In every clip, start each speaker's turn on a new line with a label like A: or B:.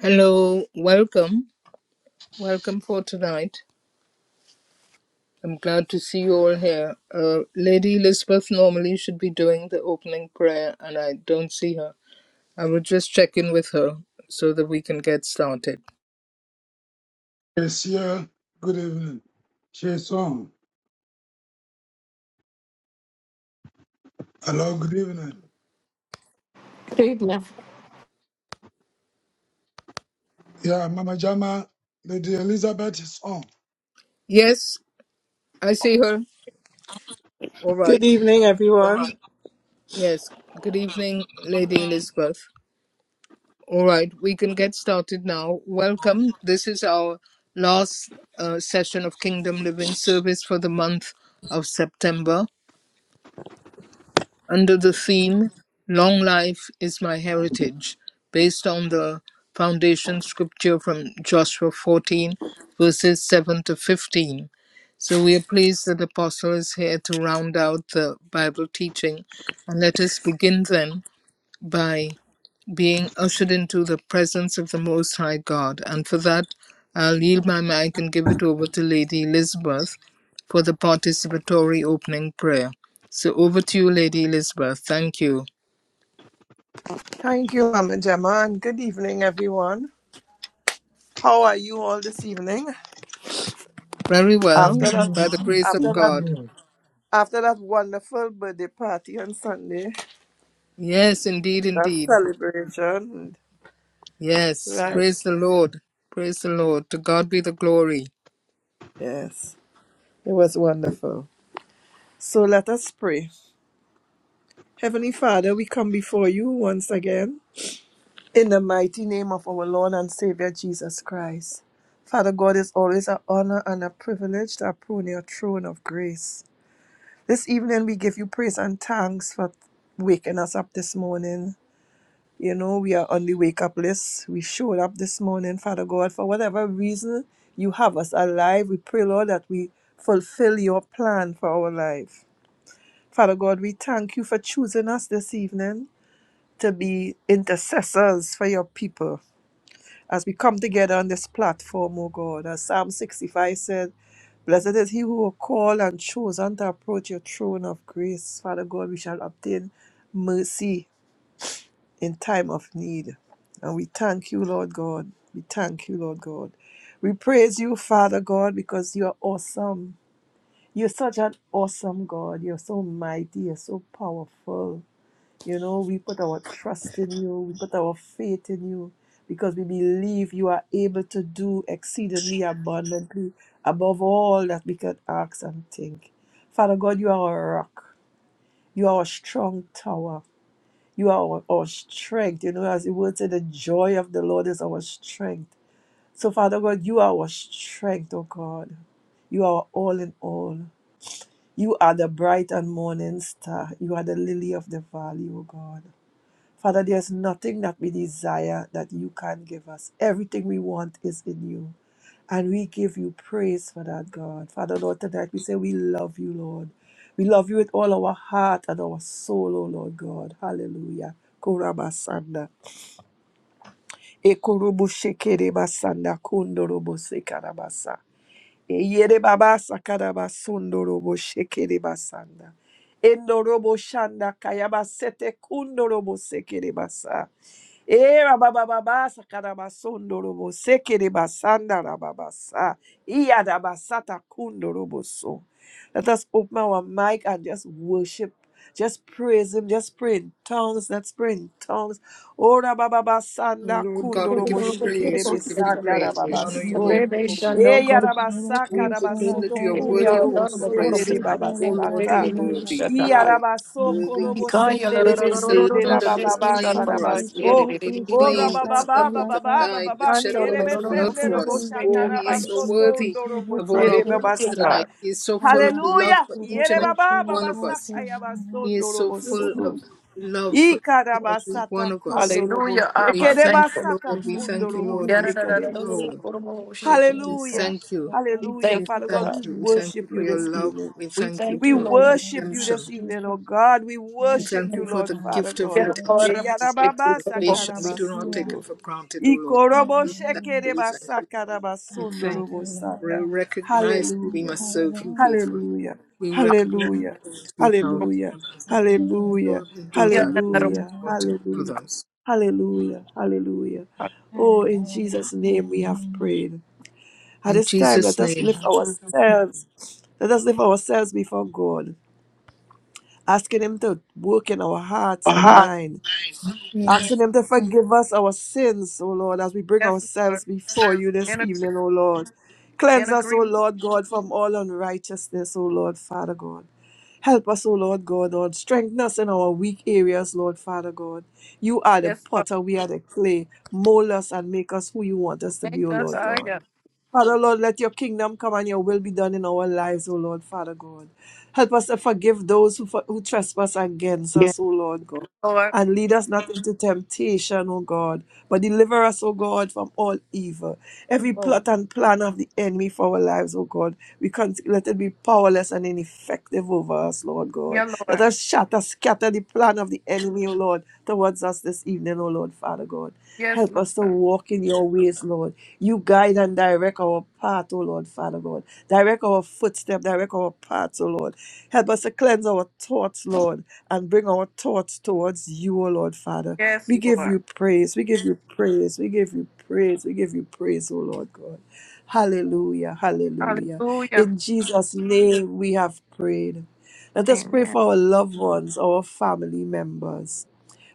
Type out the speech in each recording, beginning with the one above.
A: Hello, welcome, welcome for tonight. I'm glad to see you all here. Uh, Lady Elizabeth normally should be doing the opening prayer, and I don't see her. I will just check in with her so that we can get started.
B: Kesia, good evening. Sheson, hello, good evening.
C: Krishna.
B: Yeah, Mama Jama, Lady Elizabeth is on.
A: Yes, I see her. All
D: Good
A: right.
D: evening, everyone.
A: Yes, good evening, Lady Elizabeth. All right, we can get started now. Welcome. This is our last uh, session of Kingdom Living Service for the month of September. under the theme Long Life is My Heritage, based on the foundation scripture from Joshua 14, verses 7 to 15. So we are pleased that the Apostle is here to round out the Bible teaching. And let us begin then by being ushered into the presence of the Most High God. And for that, I'll yield my mic and give it over to Lady Elizabeth for the participatory opening prayer. So over to you, Lady Elizabeth. Thank you.
D: Thank you, Mama Gemma, and good evening, everyone. How are you all this evening?
A: Very well,
D: After that,
A: by
B: Hallelujah,
A: the grace of
D: after that,
A: God.
B: hallelujah.
D: after that wonderful birthday party on Sunday,
A: Yes, indeed,
D: that
A: indeed.
D: celebration,
A: Yes,
D: right?
A: praise the Lord. Praise the Lord. To God be the glory.
D: Yes, it was wonderful. So let us pray. Heavenly Father, we come before you once again in the mighty name of our Lord and Savior Jesus Christ. Father God, it's always an honor and a privilege to approach your throne of grace. This evening, we give you praise and thanks for waking us up this morning. You know, we are on the wake up list. We showed up this morning, Father God, for whatever reason you have us alive. We pray, Lord, that we fulfill your plan for our life. Father God, we thank you for choosing us this evening to be intercessors for your people. As we come together on this platform, oh God, as Psalm 65 said. Blessed is he who was called and chosen to approach your throne of grace. Father God, we shall obtain mercy in time of need. And we thank you, Lord God. We thank you, Lord God. We praise you, Father God, because you are awesome. You're such an awesome God. You're so mighty. You're so powerful. You know, we put our trust in you, we put our faith in you, because we believe you are able to do exceedingly abundantly above all that we could ask and think. Father God, you are our rock, you are our strong tower, you are our, our strength. You know, as the word said, the joy of the Lord is our strength. So, Father God, you are our strength, oh God. You are our all in all. You are the bright and morning star. You are the lily of the valley, oh God. Father, there's nothing that we desire that you can't give us. Everything we want is in you. And we give you praise for that, God. Father, Lord, tonight we say we love you, Lord. We love you with all our heart and our soul, O Lord God. Hallelujah. Korabasanda. Ekorubu shekere basanda kundorobo Yere baba sakara basundo robo shekere basanda. Endo robo shanda kayaba sete kundo robo sekere basa. Era baba baba sakara basundo robo sekere basanda rababa sa. Iya rabasata kundo robo so. Let us open our mic and just worship. Just praise him. Just pray in tongues. Let's pray in tongues. Ora baba
A: Oh,
D: basanda
A: Lord God,
D: kundo
A: we
D: robo
A: give you
D: shekere
A: praise. We give you
D: basanda
A: praise. We
E: Solo
D: rababa
A: honor
E: que
A: you.
D: so.
A: We
C: Rebe
A: adore you.
E: solo
C: Shando
D: Eya
E: que
C: Koro.
E: solo que
D: rabasaka
A: We proclaim
E: solo
A: that
D: rabasoto
E: que
A: you are
D: kundo
A: worthy
C: Eya
E: solo
A: of all
D: robo
E: que
A: our
C: Dharma
E: solo
C: Koro.
A: praise
D: sendere
E: que
A: tonight. O
E: solo
C: Rebe
E: que
A: Lord, you
D: babasata.
A: are
E: solo
C: Rebe
E: que
A: worthy. O
D: Iya
C: Shatahai.
A: Lord, you are
D: rabasoko
A: worthy.
D: robo
E: solo
C: Ikaya
E: que
D: sendere
A: Worthy is
E: solo
A: the
D: besende
C: Larororororo
A: Lamb that was
E: que
C: Shete
A: slain
D: rabababasa
E: solo
A: for us,
E: que
C: Charabahai.
A: the Lamb
C: Yere
D: rabaso.
E: solo que solo
A: that was
E: que
D: O
C: Rebe
E: solo
A: slain, that
E: que
C: Shatahai.
D: rabababa
A: suffered,
E: solo
A: that
D: bababa
A: died,
D: bababa
A: that shed
C: Ando
A: all
D: kere
A: his
C: Rorororo
A: blood
E: que
D: besende
E: solo
A: for
D: robo
C: Koro
E: que
A: us.
D: shaka
A: Oh,
E: solo
A: he is so
C: Shetahai.
D: rabasoto
E: que solo que
A: worthy
D: undo
E: solo
D: robo
A: of all our
D: shere
A: praise
C: Hallelujah,
E: que
D: babasa.
C: God.
A: tonight. He is so full of
E: Amar que
A: love
D: Hallelujah.
A: for
E: solo
A: each
E: que
D: Yere
A: and every
E: solo que
D: baba
A: one of us.
D: babasaka
E: solo
A: He is
D: yabasondo
A: so
D: robo
E: que
A: full
E: solo
A: of
D: soto.
A: love for
D: Ika
A: each and every
D: rabasata
A: one of us.
D: kundo robo
C: Hallelujah,
A: We
C: Abba.
E: que
D: shekere
C: Thank
A: thank you,
D: basata
C: you.
A: Lord. We
D: kundo
A: thank you,
D: robo
A: Lord. We
C: Yara
E: Hallelujah.
A: thank
D: sekere
A: you,
C: Rorororo
A: Lord.
C: Koro
E: It is
C: Shetahai.
A: We
E: all
D: Hallelujah.
E: goes
A: thank you.
C: We
D: Hallelujah.
A: We
C: thank you,
D: Father God, we
A: thank
C: God.
A: you. We thank you
D: worship
A: for
D: you
A: your
D: this
A: love.
D: evening.
A: We
C: We
A: thank you
C: thank
D: We
C: you,
A: for
C: Lord.
D: worship you
E: Hallelujah,
D: this
A: redemption.
D: evening, oh
E: Jesus.
D: God. We
A: We
E: Yes,
D: worship
A: thank
D: you,
A: you
E: Lord
A: for
D: Lord,
A: the
E: God.
D: Father
A: gift of
D: God.
C: Hallelujah.
A: redemption,
E: Hallelujah.
A: the gift of
D: Eyarababasa
A: salvation. We do not take
E: Hallelujah.
A: it
D: karabasundo.
A: for granted, O Lord God.
D: Ikorobo
A: We thank
E: Hallelujah.
A: you. We thank
D: shekerebasa
A: you. We
E: Ah,
D: karabasundo
A: thank you. We
D: robosanda.
E: Hallelujah.
A: recognize that we
E: Ah,
D: Hallelujah.
A: must serve you
E: Hallelujah.
A: faithfully.
D: Hallelujah.
A: We recognize
E: Amen.
D: Hallelujah.
A: that we must reach out to
D: Hallelujah.
A: others. And
E: Hallelujah.
D: Hallelujah.
A: so we do that. We reach
D: Hallelujah.
A: out to
E: Hallelujah.
D: Hallelujah.
A: others.
D: Hallelujah. Hallelujah. Oh, in
E: Hallelujah.
D: Jesus' name we have prayed. At
A: In
D: this time, let
A: Jesus'
D: us
A: name.
D: lift ourselves, let us lift ourselves before God, asking Him to work in our hearts and
C: Aha.
D: mind, asking
E: Yes.
D: Him to forgive us our sins, O Lord, as we bring
C: Yes,
D: ourselves
C: Lord.
D: before You this
C: In,
D: evening,
C: agree-
D: O Lord.
C: in
D: Cleanse us, O
C: agreement.
D: Lord God, from all unrighteousness, O Lord, Father God. Help us, O Lord God, Lord. Strengthen us in our weak areas, Lord Father God. You are the
C: Yes, Lord.
D: potter, we are the clay. Mold us and make us who you want us to
C: Make
D: be, O
C: us
D: Lord God.
C: higher.
D: Father, Lord, let your kingdom come and your will be done in our lives, O Lord, Father God. Help us to forgive those who, for- who trespass against
C: Yes,
D: us, O Lord God.
C: Lord.
D: And lead us not into temptation, O God, but deliver us, O God, from all evil. Every
C: Oh,
D: plot and plan of the enemy for our lives, O God, we can let it be powerless and ineffective over us, Lord God.
C: yeah,
D: Let
C: Lord.
D: us shatter, scatter the plan of the enemy, O Lord, towards us this evening, O Lord, Father God.
C: Yes,
D: Help us to
C: Lord.
D: walk in your ways, Lord. You guide and direct our path, O Lord, Father God. Direct our footstep, direct our paths, O Lord. Help us to cleanse our thoughts, Lord, and bring our thoughts towards you, O Lord, Father.
C: Yes,
D: We give
C: Lord.
D: you praise. We give you praise. We give you praise. We give you praise, O Lord God. Hallelujah. Hallelujah.
C: Hallelujah.
D: In Jesus' name we have prayed. Let us pray
C: Amen.
D: for our loved ones, our family members.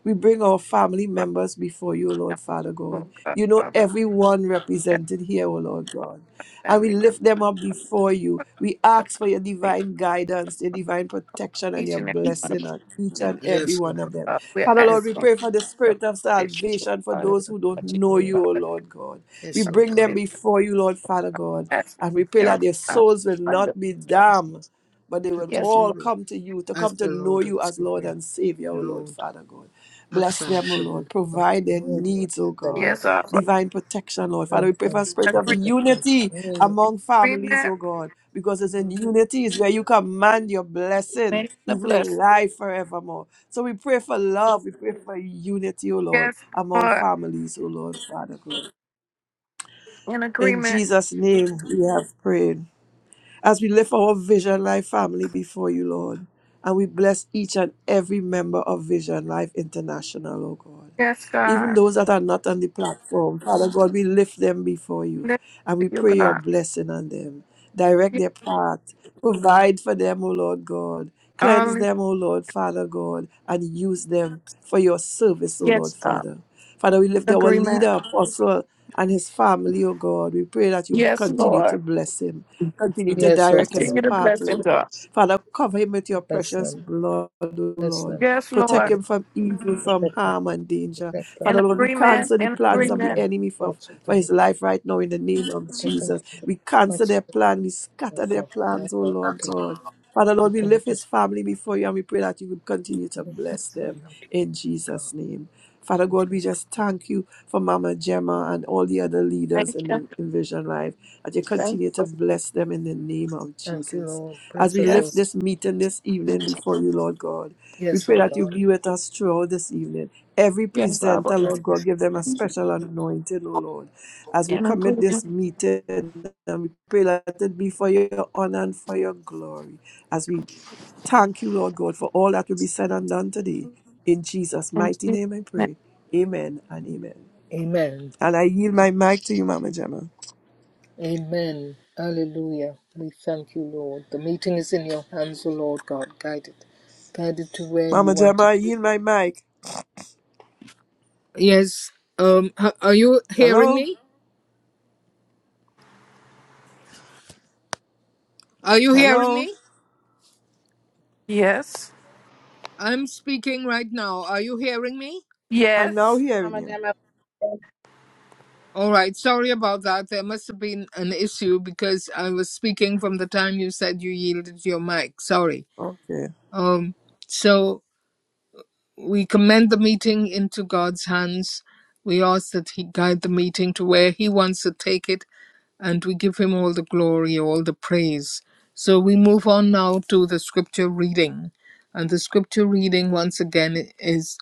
D: We bring our family members before you, O
C: Father,
D: Lord Father
C: Oh,
D: God.
C: God,
D: You know
C: Father.
D: everyone
C: Yes,
D: represented here, O Lord God. And we
C: family members.
D: lift them up before you. We
C: Father,
D: ask for your divine guidance, your divine protection, and
C: Each
D: your
C: and every one of
D: blessing
C: us.
D: on each
C: Thank
D: and
C: you,
D: every
A: Yes, O
D: one of
A: God.
D: them.
C: Father. We're
D: Father
A: Yes,
D: Lord, we
A: O God.
C: asking
D: pray for the
C: your
D: spirit of
C: provision,
D: salvation for
C: Father.
D: those who don't
C: Touch it,
D: know you, O Lord God. We
A: Yes, O
D: bring them
A: God.
C: Father.
D: before you, Lord Father God.
C: That's
D: And we pray that
C: miracle
D: their
C: signs,
D: souls will
C: wonders.
D: not be damned but they will
C: Yes,
A: Accepted
D: all
C: Lord.
A: you.
D: come to you to come
A: as
D: to
A: the
D: know
A: Lord and
D: you as Lord
A: Savior.
D: and Savior, O Lord,
A: Lord,
D: Father God.
A: help
D: Bless
A: them
D: them, O
A: to be
D: Lord.
A: come
D: Provide
A: to
D: their
A: know you
D: needs, O
A: as the
D: God.
A: Lord
C: Yes,
A: and
C: Lord.
D: Divine
A: Savior.
D: protection, Lord. Father,
A: Help
D: we pray for
A: them
D: a spirit
C: In
A: so
D: of
C: agree-
A: that they come
D: unity
A: to know you.
C: in
D: among families,
C: agreement.
D: O God, because it's in unity is where you command your blessing,
C: Many are the
D: even
C: blessed.
D: life forevermore. So we pray for love. We pray for unity, O Lord,
C: Yes,
D: among
C: Lord.
D: families, O Lord, Father God.
C: In
D: In
C: agreement.
D: Jesus' name, we have prayed as we lift our Vision Life family before you, Lord. And we bless each and every member of Vision Life International, oh God.
C: Yes,
D: Even
C: God.
D: those that are not on the platform, Father God, we lift them before you
C: Listen
D: and
C: to
D: we
C: you,
D: pray your
C: God.
D: blessing on them. Direct
C: Yes,
D: their path. Provide for them, O Lord God. Cleanse
C: only.
D: them, O Lord, Father God, and use them for your service, O
C: Yes,
D: Lord,
C: God.
D: Father. Father, we lift our
C: Agreement.
D: leader, Apostle, and his family, O God. We pray that you
C: Yes,
D: continue to
C: Lord.
D: bless him, continue to
A: Yes, oh
D: direct his
C: Continue
A: God,
C: to
D: path, O
C: bless him,
D: Lord.
C: God.
D: Father, cover him with your
A: bless
D: precious
A: them,
D: blood, O
A: bless
D: Lord.
A: them.
C: Yes,
D: Protect
C: Lord.
A: Lord,
D: him from evil, from
A: protect them,
D: harm and danger.
A: protect
C: In
A: them.
D: Father Lord, we
C: agreement.
D: cancel the
C: In
A: Protect
D: plans
A: them
D: of the
C: agreement.
A: from the
D: enemy for,
A: plots of
D: for
A: them.
D: his life right now in the name of
A: Protect them
D: Jesus.
A: from the
D: We cancel
A: plots of
D: their
A: them.
D: plan. We
A: Lord
D: scatter their
A: God,
D: plans, oh
A: Lord
D: Lord
A: God,
D: God. Father
A: we commit, we
D: Lord, we
A: commit
D: lift his
A: this,
D: family before you and we pray that you will continue
A: we
D: to
A: commit this
D: bless
A: one
D: them
A: unto you,
D: in
A: God,
D: Jesus' name. Father
A: in
D: God, we
A: Jesus'
D: just
A: name.
D: thank you for Mama Gemma and all the other leaders
C: Thank
D: in
C: you.
D: the in Vision Life that you
C: Thank
D: continue
C: you.
D: to
C: Lord.
D: bless them in the name of
A: Thank you,
D: Jesus.
A: Lord.
D: As
A: Bless
D: we
A: us, O
D: lift
C: Yes.
D: this meeting this evening before you, Lord God, we
A: yes,
D: pray
A: oh
D: that you
A: God.
D: be with us throughout this evening. Every
C: Yes,
D: presenter,
C: Lord.
A: Bless
D: Lord God,
A: us,
D: give them a
A: God.
D: special anointing, O Lord. As we
C: In
D: commit this
C: agreement.
D: meeting, and we pray that it be for your honor and for your glory. As we thank you, Lord God, for all that will be said and done today. In Jesus'
C: In
D: mighty
C: Jesus'
D: name I
C: name.
D: pray. Amen and amen.
A: Amen.
D: And I yield my mic to you, Mama Gemma.
A: Amen. Hallelujah. We thank you, Lord. The meeting is in your hands, O Lord God. Guide it. Guide it to where you
D: Mama
A: want
D: Gemma,
A: to.
D: I
A: go.
D: yield my mic.
A: Yes. Um. h- Are you hearing
D: Hello?
A: me? Are you hearing
D: Hello?
A: me?
C: Yes.
A: I'm speaking right now. Are you hearing me?
D: I'm now
C: Yes.
D: hearing
F: Mama
D: you.
F: Gemma.
A: All right. Sorry about that. There must have been an issue because I was speaking from the time you said you yielded your mic. Sorry.
D: Okay.
A: Um. So we commend the meeting into God's hands. We ask that He guide the meeting to where He wants to take it and we give him all the glory, all the praise. So we move on now to the scripture reading. And the scripture reading, once again, is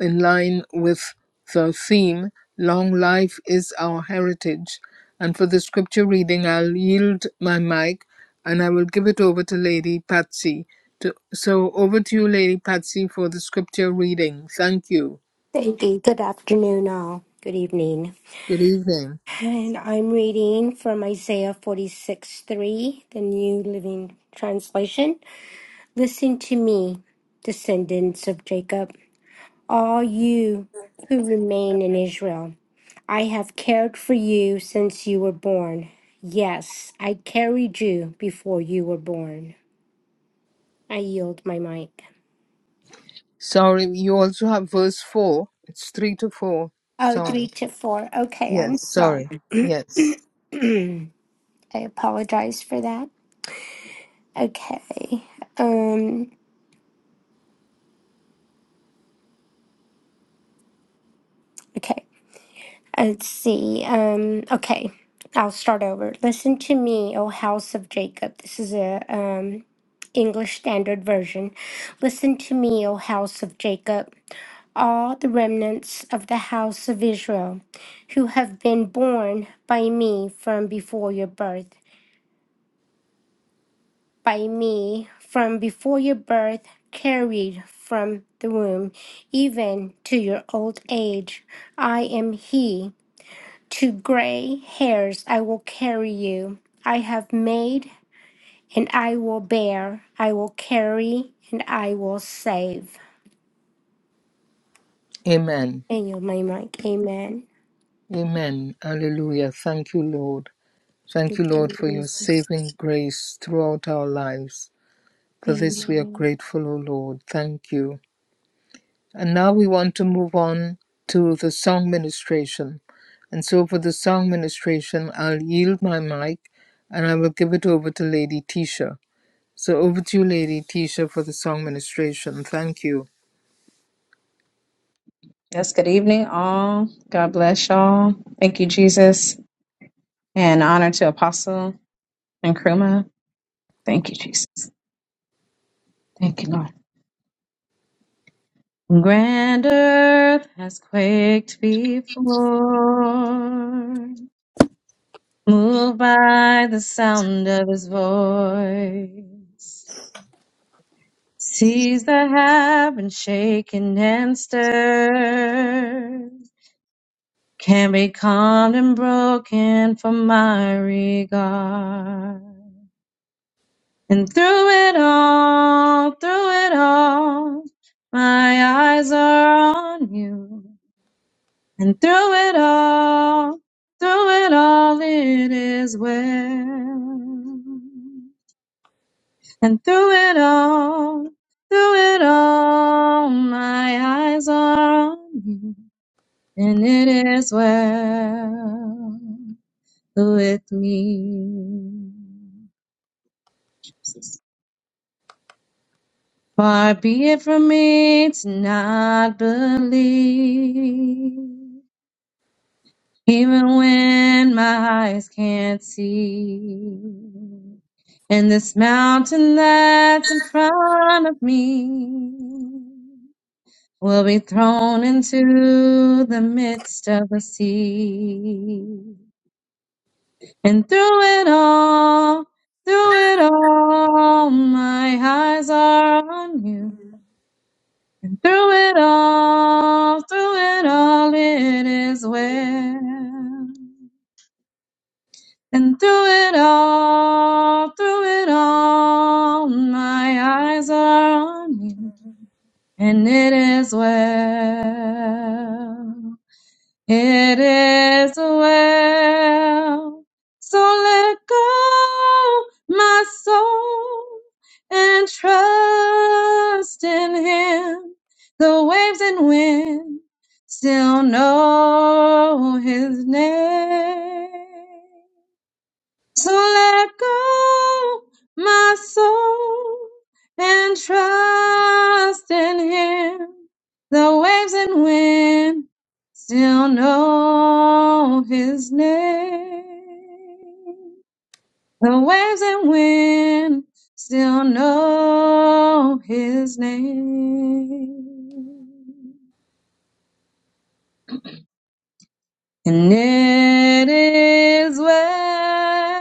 A: in line with the theme Long Life is Our Heritage. And for the scripture reading, I'll yield my mic and I will give it over to Lady Patsy. To, so over to you, Lady Patsy, for the scripture reading. Thank you.
G: Thank you. Good afternoon, all. Good evening.
A: Good evening.
G: And I'm reading from Isaiah 46 3, the New Living Translation. Listen to me, descendants of Jacob, all you who remain in Israel. I have cared for you since you were born. Yes, I carried you before you were born. I yield my mic.
A: Sorry, you also have verse 4. It's 3 to 4.
G: Oh,
A: Sorry.
G: three to four. Okay, I'm
A: Yes, sorry.
G: sorry.
A: Yes.
G: I apologize for that. Okay. Um. Okay. Let's see. Um, okay. I'll start over. Listen to me, O house of Jacob. This is a um, English Standard Version. Listen to me, O house of Jacob, all the remnants of the house of Israel, who have been born by me from before your birth, by me from before your birth, carried from the womb, even to your old age. I am He. To gray hairs I will carry you. I have made and I will bear. I will carry and I will save.
A: Amen.
G: And you, my mic. Amen.
A: Amen. Hallelujah. Thank you, Lord. Thank
G: Thank
A: you, Lord,
G: you,
A: for your
G: Jesus.
A: saving grace throughout our lives. For this we are
G: Amen.
A: grateful, O Lord. Thank you. And now we want to move on to the song ministration. And so for the song ministration, I'll yield my mic and I will give it over to Lady Tisha. So over to you, Lady Tisha, for the song ministration. Thank you.
F: Yes, good evening, all. God bless y'all. Thank you, Jesus. And honor to Apostle and Kruma. Thank you, Jesus. Thank you, Lord. Grand earth has quaked before, moved by the sound of his voice. Seas that have been shaken and stirred can be calmed and broken for my regard. And through it all, through it all, my eyes are on you. And through it all, through it all, it is well. And through it all, through it all, my eyes are on you. And it is well. with me. Far be it from me to not believe, even when my eyes can't see. And this mountain that's in front of me will be thrown into the midst of the sea. And through it all, through it all, my eyes are on you. And through it all, through it all, it is well. And through it all, through it all, my eyes are on you. And it is well. It is well. So let go my soul and trust in him. The waves and wind still know his name. So let go, my soul, and trust in Him. The waves and wind still know His name. The waves and wind still know His name. And it is well.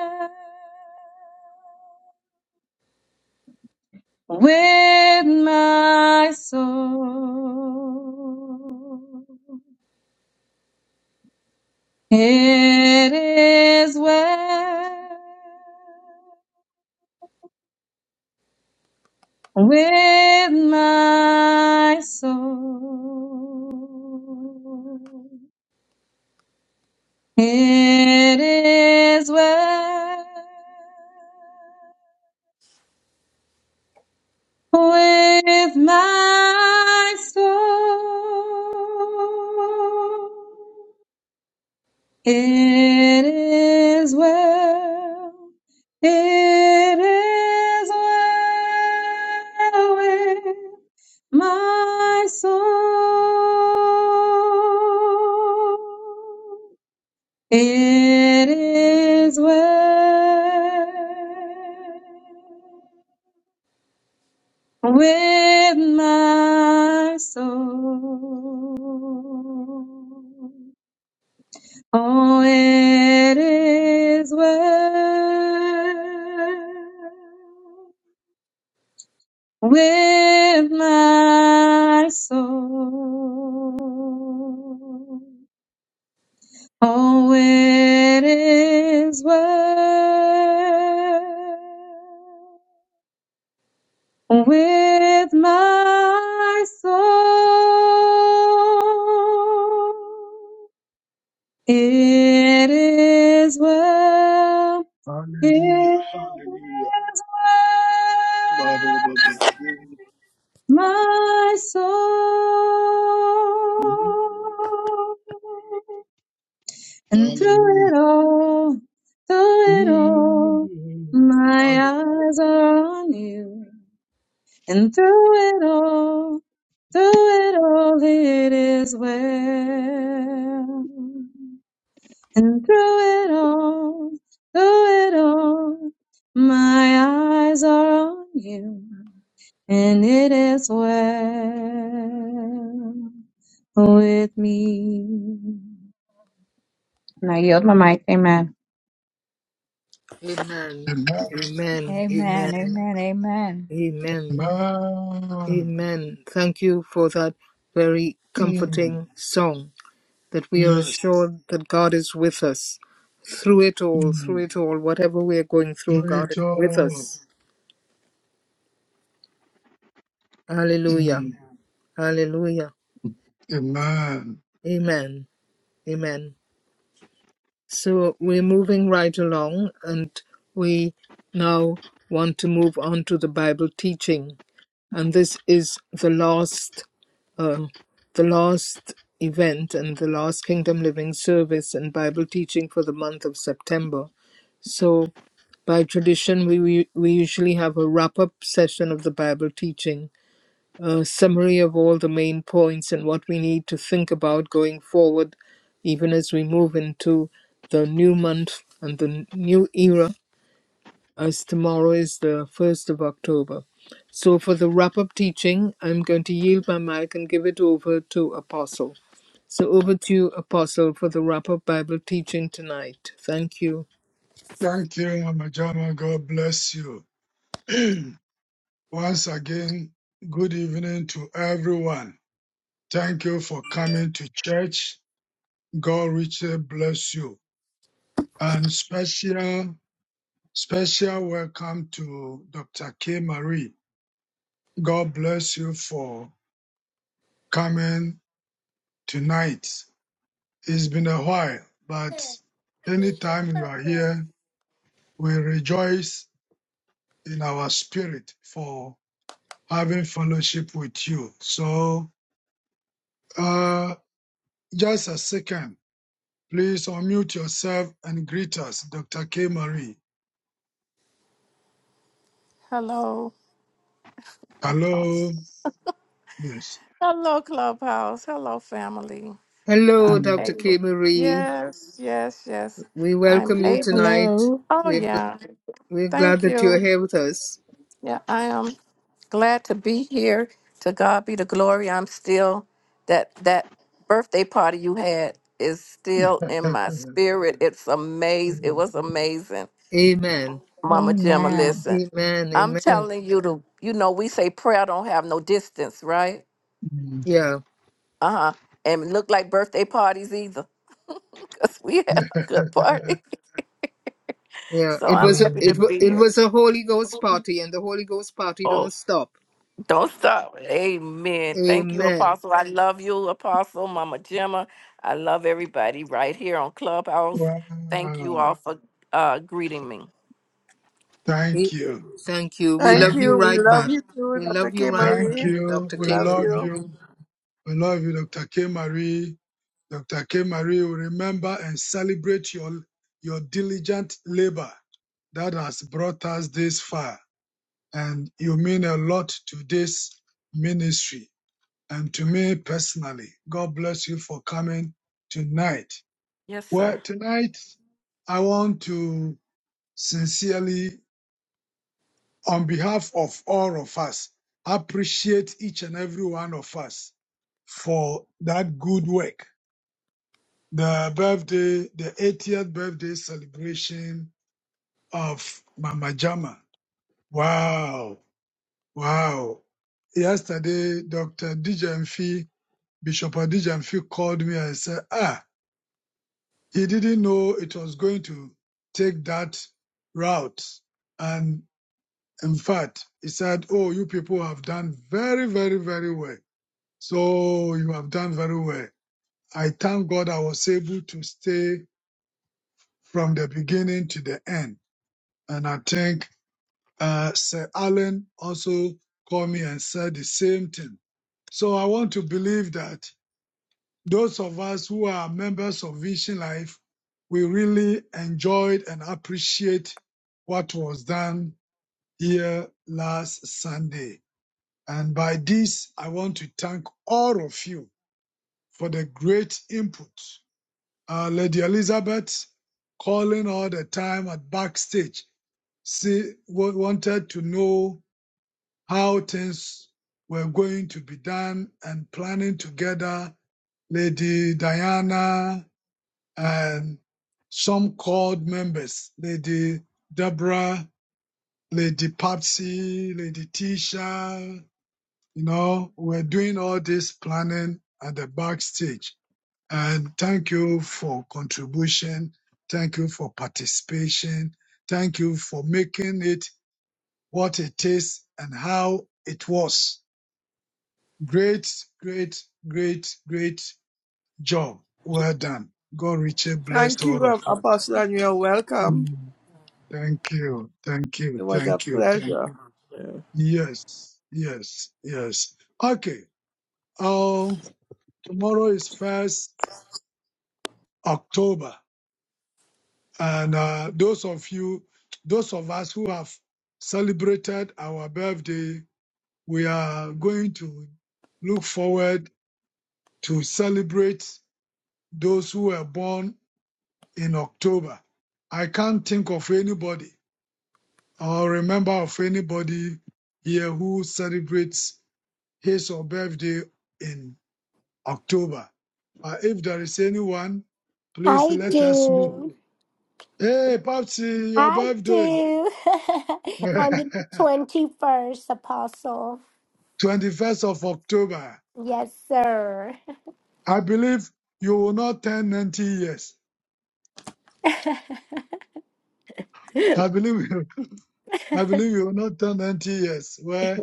F: with my soul. It is well with my soul. It is well with my soul. It is well. It is well with my soul. It is well with my soul. Oh, it is well with my soul. Oh, it is well with my soul. It is well. It is well. My soul. And through it all, through it all,
B: Hallelujah.
F: my
B: Hallelujah.
F: eyes are on you. And through it all, through it all, it is well. And through it all, through it all, my eyes are on you, and it is well with me. And I yield my mic, amen.
A: Amen.
B: Amen.
A: Amen. Amen.
E: Amen. Amen. Amen.
A: Amen.
B: Amen.
A: Amen. Thank you for that very
B: Mm.
A: comforting song that we are
B: Yes.
A: assured that God is with us through it all, through
B: Mm.
A: it all, whatever we are going through, God is with
B: Rachel.
A: us. Hallelujah.
B: Mm.
A: Hallelujah.
B: Amen.
A: Amen. Amen. So we're moving right along, and we now want to move on to the Bible teaching. And this is the last, uh, the last event and the last Kingdom Living service and Bible teaching for the month of September. So, by tradition, we we, we usually have a wrap up session of the Bible teaching a summary of all the main points and what we need to think about going forward, even as we move into the new month and the new era, as tomorrow is the 1st of October. So, for the wrap up teaching, I'm going to yield my mic and give it over to Apostle. So, over to you, Apostle, for the wrap up Bible teaching tonight. Thank you.
B: Thank you, Mama Jama. God bless you. Once again, good evening to everyone. Thank you for coming to church. God richly bless you. And special, special welcome to Dr. K. Marie. God bless you for coming tonight. It's been a while, but anytime you are here, we rejoice in our spirit for having fellowship with you. So, uh, just a second. Please unmute yourself and greet us, Dr. K. Marie.
C: Hello,
B: Hello.
C: Apostle.
B: Yes.
C: Hello, Clubhouse. Hello, family.
A: Hello,
C: I'm
B: Mm.
A: Dr. K.
C: able.
A: Marie.
C: Yes, yes, yes.
A: We
C: I'm
A: welcome you
C: able. to-
A: tonight.
E: Hello.
C: Oh,
A: We're, gl-
C: yeah.
A: we're glad
C: Thank
A: that you're
C: you.
A: here with us.
C: Yeah, I am glad to be here. To God be the glory. I'm still that that birthday party you had is still in my spirit. It's amazing. It was amazing.
A: Amen.
C: Mama Gemma,
E: Amen.
C: listen.
A: Amen.
C: I'm
A: Amen.
C: telling you to, you know, we say prayer don't have no distance, right?
B: Mm.
A: Yeah.
C: Uh huh. And look like birthday parties either, because we had a good party.
A: Yeah.
C: So
A: It
C: I'm
A: was a,
C: happy to
A: it wa-
C: be
A: it
C: here.
A: was a Holy Ghost party, and the Holy Ghost party
C: Oh,
A: don't stop.
C: don't stop. Amen. Thank you,
A: Amen.
C: Apostle. I love you, Apostle, Mama Gemma. I love everybody right here on Clubhouse. Thank you
B: wow.
C: all for uh, greeting me.
B: Thank
A: We-
B: you.
A: thank you. We
D: Thank
A: love
B: Thank
A: you
D: you.
B: you.
D: We
A: right
D: love
A: back.
B: Thank
D: you too,
A: We
D: Dr.
A: love
D: K.
A: you right
B: thank
D: Marie.
A: back,
B: you.
A: Doctor
D: We
B: We
D: love
B: love
A: Cameron.
D: you.
B: you. We love you, Dr. K. Marie. Dr. K. Marie, we remember and celebrate your, your diligent labor that has brought us this far. And you mean a lot to this ministry. And to me personally, God bless you for coming tonight.
C: Yes, sir.
B: Well, tonight I want to sincerely, on behalf of all of us, appreciate each and every one of us for that good work. The birthday, the 80th birthday celebration of Mama Jama. Wow. Wow. Yesterday, Dr. Dijamfi, Bishop Dijamfi called me and said, ah, He didn't know it was going to take that route. And in fact, he said, Oh, you people have done very, very, very well. So you have done very well. I thank God I was able to stay from the beginning to the end. And I think uh, Sir Alan also called me and said the same thing. So I want to believe that Those of us who are members of Vision Life, we really enjoyed and appreciate what was done here last Sunday. And by this, I want to thank all of you for the great input. Uh, Lady Elizabeth calling all the time at backstage. She wanted to know how things were going to be done and planning together. Lady Diana and some called members, Lady Deborah, Lady Patsy, Lady Tisha, you know, we're doing all this planning at the backstage. And thank you for contribution. Thank you for participation. Thank you for making it what it is and how it was. Great, great, great, great job. Well done. God richly bless
D: Thank you,
B: all
D: Ap-
B: of us.
D: Apostle, and you're welcome.
B: Mm. Thank you. Thank you.
D: It was a
B: Thank you. Thank
D: pleasure.
B: you. Yes. Yes. Yes. Okay. Um, tomorrow is first October. And uh, those of you, those of us who have celebrated our birthday, we are going to look forward to celebrate those who were born in October. I can't think of anybody or remember of anybody here who celebrates his or birthday in October. Uh, if there is anyone, please
G: I
B: let us know.
G: do.
B: Hey, Popsy, your
G: I
B: birthday,
G: do. On the 21st, Apostle.
B: 21st of October.
G: Yes, sir.
B: I believe you will not turn 90 years.
G: okay.
B: I believe you. I believe you will not turn 90 years. Well,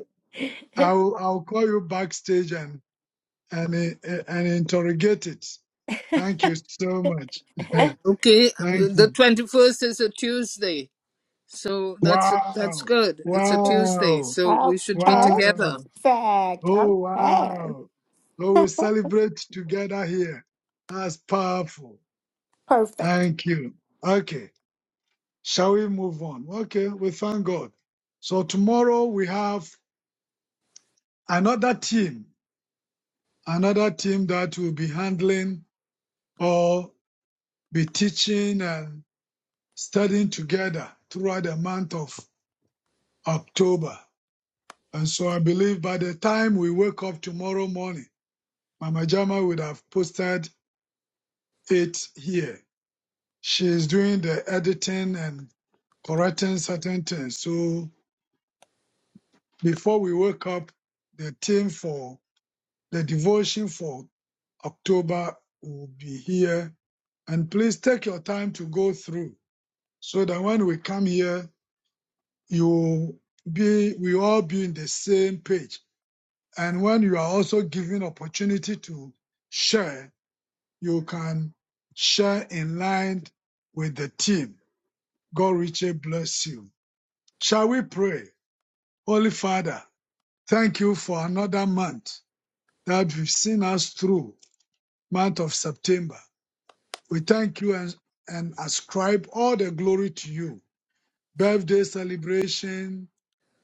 B: I'll I'll call you backstage and and eh, and interrogate it. Thank you so much.
A: Okay.
B: Thank
A: The
B: you.
A: twenty first is a Tuesday, so that's that's
B: Wow.
A: good. It's a Tuesday,
B: Wow.
A: so we should be
G: Perfect.
A: together.
B: Wow. Oh,
G: Okay.
B: wow. So we celebrate together here. That's powerful.
G: Perfect.
B: Thank you. Okay. Shall we move on? Okay. We thank God. So tomorrow we have another team, another team that will be handling or be teaching and studying together throughout the month of October. And so I believe by the time we wake up tomorrow morning, Mama Jama would have posted it here She is doing the editing and correcting certain things. So before we wake up, the team for the devotion for October will be here. And please take your time to go through so that when we come here, you will be we all be in the same page. And when you are also given opportunity to share, you can share in line with the team. God richly bless you. Shall we pray? Holy Father, thank you for another month that you've seen us through, month of September. We thank you and, and ascribe all the glory to you. Birthday celebration,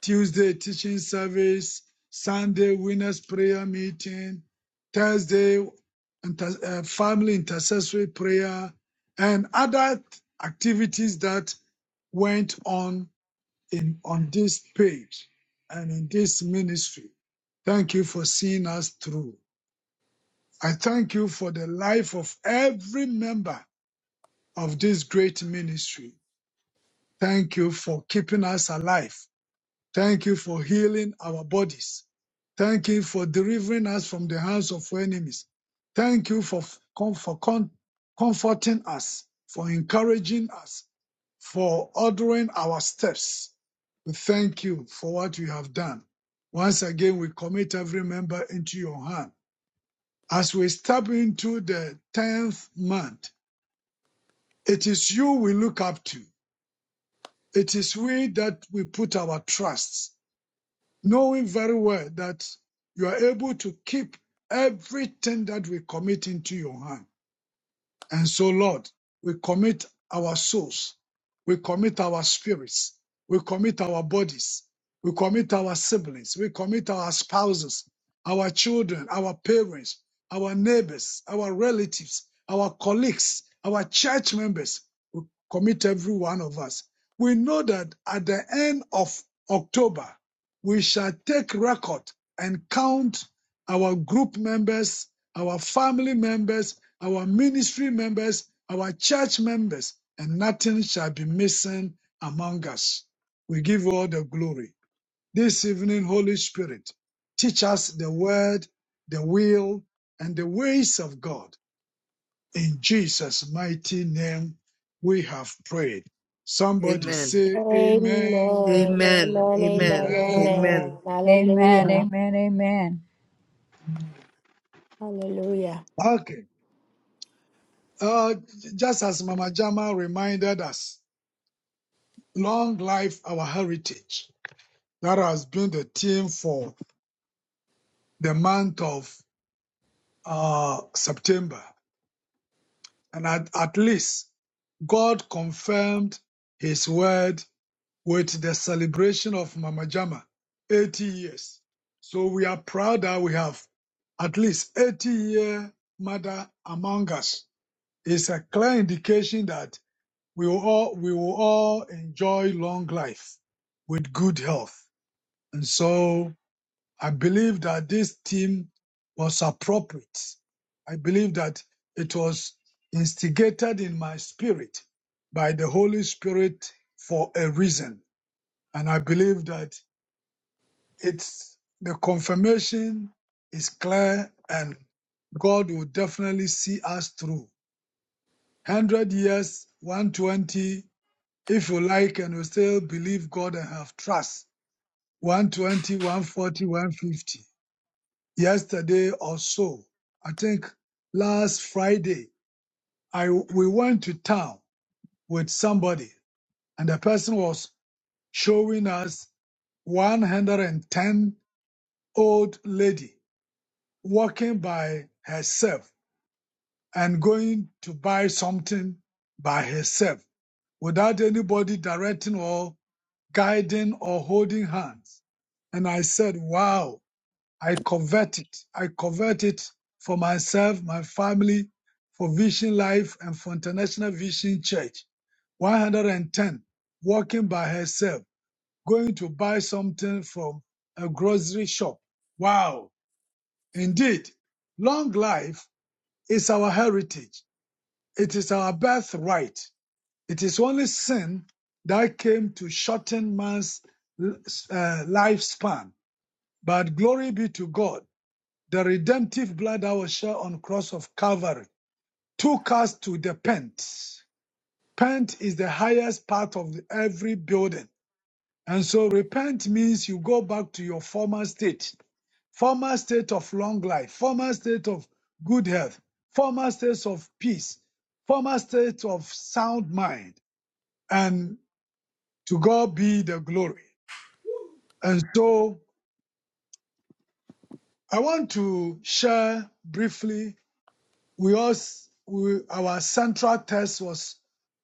B: Tuesday teaching service, Sunday winners prayer meeting, Thursday inter- uh, family intercessory prayer, and other activities that went on in on this page and in this ministry. Thank you for seeing us through. I thank you for the life of every member of this great ministry. Thank you for keeping us alive. Thank you for healing our bodies. Thank you for delivering us from the hands of our enemies. Thank you for, for con- comforting us, for encouraging us, for ordering our steps. We thank you for what you have done. Once again, we commit every member into your hand. As we step into the 10th month, it is you we look up to. It is we that we put our trusts, knowing very well that you are able to keep everything that we commit into your hand. And so, Lord, we commit our souls, we commit our spirits, we commit our bodies, we commit our siblings, we commit our spouses, our children, our parents, our neighbors, our relatives, our colleagues, our church members. We commit every one of us. We know that at the end of October, we shall take record and count our group members, our family members, our ministry members, our church members, and nothing shall be missing among us. We give all the glory. This evening, Holy Spirit, teach us the word, the will, and the ways of God. In Jesus' mighty name, we have prayed. Somebody
A: Amen.
B: say
G: Amen.
B: amen.
A: Amen.
G: Amen. Amen.
A: Amen.
B: Amen.
G: Amen.
A: Amen.
E: Amen.
G: Hallelujah.
E: Amen. Amen.
G: Hallelujah.
B: Okay. Uh, just as Mama Jama reminded us, long life our heritage. That has been the theme for the month of uh, September. And at, at least God confirmed his word with the celebration of Mama Jama, 80 years. So we are proud that we have at least 80 year mother among us. It's a clear indication that we will all, we will all enjoy long life with good health. And so I believe that this team was appropriate. I believe that it was instigated in my spirit by the Holy Spirit for a reason. And I believe that it's the confirmation is clear and God will definitely see us through. 100 years, 120, if you like, and you still believe God and have trust. One twenty, one forty, one fifty. yesterday or so. I think last Friday, I we went to town with somebody, and the person was showing us 110 old lady walking by herself and going to buy something by herself without anybody directing or guiding or holding hands. And I said, "Wow, I covet it. I covet it for myself, my family, for Vision Life, and for International Vision Church. 110. Walking by herself, going to buy something from a grocery shop. Wow. Indeed, long life is our heritage. It is our birthright. It is only sin that came to shorten man's uh, lifespan. But glory be to God The redemptive blood that was shed on cross of Calvary took us to the pent. Pent is the highest part of every building. And so repent means you go back to your former state, former state of long life, former state of good health, former state of peace, former state of sound mind. And to God be the glory. And so I want to share briefly we also we, our central text was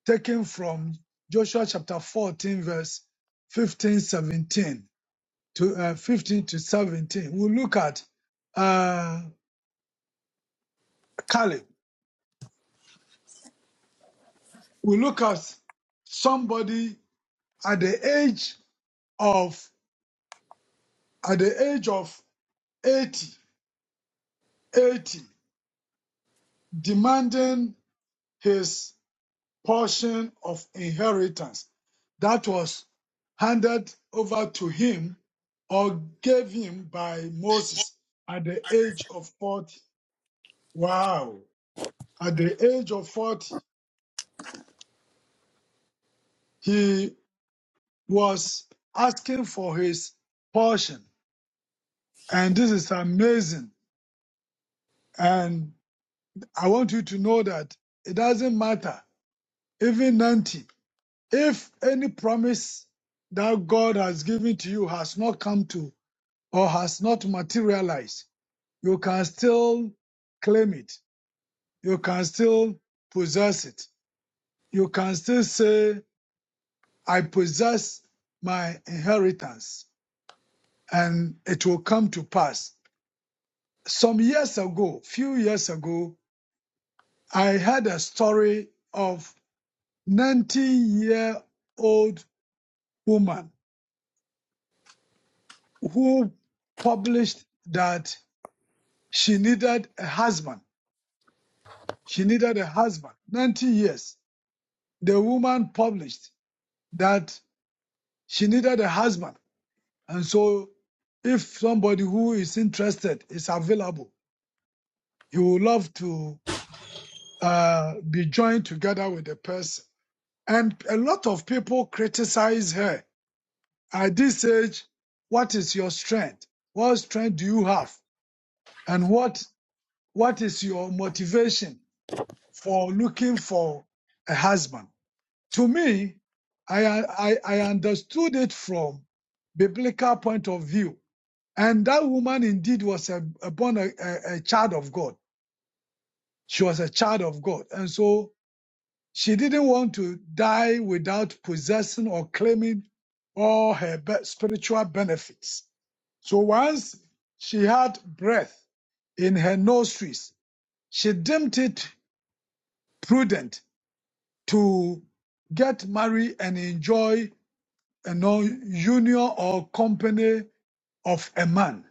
B: taken from Joshua chapter 14 verse 15 17 to uh, 15 to 17 we look at uh Caleb we look at somebody at the age of at the age of 80 80 demanding his portion of inheritance that was handed over to him or gave him by Moses at the age of 40. Wow. At the age of 40, he was asking for his portion. And this is amazing. And I want you to know that it doesn't matter, even 90, if any promise that God has given to you has not come to or has not materialized, you can still claim it. You can still possess it. You can still say, I possess my inheritance and it will come to pass. Some years ago, few years ago, I heard a story of 19 year old woman who published that she needed a husband. She needed a husband, 90 years the woman published that she needed a husband. And so, if somebody who is interested is available, he would love to uh, be joined together with the person. And a lot of people criticize her. At this age, what is your strength? What strength do you have? And what what is your motivation for looking for a husband? to me, I, I, I understood it from biblical point of view. And that woman indeed was a, a born a, a, a child of God. She was a child of God. And so she didn't want to die without possessing or claiming all her be- spiritual benefits. So once she had breath in her nostrils, she deemed it prudent to get married and enjoy you know, union or company of a man.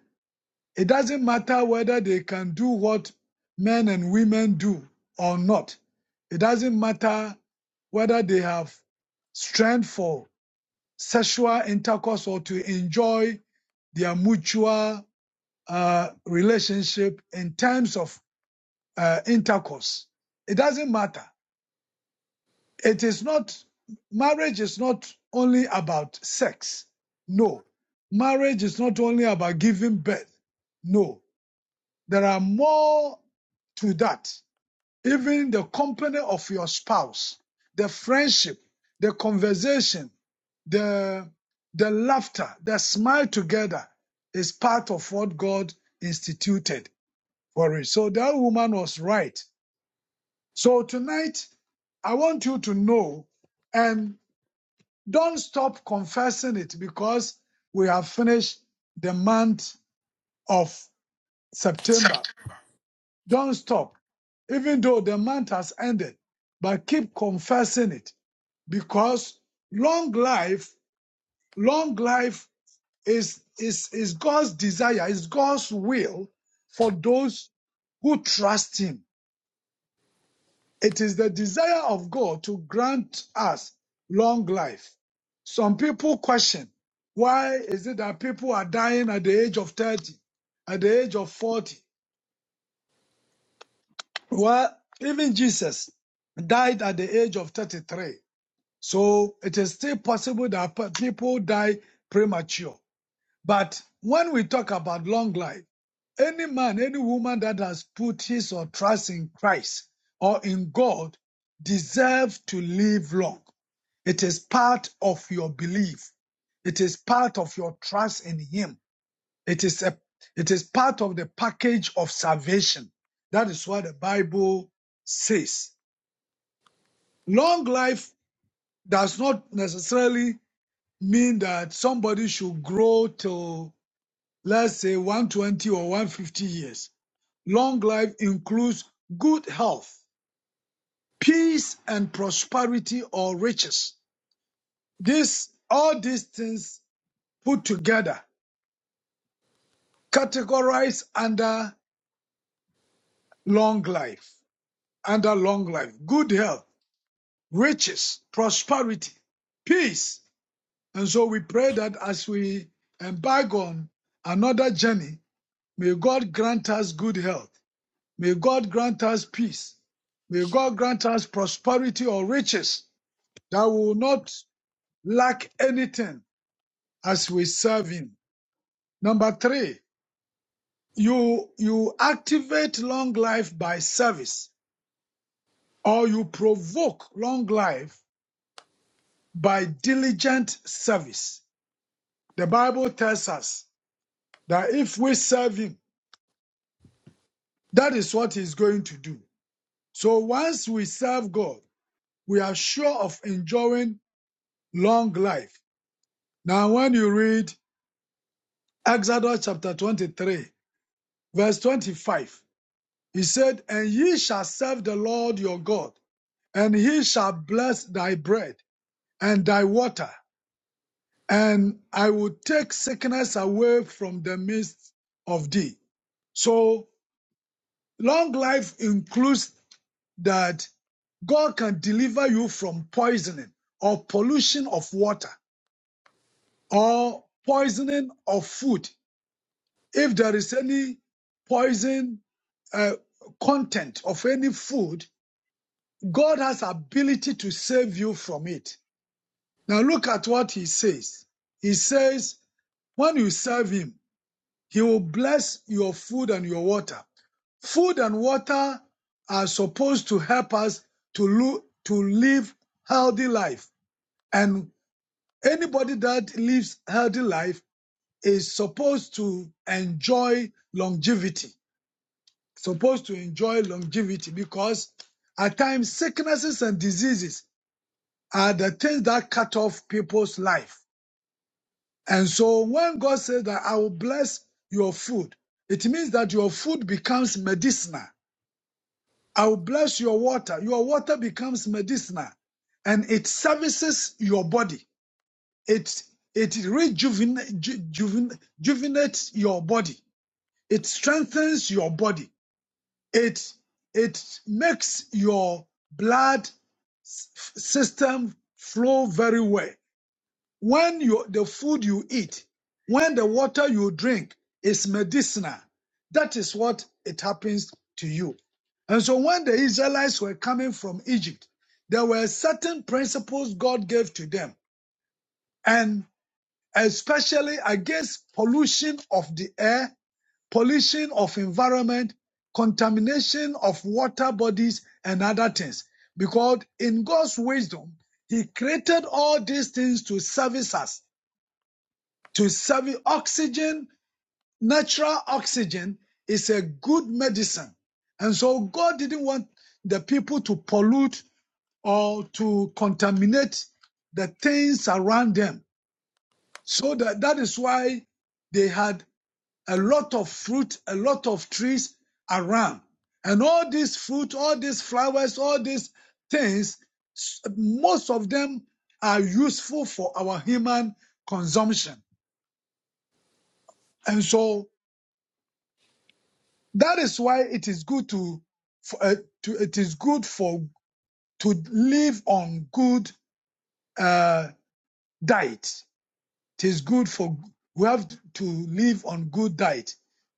B: It doesn't matter whether they can do what men and women do or not. It doesn't matter whether they have strength for sexual intercourse or to enjoy their mutual uh, relationship in terms of uh, intercourse. It doesn't matter. It is not, marriage is not only about sex. No. Marriage is not only about giving birth. No. There are more to that. Even the company of your spouse, the friendship, the conversation, the, the laughter, the smile together is part of what God instituted for it. So that woman was right. So tonight, I want you to know, and. Don't stop confessing it because we have finished the month of September. Don't stop, even though the month has ended, but keep confessing it because long life, long life is, is, is God's desire, is God's will for those who trust Him It is the desire of God to grant us long life. Some people question, why is it that people are dying at the age of 30, at the age of 40? Well, even Jesus died at the age of 33. So it is still possible that pe- people die premature. But when we talk about long life, Any man, any woman that has put his or trust in Christ or in God deserves to live long. It is part of your belief. It is part of your trust in Him. It is a, it is part of the package of salvation. That is what the Bible says. Long life does not necessarily mean that somebody should grow till let's say 120 or 150 years. Long life includes good health, peace and prosperity or riches. This, all these things put together, categorized under long life, under long life, good health, riches, prosperity, peace. And so we pray that as we embark on another journey, may God grant us good health. May God grant us peace. May God grant us prosperity or riches that we will not lack anything as we serve Him. Number three, you, you activate long life by service or you provoke long life by diligent service. The Bible tells us that if we serve Him, that is what He's going to do. So once we serve God, we are sure of enjoying long life. Now, when you read Exodus chapter 23, verse 25, he said, And ye shall serve the Lord your God, and he shall bless thy bread and thy water, and I will take sickness away from the midst of thee. So, long life includes that God can deliver you from poisoning or pollution of water or poisoning of food If there is any poison uh, content of any food, God has ability to save you from it. Now look at what he says. He says, when you serve him, he will bless your food and your water. Food and water are supposed to help us to, lo- to live healthy life. And anybody that lives healthy life is supposed to enjoy longevity. supposed to enjoy longevity because at times sicknesses and diseases are the things that cut off people's life. And so when God says that I will bless your food, it means that your food becomes medicinal. I will bless your water. Your water becomes medicinal and it services your body. It, it rejuvenates ju, juven, your body. It strengthens your body. it it makes your blood s- system flow very well when you the food you eat when the water you drink is medicinal that is what it happens to you and so when the israelites were coming from egypt there were certain principles god gave to them and especially against pollution of the air pollution of environment, contamination of water bodies and other things. Because in God's wisdom, He created all these things to service us, to serve oxygen, natural oxygen is a good medicine. And so God didn't want the people to pollute or to contaminate the things around them. So that, that is why they had a lot of fruit, a lot of trees around. And all these fruit, all these flowers, all these things, most of them are useful for our human consumption. And so that is why it is good to, for, uh, to it is good for to live on good uh, diet. It is good for we have to live on good diet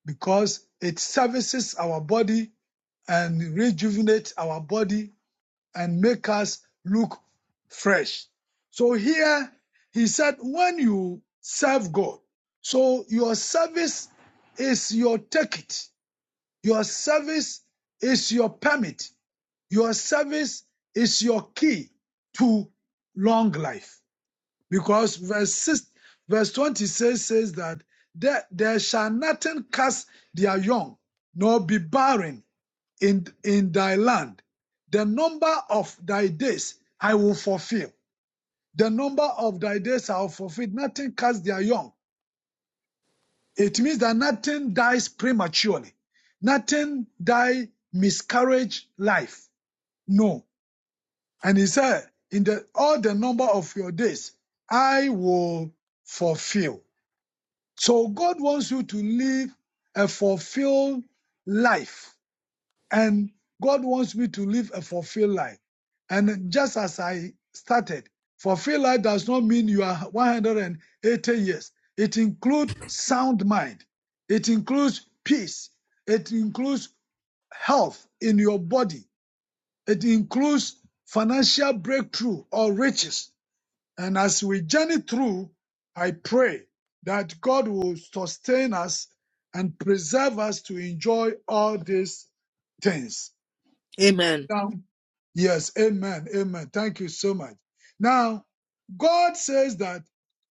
B: because it services our body and rejuvenate our body and make us look fresh. So here he said, when you serve God, so your service is your ticket, your service is your permit, your service is your key to long life. Because verse, six, verse 26 says that there, there shall nothing cast their young, nor be barren in, in thy land. The number of thy days I will fulfill. The number of thy days I will fulfill. Nothing cuts their young. It means that nothing dies prematurely. Nothing die miscarriage life. No. And he said, in the, all the number of your days, I will fulfill. So God wants you to live a fulfilled life And God wants me to live a fulfilled life. And just as I started, fulfilled life does not mean you are 180 years. It includes sound mind. It includes peace. It includes health in your body. It includes financial breakthrough or riches. And as we journey through, I pray that God will sustain us and preserve us to enjoy all these things.
A: Amen.
B: Now. Yes, amen, amen. Thank you so much. Now, God says that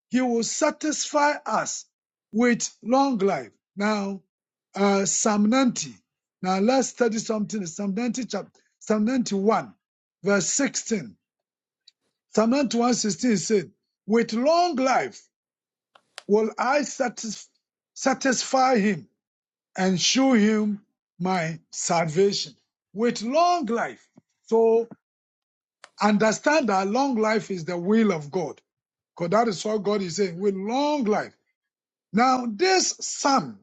B: He will satisfy us with long life. Now, uh, Psalm 90. Now, let's study something. in Psalm 90, chapter, Psalm 91, verse 16. Psalm 91 16 said, With long life will I satis- satisfy Him and show Him my salvation. With long life. So. Understand that long life is the will of God. Because that is what God is saying with long life. Now, this psalm,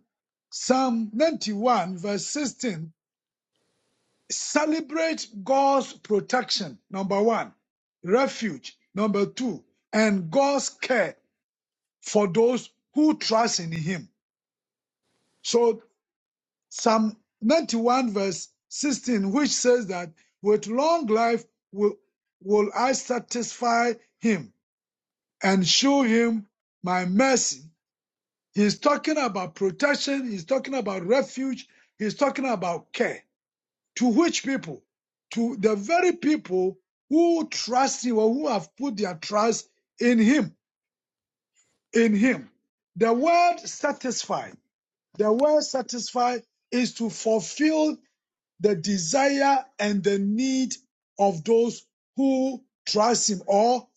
B: Psalm 91, verse 16, celebrate God's protection, number one, refuge, number two, and God's care for those who trust in Him. So, Psalm 91, verse 16, which says that with long life will, will I satisfy Him and show him my mercy. He's talking about protection, he's talking about refuge, he's talking about care. To which people? To the very people who trust him or who have put their trust in him. In him. The word satisfy, the word satisfy is to fulfill the desire and the need of those who trust him or.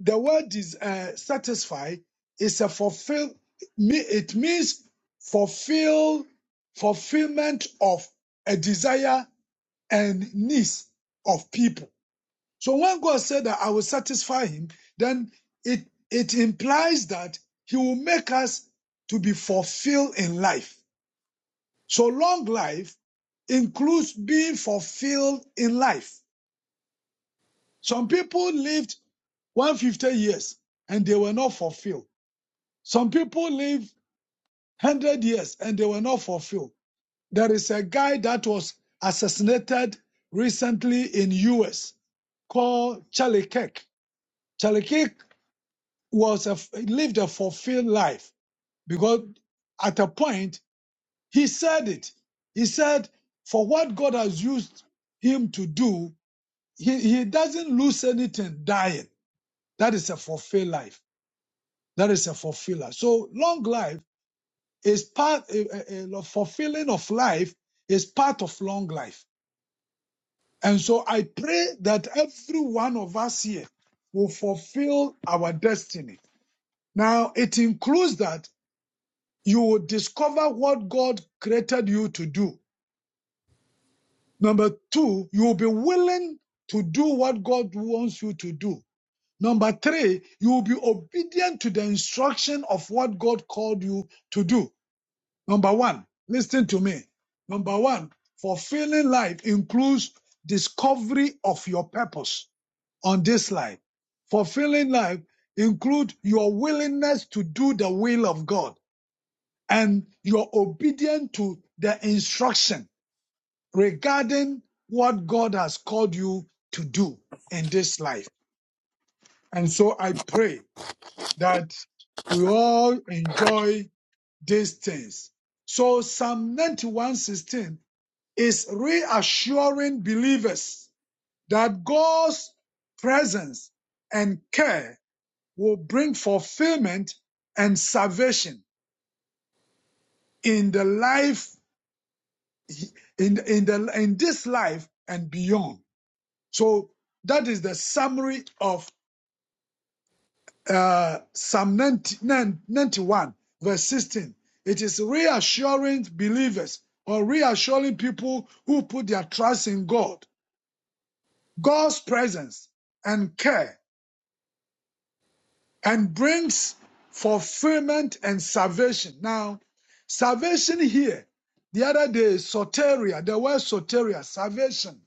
B: the word is uh, satisfy It's a fulfill me- it means fulfill fulfillment of a desire and needs of people so when god said that i will satisfy him then it it implies that he will make us to be fulfilled in life so long life includes being fulfilled in life some people lived 150 years and they were not fulfilled Some people live 100 years and they were not fulfilled. There is a guy that was assassinated recently in US called Charlie Kirk. Charlie Kirk was a, lived a fulfilled life because at a point he said it. He said, for what God has used him to do, he, he doesn't lose anything dying. That is a fulfilled life. That is a fulfiller. So long life is part eh, eh, eh, fulfilling of life is part of long life and so i pray that every one of us here will fulfill our destiny now it includes that you will discover what god created you to do number two you will be willing to do what god wants you to do number three you will be obedient to the instruction of what god called you to do Number one, listen to me. Number one, fulfilling life includes discovery of your purpose on this life. Fulfilling life includes your willingness to do the will of God and your obedience to the instruction regarding what God has called you to do in this life. And so I pray that we all enjoy these things. So Psalm 91:16 is reassuring believers that God's presence and care will bring fulfillment and salvation in the life in in the in this life and beyond. So that is the summary of uh, Psalm 91 verse 16. It is reassuring believers or reassuring people who put their trust in God, God's presence and care and brings fulfillment and salvation. Now, salvation here, the other day, soteria, the word soteria, salvation.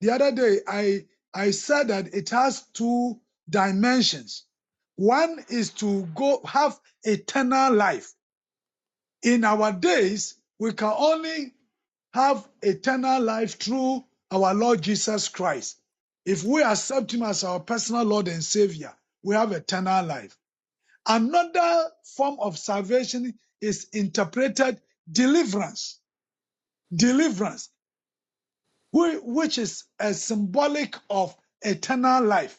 B: The other day, I, I said that it has two dimensions. One is to go have eternal life. In our days, we can only have eternal life through our Lord Jesus Christ. If we accept Him as our personal Lord and Savior, we have eternal life. Another form of salvation is interpreted deliverance, deliverance, which is a symbolic of eternal life.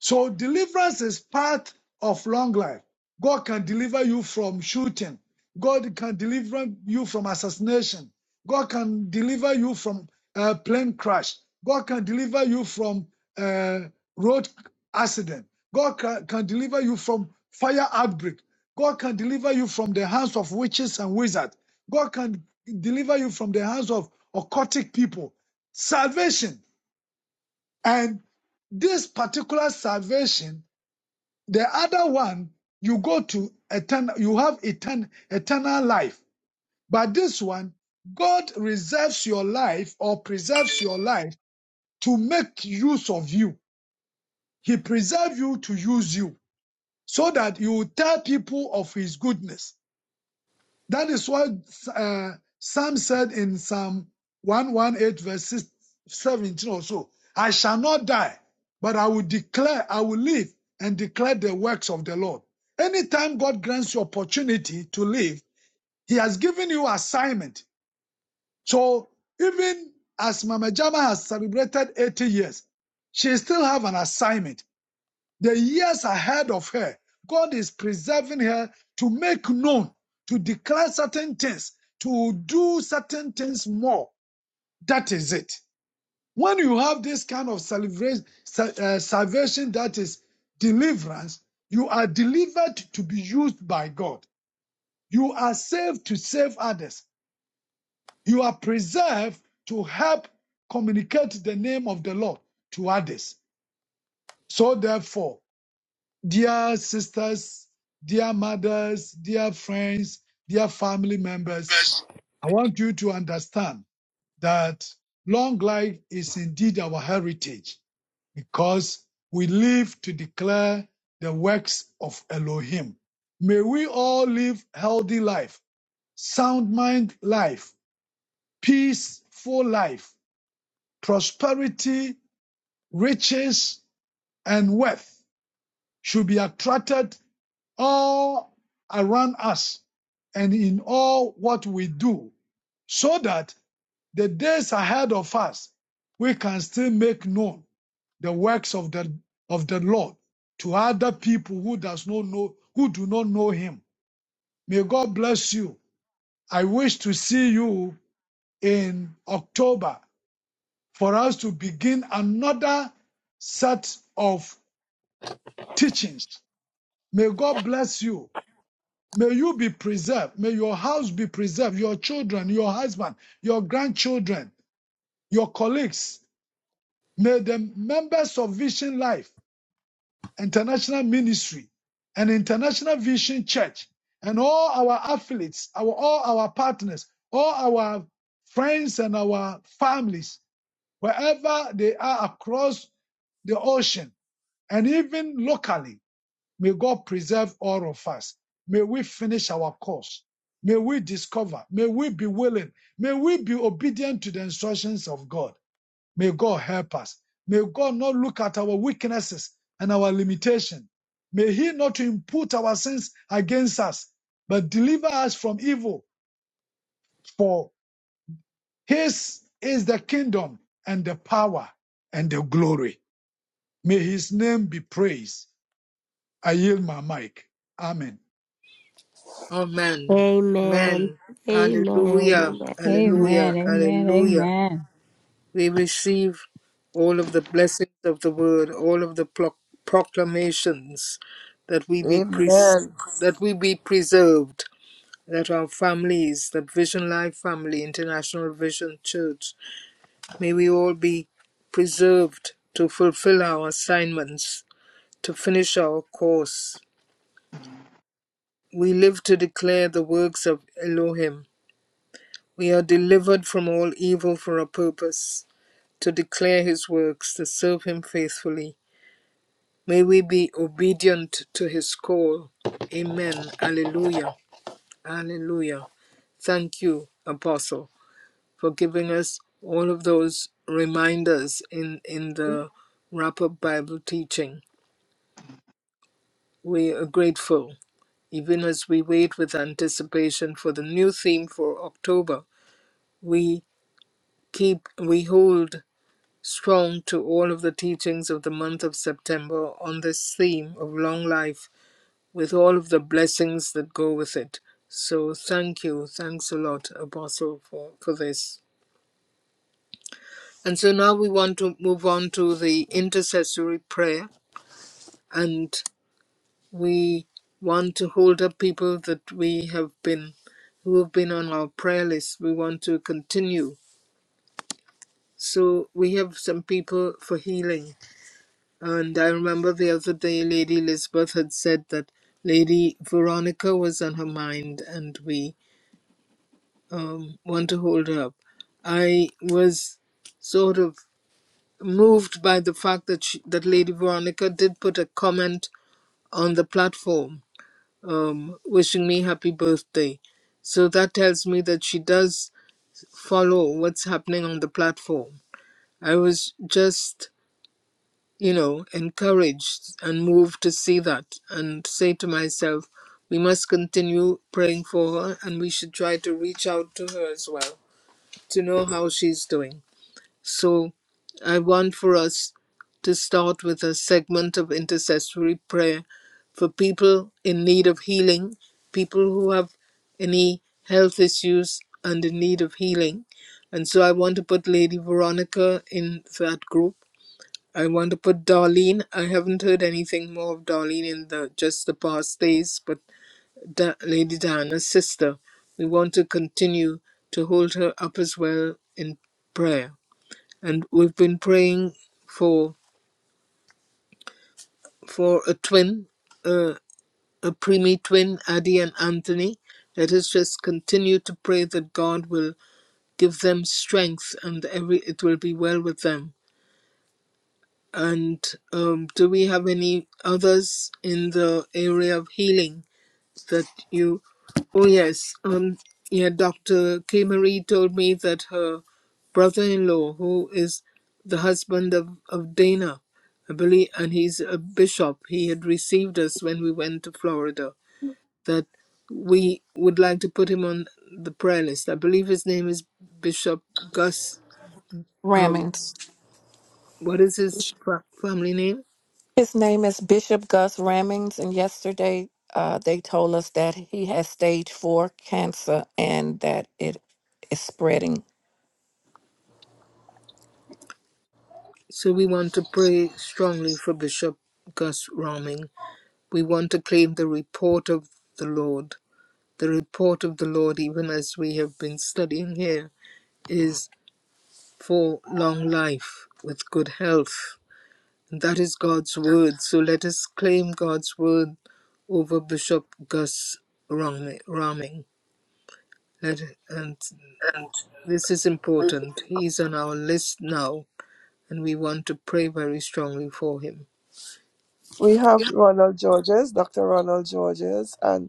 B: So deliverance is part of long life. God can deliver you from shooting. God can deliver you from assassination. God can deliver you from uh, plane crash. God can deliver you from uh, road accident. God can, can deliver you from fire outbreak. God can deliver you from the hands of witches and wizards. God can deliver you from the hands of occultic people. Salvation and this particular salvation the other one, you go to eternal, you have etern- eternal life. But this one, God reserves your life or preserves your life to make use of you. He preserves you to use you so that you will tell people of his goodness. That is what uh, Sam said in Psalm 118, verse 17 or so. I shall not die, but I will declare, I will live and declare the works of the Lord. Anytime God grants you opportunity to live, He has given you assignment. So even as Mama Jama has celebrated 80 years, she still have an assignment the years ahead of her, God is preserving her to make known, to declare certain things, to do certain things more. That is it. When you have this kind of celebration, uh, salvation that is deliverance, you are delivered to be used by God. You are saved to save others. You are preserved to help communicate the name of the Lord to others. So therefore, Dear sisters, dear mothers, dear friends, dear family members, I want you to understand that long life is indeed our heritage because we live to declare the works of Elohim. May we all live healthy life, sound mind life, peaceful life, prosperity, riches, and wealth should be attracted all around us and in all what we do, so that the days ahead of us we can still make known the works of the of the Lord to other people who does not know who do not know him. May God bless you. I wish to see you in October for us to begin another set of teachings. May God bless you. May you be preserved. May your house be preserved. Your children, your husband, your grandchildren, your colleagues. May the members of Vision Life, International Ministry, and International Vision Church, and all our affiliates, our, all our partners, all our friends and our families, wherever they are across the ocean and even locally, May God preserve all of us. May we finish our course. May we discover. May we be willing. May we be obedient to the instructions of God. May God help us. May God not look at our weaknesses and our limitation. May He not impute our sins against us, but deliver us from evil. For His is the kingdom and the power and the glory. May His name be praised. I yield my mic. Amen.
A: Amen.
G: Amen.
A: Amen. Hallelujah.
G: Amen.
E: Amen.
A: Hallelujah.
E: Amen.
A: Hallelujah.
E: Amen.
A: We receive all of the blessings of the word, all of the pro- proclamations that we be pres
D: Amen.
A: that we be preserved, that our families, that Vision Life family, International Vision Church, may we all be preserved to fulfill our assignments, to finish our course. We live to declare the works of Elohim We are delivered from all evil for a purpose, to declare his works, to serve him faithfully. May we be obedient to his call. Amen. Alleluia. Alleluia. Thank you, Apostle, for giving us all of those reminders in, in the wrap up Bible teaching. We are grateful. Even as we wait with anticipation for the new theme for October, we keep, we hold strong to all of the teachings of the month of September on this theme of long life with all of the blessings that go with it. So thank you. Thanks a lot, Apostle, for, for this. And so now we want to move on to the intercessory prayer, and we want to hold up people that we have been who have been on our prayer list. We want to continue. So we have some people for healing And I remember the other day Lady Elizabeth had said that Lady Veronica was on her mind and we um, want to hold her up. I was sort of moved by the fact that, she, that Lady Veronica did put a comment on the platform um, wishing me happy birthday. So that tells me that she does follow what's happening on the platform. I was just you know, encouraged and moved to see that and say to myself, we must continue praying for her and we should try to reach out to her as well to know how she's doing. So I want for us to start with a segment of intercessory prayer for people in need of healing, people who have any health issues and in need of healing. And so I want to put Lady Veronica in that group I want to put Darlene. I haven't heard anything more of Darlene in the just the past days, but da- Lady Diana's sister. We want to continue to hold her up as well in prayer, and we've been praying for for a twin, uh, a preemie twin, Addie and Anthony. Let us just continue to pray that God will give them strength, and every it will be well with them And um, do we have any others in the area of healing that you? Oh yes, um, yeah. Doctor K Marie told me that her brother-in-law, who is the husband of of Dana, I believe, and he's a bishop. He had received us when we went to Florida. That we would like to put him on the prayer list. I believe his name is Bishop Gus. Um,
C: Rammings.
A: what is his fa- family name?
C: His name is Bishop Gus Ramings, and yesterday uh, they told us that he has stage four cancer and that it is spreading.
A: So we want to pray strongly for Bishop Gus Roming. We want to claim the report of the Lord. The report of the Lord, even as we have been studying here, is for long life with good health. And that is God's word. So let us claim God's word over Bishop Gus Roming. Let, and this is important. He's on our list now, and we want to pray very strongly for him.
D: We have Ronald Georges, Dr. Ronald Georges, and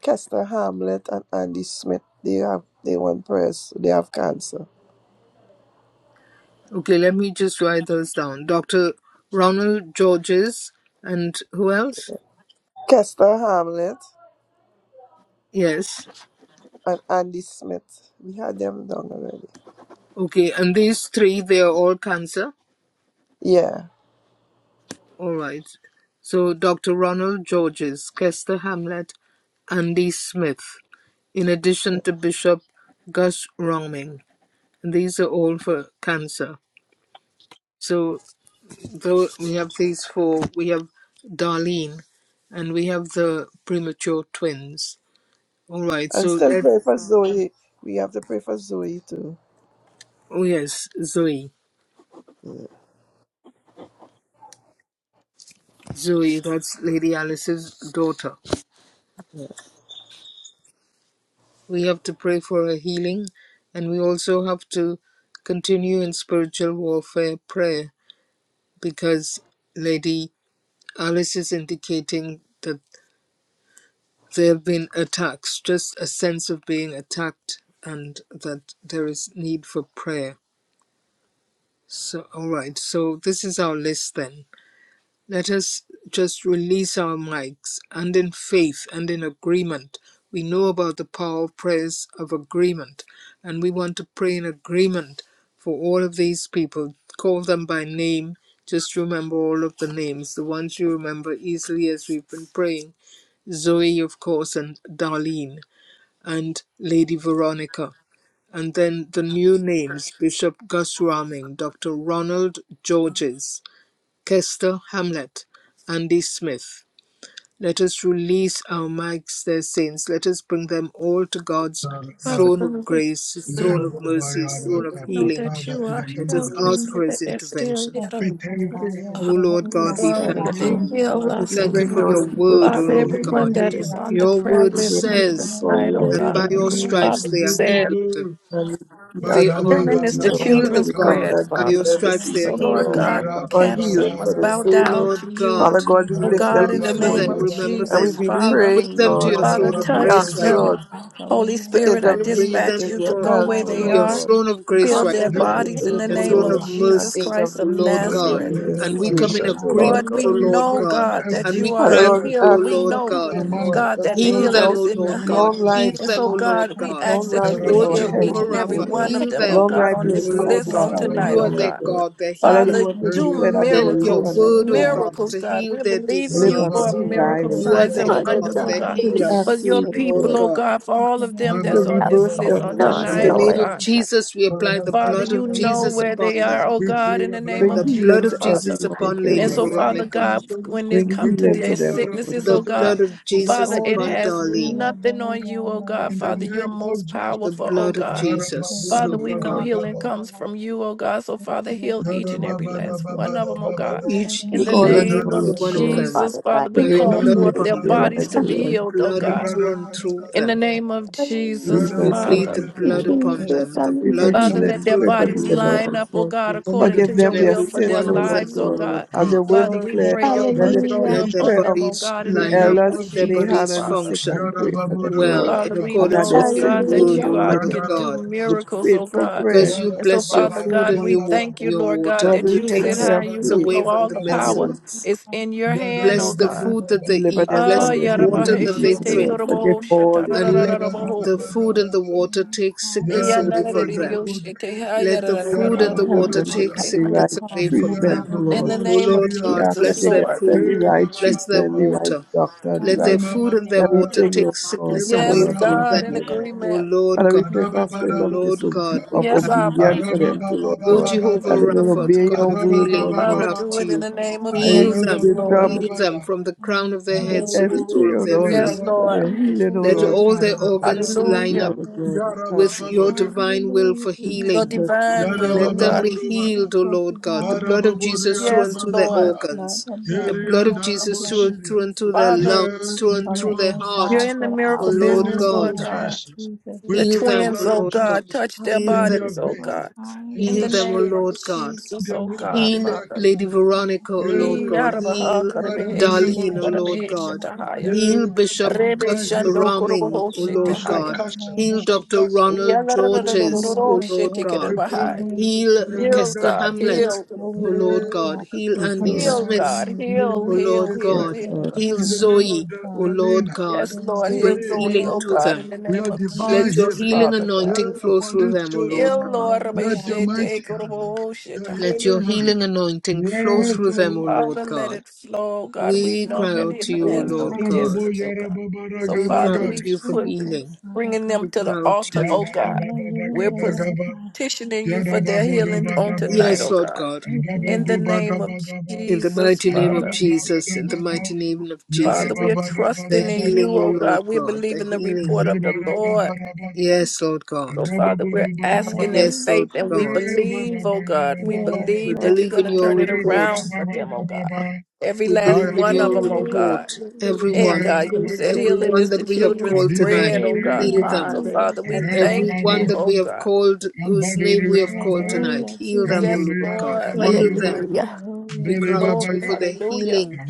D: Kester Hamlet and Andy Smith. They have they want prayers. so They have cancer.
A: Okay, let me just write those down. Dr. Ronald Georges and who else?
D: Kester Hamlet
A: Yes.
D: and Andy Smith. We had them done already.
A: Okay, and these three, they are all cancer.
D: Yeah.
A: All right. So Dr. Ronald Georges, Kester Hamlet, Andy Smith, in
D: yeah.
A: addition to Bishop Gus Roming. And these are all for cancer. So though we have these four, we have Darlene, and we have the premature twins. All right.
D: And
A: So
D: still
A: let
D: pray for Zoe. We have to pray for Zoe too.
A: Oh, yes, Zoe.
D: Yeah.
A: Zoe, that's Lady Alice's daughter. We have to pray for her healing, and we also have to continue in spiritual warfare prayer because Lady Alice is indicating that there have been attacks, just a sense of being attacked, and that there is need for prayer. So, all right, so this is our list then. Let us just release our mics and in faith and in agreement. We know about the power of prayers of agreement, and we want to pray in agreement for all of these people. Call them by name. Just remember all of the names, the ones you remember easily as we've been praying. Zoe, of course, and Darlene, and Lady Veronica. And then the new names Bishop Gus Raming, Dr. Ronald Georges, Kester Hamlet, Andy Smith. Let us release our mics, their saints. Let us bring them all to God's
C: Father
A: throne
C: God,
A: of grace, his
C: we
A: throne
B: Name,
A: of
C: will
B: oh my
A: mercy, his
B: God,
A: throne of
B: the
C: know
A: healing.
C: that
B: Father,
C: you
B: in
C: are
B: the name
A: Let
C: here.
B: of
A: us
C: We
B: Jesus,
A: ask
C: know
A: for
C: that
A: his
C: there's still
A: intervention.
C: yet
E: Thank
C: a
B: we
E: you,
B: thank
E: Father God. You
A: O
E: are
B: you
E: the Lord.
A: Lord
E: You
A: God,
E: are
D: Yes,
A: we
B: for the
C: that
A: thank
D: Father.
C: they
A: you.
B: name
C: heal
B: that
A: We
C: us,
D: We
C: oh
A: thank
B: comes.
A: you
D: bring
A: for
C: God.
A: your
D: those people
A: word, O
C: Father,
D: before
B: We
A: Lord
D: you.
B: give you
C: everyone
A: God.
E: Thank
C: that
E: you,
C: is
B: glory,
E: Lord
C: on the
E: God.
A: Your
C: prayer
A: word
D: We bring
C: list
E: And the
C: on
D: them
E: Father,
A: says
D: before
E: we
C: tonight,
E: have
D: you,
B: we
C: oh
E: this
D: Lord
E: with
A: that
B: give
E: the
C: God.
A: by
D: God.
B: you
A: your
G: Amen.
E: Savior,
B: glory,
A: stripes
E: speak
C: Father,
B: we
A: they
C: you
E: to
A: are
B: give
E: our
B: you
C: said
E: God.
A: healed.
B: glory.
D: And we
B: Ba
A: They
E: Yes.
A: are
D: agree
B: ba ba
C: Healing
D: with
C: is
D: you,
C: the
A: the
B: da
D: Lord
B: ba
A: healed
B: da
D: God. We
C: children's
A: of
B: ka
D: come
E: We
B: ba.
A: God.
D: in
C: bread,
A: By
E: thank
A: your
C: Father.
E: you
D: agreement
E: for the
D: this
A: stripes
E: love
A: they
E: of
A: are
D: evening,
C: So,
D: O
E: money on
A: healed,
C: Lord
E: the
A: O
E: Lord
D: Lord,
B: Ya
A: Lord
E: God.
C: God,
B: ra
E: We
B: ba
A: God.
D: for
E: have
B: ba
C: cancer
B: ba
D: healing for
C: must
B: ya
C: bow
D: those
A: O
B: ra,
D: people.
C: down to
A: Lord
E: for
C: you.
E: the
D: Father
A: God,
D: God, we
E: Father,
B: ya
C: Oh
E: we
D: lift
B: ra
E: have
D: them
B: ba
C: God, in
E: this
C: the
B: ba
A: Remember
D: before
B: do
E: holy
C: name
A: them,
B: ba
C: of
D: you.
B: da
E: free
B: ba,
A: remember
E: Lord
D: And we
C: Jesus,
A: them.
E: God.
D: be
A: We
C: Father,
A: bring
D: praying,
B: ya
A: them to
D: Lord.
A: your
E: The
B: ra
C: Father,
A: throne
E: Son
B: ba
E: of
A: of
D: We
B: ba
C: touch
B: do
A: grace
D: ask
E: Righteousness
D: you,
A: right
B: ba
A: now.
C: them.
E: shall
D: Lord,
B: da.
E: rise over
C: Holy
E: him
D: to
E: and
C: Spirit,
E: live
A: We
C: I
B: Ye
E: free.
A: bring
D: intervene
C: dispatch
D: in
A: them
B: ba
C: you
B: ba
D: their
C: to
E: In
B: ba
E: the
A: for
C: go
B: ba
D: health,
C: where
D: O
E: mighty
B: ba
C: they
A: to
B: da.
D: Lord
A: your
E: name
C: are,
D: God.
E: of
A: throne of
E: Jesus,
A: grace
C: heal
D: Come
A: right
C: their
D: into
A: now,
D: the
B: Liberal
C: bodies in
D: aid,
C: the
D: O
A: your
E: thank
C: name
A: throne
E: the
C: of
D: Lord,
A: of
B: Zanzibar,
E: Lord
D: and
E: God.
C: Jesus
A: mercy,
C: Christ
A: O
C: of
D: intervene
A: Lord
D: in
B: Father,
D: their,
E: Thank
A: God.
B: in
C: Nazareth.
B: the
E: you,
D: their
E: Lord
B: name
A: And
E: God.
A: we
B: of
A: come
E: The
A: in
B: Jesus,
D: situations, O
E: Father,
D: Lord
E: who
C: Lord,
E: is
A: agreement,
C: we
A: O
D: God.
B: we
E: holy,
A: Lord
E: God,
C: know,
B: pray for
A: God,
C: God, that
A: and
E: transgression,
B: every
A: we
C: you are
D: Father,
B: sick
A: cry out
C: a
D: Lord, we
A: to
E: who
C: healer.
A: you, O
D: ask
B: person
E: is
D: you
C: We
E: wound
D: for
E: up
A: Lord
C: know
E: with
A: God.
D: healing,
E: Jesus,
B: among
D: Lord,
B: us.
C: God,
D: because
C: that
D: we
C: the
E: chastisement
A: Heal
D: don't
E: of our
C: healing
A: them,
D: know
C: is
A: O
C: in
E: sins
A: Lord
B: name
E: upon
A: God.
D: long
E: us.
C: him.
B: of
D: life
A: Heal
C: And
E: And
A: them,
C: so,
A: O
B: Jesus.
E: by his
A: Lord
C: God, we
E: stripes
A: God.
E: we
C: ask
D: Long
E: are
C: that
D: life
C: you
E: healed
C: would
D: is
A: O
E: in
D: our
C: heal
E: the
A: Jehovah
C: each
B: Tarabadebu,
C: and
E: mighty
D: heritage,
C: every
D: O
E: name
A: Rapha,
C: one
D: Lord.
E: of
C: of
A: heal
C: them,
E: Jesus.
C: oh
D: Long
A: them,
C: God,
D: life
C: on
D: you
A: O
D: have
C: this
B: Lady
A: Lord
C: list
E: Thank
C: on
A: God.
E: you,
D: satisfied them,
C: tonight,
A: You
E: Lord.
D: O
A: are
C: oh
B: Arababadabada,
A: their
D: Lord
C: God.
D: God.
A: God, their
D: Father,
A: healer.
D: we
E: Thank
C: Father,
D: want
E: you,
D: to
C: do
B: Lady
D: declare
E: Lord.
D: that they
E: Thank
D: will
A: Send
E: you,
A: your
D: live
E: Lord.
D: and
C: miracles,
D: not
E: Thank you,
A: word, O
E: Lord.
B: Arababadabada,
D: die.
A: God,
C: miracles,
A: to
C: God.
A: heal
C: We're
A: their
C: believing
D: Live
C: you
D: and
A: disease.
C: for
D: not
E: And our
D: die,
C: miracle
D: O
A: You
E: prayers is
D: Lord
A: are
C: signs
A: their
C: and
E: moving
D: Father.
G: What
E: in
G: is
E: the
C: wonders,
A: God,
C: oh
G: that?
B: Badabadabadabadabada,
A: their
E: mighty
C: God,
D: So we
E: name
A: healer,
C: for
E: of
D: ask you,
C: your
D: O
A: O
E: Jesus.
D: Lord
A: Lord
C: people,
D: God,
C: oh
A: God.
C: God, for
E: Thank
C: all
E: you,
C: of
E: Lord
C: them
D: to
C: that's
E: God, that
C: on
G: What's
E: you
C: this
D: reverse
E: for
C: list
D: their
E: the
C: on
G: going
B: Madarababadabu,
E: healing of
A: In
G: on,
D: cancer,
A: the
C: tonight, oh
A: name
D: Lord.
B: Sharaba.
C: God.
A: of
E: resurrection
G: Lord?
A: Jesus, we apply the
B: Father,
E: in the
C: Father,
B: touch
A: blood
C: you
A: of
E: mighty
C: know
E: name
A: Jesus
C: where
B: everything.
E: of
C: they
A: upon them.
C: are,
E: Jesus.
C: oh
B: We
C: God,
B: plead
C: in
B: the
C: the
B: blood
C: name
D: Bring
A: The
C: of
B: of
A: blood
D: healing
B: Jesus.
C: Jesus,
A: of
D: to
E: Hallelujah.
D: every
C: Father.
A: Jesus
D: one
B: We
D: of
A: upon
B: plead
A: Lady
C: And
D: them,
B: the
C: so,
D: Lord.
B: blood
C: Father
B: of
A: Veronica.
B: Jesus.
C: God,
E: Hallelujah.
C: when this
D: Bring
C: come
B: We
C: to
E: Kushara
D: healing
B: plead
D: to
C: their
B: the
D: them,
B: blood
D: O
E: Pastor.
B: of
D: Lord
C: sicknesses, oh
D: Father.
A: The
B: Jesus
D: In
C: God,
A: blood
E: Kushara
A: of
D: Jesus.
B: over
A: Jesus
E: Pastor.
C: Father,
B: all
C: it
A: upon
B: these
C: has
B: people that are
A: Darlene.
C: nothing
B: sick.
C: on you,
E: Hallelujah,
C: oh God.
E: Lord
B: In the
C: Father,
E: God.
C: you are
B: name of
E: Jesus.
C: most
B: Jesus.
A: The
E: Thank
C: powerful, oh
E: you,
A: blood of
C: God.
E: Father, for
A: Jesus,
E: this.
C: Father,
B: Yarababudu
E: Thank
C: we
A: Lord
E: you,
C: know
E: Lord,
A: God.
E: for
C: healing
E: this.
B: katataba.
C: comes from you, oh God. So,
E: Thank
C: Father,
E: you,
C: heal
E: Lord
C: each and
E: God,
C: every last
E: Jesus.
C: one of them, oh God.
B: Yarababadababadabada.
A: Each
D: We
C: In the
G: Thank
B: In
D: call
A: heal
E: Hallelujah,
G: you,
B: the
D: on
A: each
D: you,
A: and
D: O
C: name of
B: name
A: every
G: Jesus.
D: Lord
A: one of
E: Lord.
D: God,
A: them.
C: Jesus,
G: Father
C: Father,
G: God
D: to
A: By
C: we
G: in
A: your
D: bring
C: call
A: blood
D: healing
C: forth
G: heaven.
A: upon
D: to
E: Thank
C: their
D: their
A: them.
E: you.
C: bodies
D: lives, O
C: to be
A: Your
D: Lord.
E: Jesus
C: healed, oh
A: blood
C: God.
A: through and through
C: In the
A: them.
C: name of Jesus,
A: We
G: Hallelujah.
D: Jesus, O Lord.
A: plead
C: Father.
A: the
G: Thank
D: God.
G: you,
A: blood
B: of
A: upon
B: Jesus,
G: Jesus.
A: them. The
D: Pray for
B: we
A: blood
C: Father,
G: Hallelujah.
A: through and
C: let
D: healing.
C: their
B: cancel
A: through
D: Pray for
A: them, O
C: bodies
A: Lord.
B: everything.
C: line
D: deliverance,
C: up, oh
D: Lord.
C: God,
B: We commit
C: according
B: the
D: Forgive
C: to
A: Each
C: your
D: them
A: and
B: bishop
D: their
C: will
A: every
C: for
B: into
C: their
D: sins,
A: one
D: O
B: your
A: of
B: hand.
D: Lord
A: them,
C: lives,
A: O
C: oh
D: God.
A: Lord
C: God.
D: As
A: God.
D: your word
C: Father,
B: Bishop,
C: we
D: declare,
C: pray your
B: bishop,
D: let the
C: perfect
B: bishop,
G: Hallelujah.
A: Let
C: will
A: their
C: on
D: prayer
B: bishop.
D: of
C: them, oh
A: bodies
C: God,
B: In
C: in
D: the
C: the
B: the
A: line up.
B: name
C: name of
A: Let
D: elders
B: of
A: their
B: Jesus.
D: lay
C: Jesus,
D: hand
A: bodies
D: on the
C: Father.
D: sick
A: function
D: and
B: Yara
D: pray for
B: babo
D: them,
B: do
A: well
D: Lord,
C: Father,
A: in
B: gadaka.
C: we
D: and that
A: accordance
C: know,
D: their
A: with
C: oh
A: your
C: God,
D: sins will
C: that
D: be
A: word, O
C: you
G: Hallelujah.
C: are,
A: Lord
D: forgiven.
C: can
B: Yandara
C: do
A: God.
D: The
B: babosti.
C: miracles, oh
D: faithful
C: God.
A: Because
D: prayer,
A: you
B: Yara
C: And so,
A: bless
B: baba
A: your
D: will-
C: Father
A: food
C: God,
A: and
B: bara
C: we
A: you, wa-
B: bara
C: thank you,
A: your
B: baba.
C: Lord God,
A: water,
D: God
A: and
C: that
D: will
A: you
C: you
D: hear the
A: take
C: sit
B: Yada
D: prayer
C: high,
D: of
B: Baba,
C: you
A: sickness
C: look
D: faith,
A: away
C: low.
A: from
C: All
A: the
C: the
B: bada
D: and He
A: midst
B: baba.
A: of
D: will
C: power
A: us.
C: is in your
B: Yada
C: hand, oh
A: Bless the
B: bobo do
C: God.
A: food that
B: baba.
A: they
D: deliver
A: eat,
D: them
C: Ah,
D: from
A: bless
D: their
A: the
B: Yada
A: water that they
C: yarabaheshe
B: yanda
D: iniquities, O
B: baba.
C: te
D: Lord.
A: drink,
C: koroboho
D: Forgive
E: is
D: all
C: shata,
D: their
A: and
B: Ada
A: let
D: iniquities,
B: Baba,
A: the
D: Lord
C: rarararaboho.
B: Baba.
A: food
D: God,
A: and the water
E: your
A: take
E: past,
C: In
A: sickness
E: if
B: Yes,
E: you
A: away from
C: the
A: them.
E: follow Jesus,
B: Lagrabuda,
A: Let
E: there's
A: the
E: a
A: food
E: body
A: and
D: and
A: the
D: help
E: in
A: water
D: them to
A: take
E: proper
B: Sharababuda,
D: have the right
A: sickness
E: protocol
A: away
E: and a
A: from
D: treatment, O
E: matter
A: them.
D: Lord.
B: Idiarababu
A: O
C: name of
A: Lord
D: You
B: Shiria,
A: God,
D: ask
C: Jesus,
D: that
A: bless
D: you
A: their
D: get
C: Lord.
D: the
A: food,
D: right
B: Eva
A: bless
B: Baba,
A: their
D: treatment,
E: of
D: the right
A: water.
D: doctor, the
A: Let their
D: right
B: Mama
A: food and their
E: Hallelujah,
A: water
B: Baruba,
D: everything, oh
A: take
E: Jesus.
D: God.
A: sickness
D: And the
A: away
C: Yes,
D: Lord
E: Thank
A: from
D: bring
C: God, in
A: them.
E: you,
B: Ebabarababaraba,
D: healing.
E: God.
A: O
C: agreement.
A: Lord
D: Father, we
A: God,
E: Thank
D: pray for
E: you,
D: a
A: O
D: spirit of,
A: Lord
E: Jesus.
D: disobe-
A: God,
B: Arababaraburuga,
A: we
D: of
A: cry
C: Yes,
A: out
E: God.
A: to
C: Abba.
A: you.
D: obedience for them too, Lord
A: O
D: God.
B: Arabababababa,
A: Jehovah
D: That they will
E: Hallelujah,
A: Rapha, the
D: obey
E: Jesus.
A: God
D: your
A: of
D: word,
A: healing,
D: Lord
A: we
D: God.
C: Father,
A: cry out
C: do
B: Abababababa,
A: to
C: it in
A: you.
C: the name of
D: And
E: Hallelujah,
A: Heal
D: you use
C: Jesus,
A: them,
E: God.
C: Lord.
A: heal
D: wisdom
A: them
B: Abarababarabara,
A: from the crown
E: Yes,
A: of their
D: in
A: heads
E: Lord
A: to the
E: God.
B: Arababu
A: sole
D: everything,
A: of
D: oh
A: their
E: Thank
D: Lord.
C: Yes,
A: feet.
E: you,
B: Shiria,
D: For
C: Lord.
D: their healing, oh
E: Jesus.
A: Let
E: Son
D: Lord,
E: of
A: all
D: Father
A: their
E: God.
D: God. We
B: Yediarabada,
A: organs
E: Thank you,
D: thank you,
A: line
C: Hallelujah.
A: up
D: Lord God.
E: Jesus.
D: We thank
A: with
D: you,
A: your
D: Lord, Father.
B: Yarabababurika,
A: divine will
E: Hallelujah,
A: for
D: In
E: Lord
C: Your
A: healing.
E: God.
D: Jesus' name,
C: divine
D: oh
C: will,
D: Lord.
C: oh
A: Let
E: Yes,
A: them
C: God.
A: be
B: Yarababurubaka,
E: Jesus,
A: healed, O
E: that
A: Lord
E: is
A: God. The
E: our
A: blood
E: Lord,
A: of Jesus
E: God.
A: through
C: Yes,
A: and through their
E: The
C: Lord.
B: Arababuria,
E: blood,
A: organs.
E: the
A: The
E: blood, the
A: blood of
E: blood, the
A: Jesus
E: blood
A: through
E: of
A: and
B: Eriandarabosia.
A: through and
E: Jesus.
A: through their
C: Father,
E: Amen
B: Yeah,
A: lungs,
B: in
A: through
B: the
A: and
E: from
B: name
A: through
E: the
A: their
B: of Jesus.
C: you're
A: heart.
E: inside
C: in the
E: to the
A: O
C: miracle
B: In the
E: outside
A: Lord
C: business,
B: name
E: in the
A: God.
C: Lord
B: of
E: name
C: God.
E: of
B: Jesus.
E: Jesus,
B: We
C: The
E: Lord
A: Heal
B: plead
E: God.
B: the
A: them,
C: twins,
A: O
B: blood
C: oh
B: of
A: Lord God.
C: God,
B: Jesus
C: touch their
A: Heal
B: in
A: them.
E: Hallelujah,
B: their
C: bodies,
E: you
C: oh
E: are
B: veins,
C: God.
E: I,
B: in
C: In the
A: Heal
B: their
A: them, O
E: grateful
C: name of
E: that
A: Lord
B: spirits,
A: God.
B: in
C: Jesus,
B: their
C: oh
E: ask
B: livers,
C: God,
E: you
B: in
A: Heal
B: their
C: Father.
A: Lady
B: kidneys.
E: for
A: Veronica, O
E: compassion.
A: Lord
B: Yeah,
A: God.
C: Yarabaha
A: Heal
E: Therefore,
B: Father,
E: to
B: in
E: live
B: the name
C: Karabeshi
E: in the
C: to
A: Darlene,
B: of
A: O
E: Lord,
B: Jesus.
A: Lord
E: you
C: Karabesha
E: are
A: God.
E: the
B: Yeah,
C: Tahaya.
E: controller
A: Heal
B: we pray
E: of
B: for
A: Bishop
E: God.
C: Rebe
B: divine
A: Gus
B: healing.
E: You
C: Shando
E: should
C: Kurubo
A: Raming,
E: bless
A: O
E: your
A: Lord
E: arms
B: Bishop
E: in
C: Shetahaya.
A: God.
E: the
B: Kasha,
E: name
A: Heal
E: of
B: Bishop
A: Dr.
B: Kasha,
E: Jesus.
A: Ronald
B: in the
E: And to
B: name
A: Georges,
B: of God.
C: Yalarado
A: O
E: acknowledge
A: Lord
E: you
B: We
A: God.
E: in
B: pray
E: the
C: Shetikadabahai.
B: for
E: name
B: the
E: of
A: Heal
E: Jesus.
B: veteran
C: Heal
A: Kester
C: God,
B: judges.
A: Hamlet,
E: You
C: heal,
A: O
E: glory,
A: Lord
E: Lord
A: God.
E: God.
A: Heal
B: Yeah,
D: Yes,
A: Andy
E: You
B: someone.
D: Lord.
C: heal
A: Smith,
C: God,
E: darling
B: in the
C: heal,
B: name
A: O
E: Jesus,
B: of
C: heal,
B: the
A: Lord
D: Yes,
C: heal,
B: threat,
A: God.
E: you
C: heal
E: the
D: Lord.
C: God.
A: Heal
B: in the
E: twin
B: name of
E: of
A: Zoe,
B: the,
A: O
B: the
E: God.
A: Lord
B: Lena,
A: God.
C: Yes, Lord,
E: Yes,
C: heal
E: we
A: Bring
B: Zoe,
C: Zoe,
A: healing
C: oh
A: to
B: Lord,
C: God, in
A: them.
C: the
B: we
C: name
B: are
E: pray in
C: of
E: the
B: divine
A: Let
E: name
A: your
E: of
C: Jesus,
B: healing.
A: healing
C: Father
E: Jesus.
C: God.
A: anointing
B: Heal
A: flow
B: upon
A: through
B: these
A: them, O
B: children.
A: Lord
C: Heal,
A: God.
C: Lord, Rabbi
B: Let
E: Hallelujah.
B: your
C: Shete,
B: mighty hand,
C: Kurubo
B: your
A: Let
C: Shetahaya.
A: your
B: healing hand,
A: healing anointing flow
B: rest,
A: through
B: O
E: Hallelujah.
A: them, O
B: Lord.
A: Lord
C: Father, let
A: God.
C: it flow, oh God. We
A: We
C: know
A: cry
C: that
A: out to
C: healing
A: you, O
B: Lord,
C: has
A: Lord
C: no
E: Hallelujah.
A: God.
B: Sharabobo,
C: distance, oh God. So,
A: We cry
C: Father,
B: Yarababaragadaga,
A: out
E: Hallelujah,
C: we
A: to you for
C: put
A: healing.
C: bringing them
A: We
C: to the
A: cry out to
C: altar,
A: you.
C: oh God. We're
E: Lord
B: Yadarababadagadagaba,
E: God.
C: petitioning you for their healing on
E: Jesus,
C: tonight,
A: Yes,
B: Yarababodobadabada,
C: oh
A: Lord
C: God.
A: God.
E: thank you,
C: In the
E: Lord.
C: name of
B: Adabadobadabadaba,
A: In the
C: Jesus,
A: mighty
E: Thank
A: name
E: you,
A: of
C: Father.
A: Jesus, in the
E: Jesus.
B: Adabadabadabada,
A: mighty name of Jesus.
C: Father, we are
A: The
C: trusting in you,
A: healing,
C: oh
B: Yadababadabadabadaba,
A: O Lord
C: God. We're
A: God. The
C: believing the
A: healing.
C: report
B: Baba
C: of
B: baba
C: the
B: baba
C: Lord.
A: Yes, Lord God.
C: So, Father, we're
B: baba,
C: asking in
A: Yes,
E: Hallelujah,
A: Lord
C: faith and we
E: Jesus.
A: God.
C: believe, oh God. We
E: Yes,
A: We
C: believe
E: Lord
C: that you're
A: believe
C: going
A: in
C: to
E: God,
A: your
E: we
C: turn it
E: can
A: report.
E: be
C: around for them,
E: give
C: oh
E: you
C: God. Every
A: We
C: last
A: believe in
C: one
E: the
C: of
A: your
C: them, oh
E: glory.
C: God.
G: Hallelujah. Hallelujah.
A: report.
C: And
A: Everyone
C: God, you
A: and
C: said
G: Hallelujah.
C: healing
A: everyone
C: is
G: Thank
C: the
A: that
G: you,
A: we have
C: children's
A: called
G: Jesus.
A: tonight,
C: bread, oh
G: Thank
C: God.
G: you,
A: heal
E: Hallelujah,
A: them
C: So,
G: Father.
C: Father,
E: Jesus.
C: we thank
A: Everyone
C: you,
G: Hallelujah.
A: that
C: oh
A: we have
C: God.
A: called, whose name we have called tonight,
E: Hallelujah,
A: heal them, O
E: Jesus.
C: Yes,
A: Lord God.
C: Lord.
A: Heal them.
G: Hallelujah.
A: We
E: Hallelujah.
A: cry out
C: Glory,
A: to you for their
C: hallelujah.
A: healing,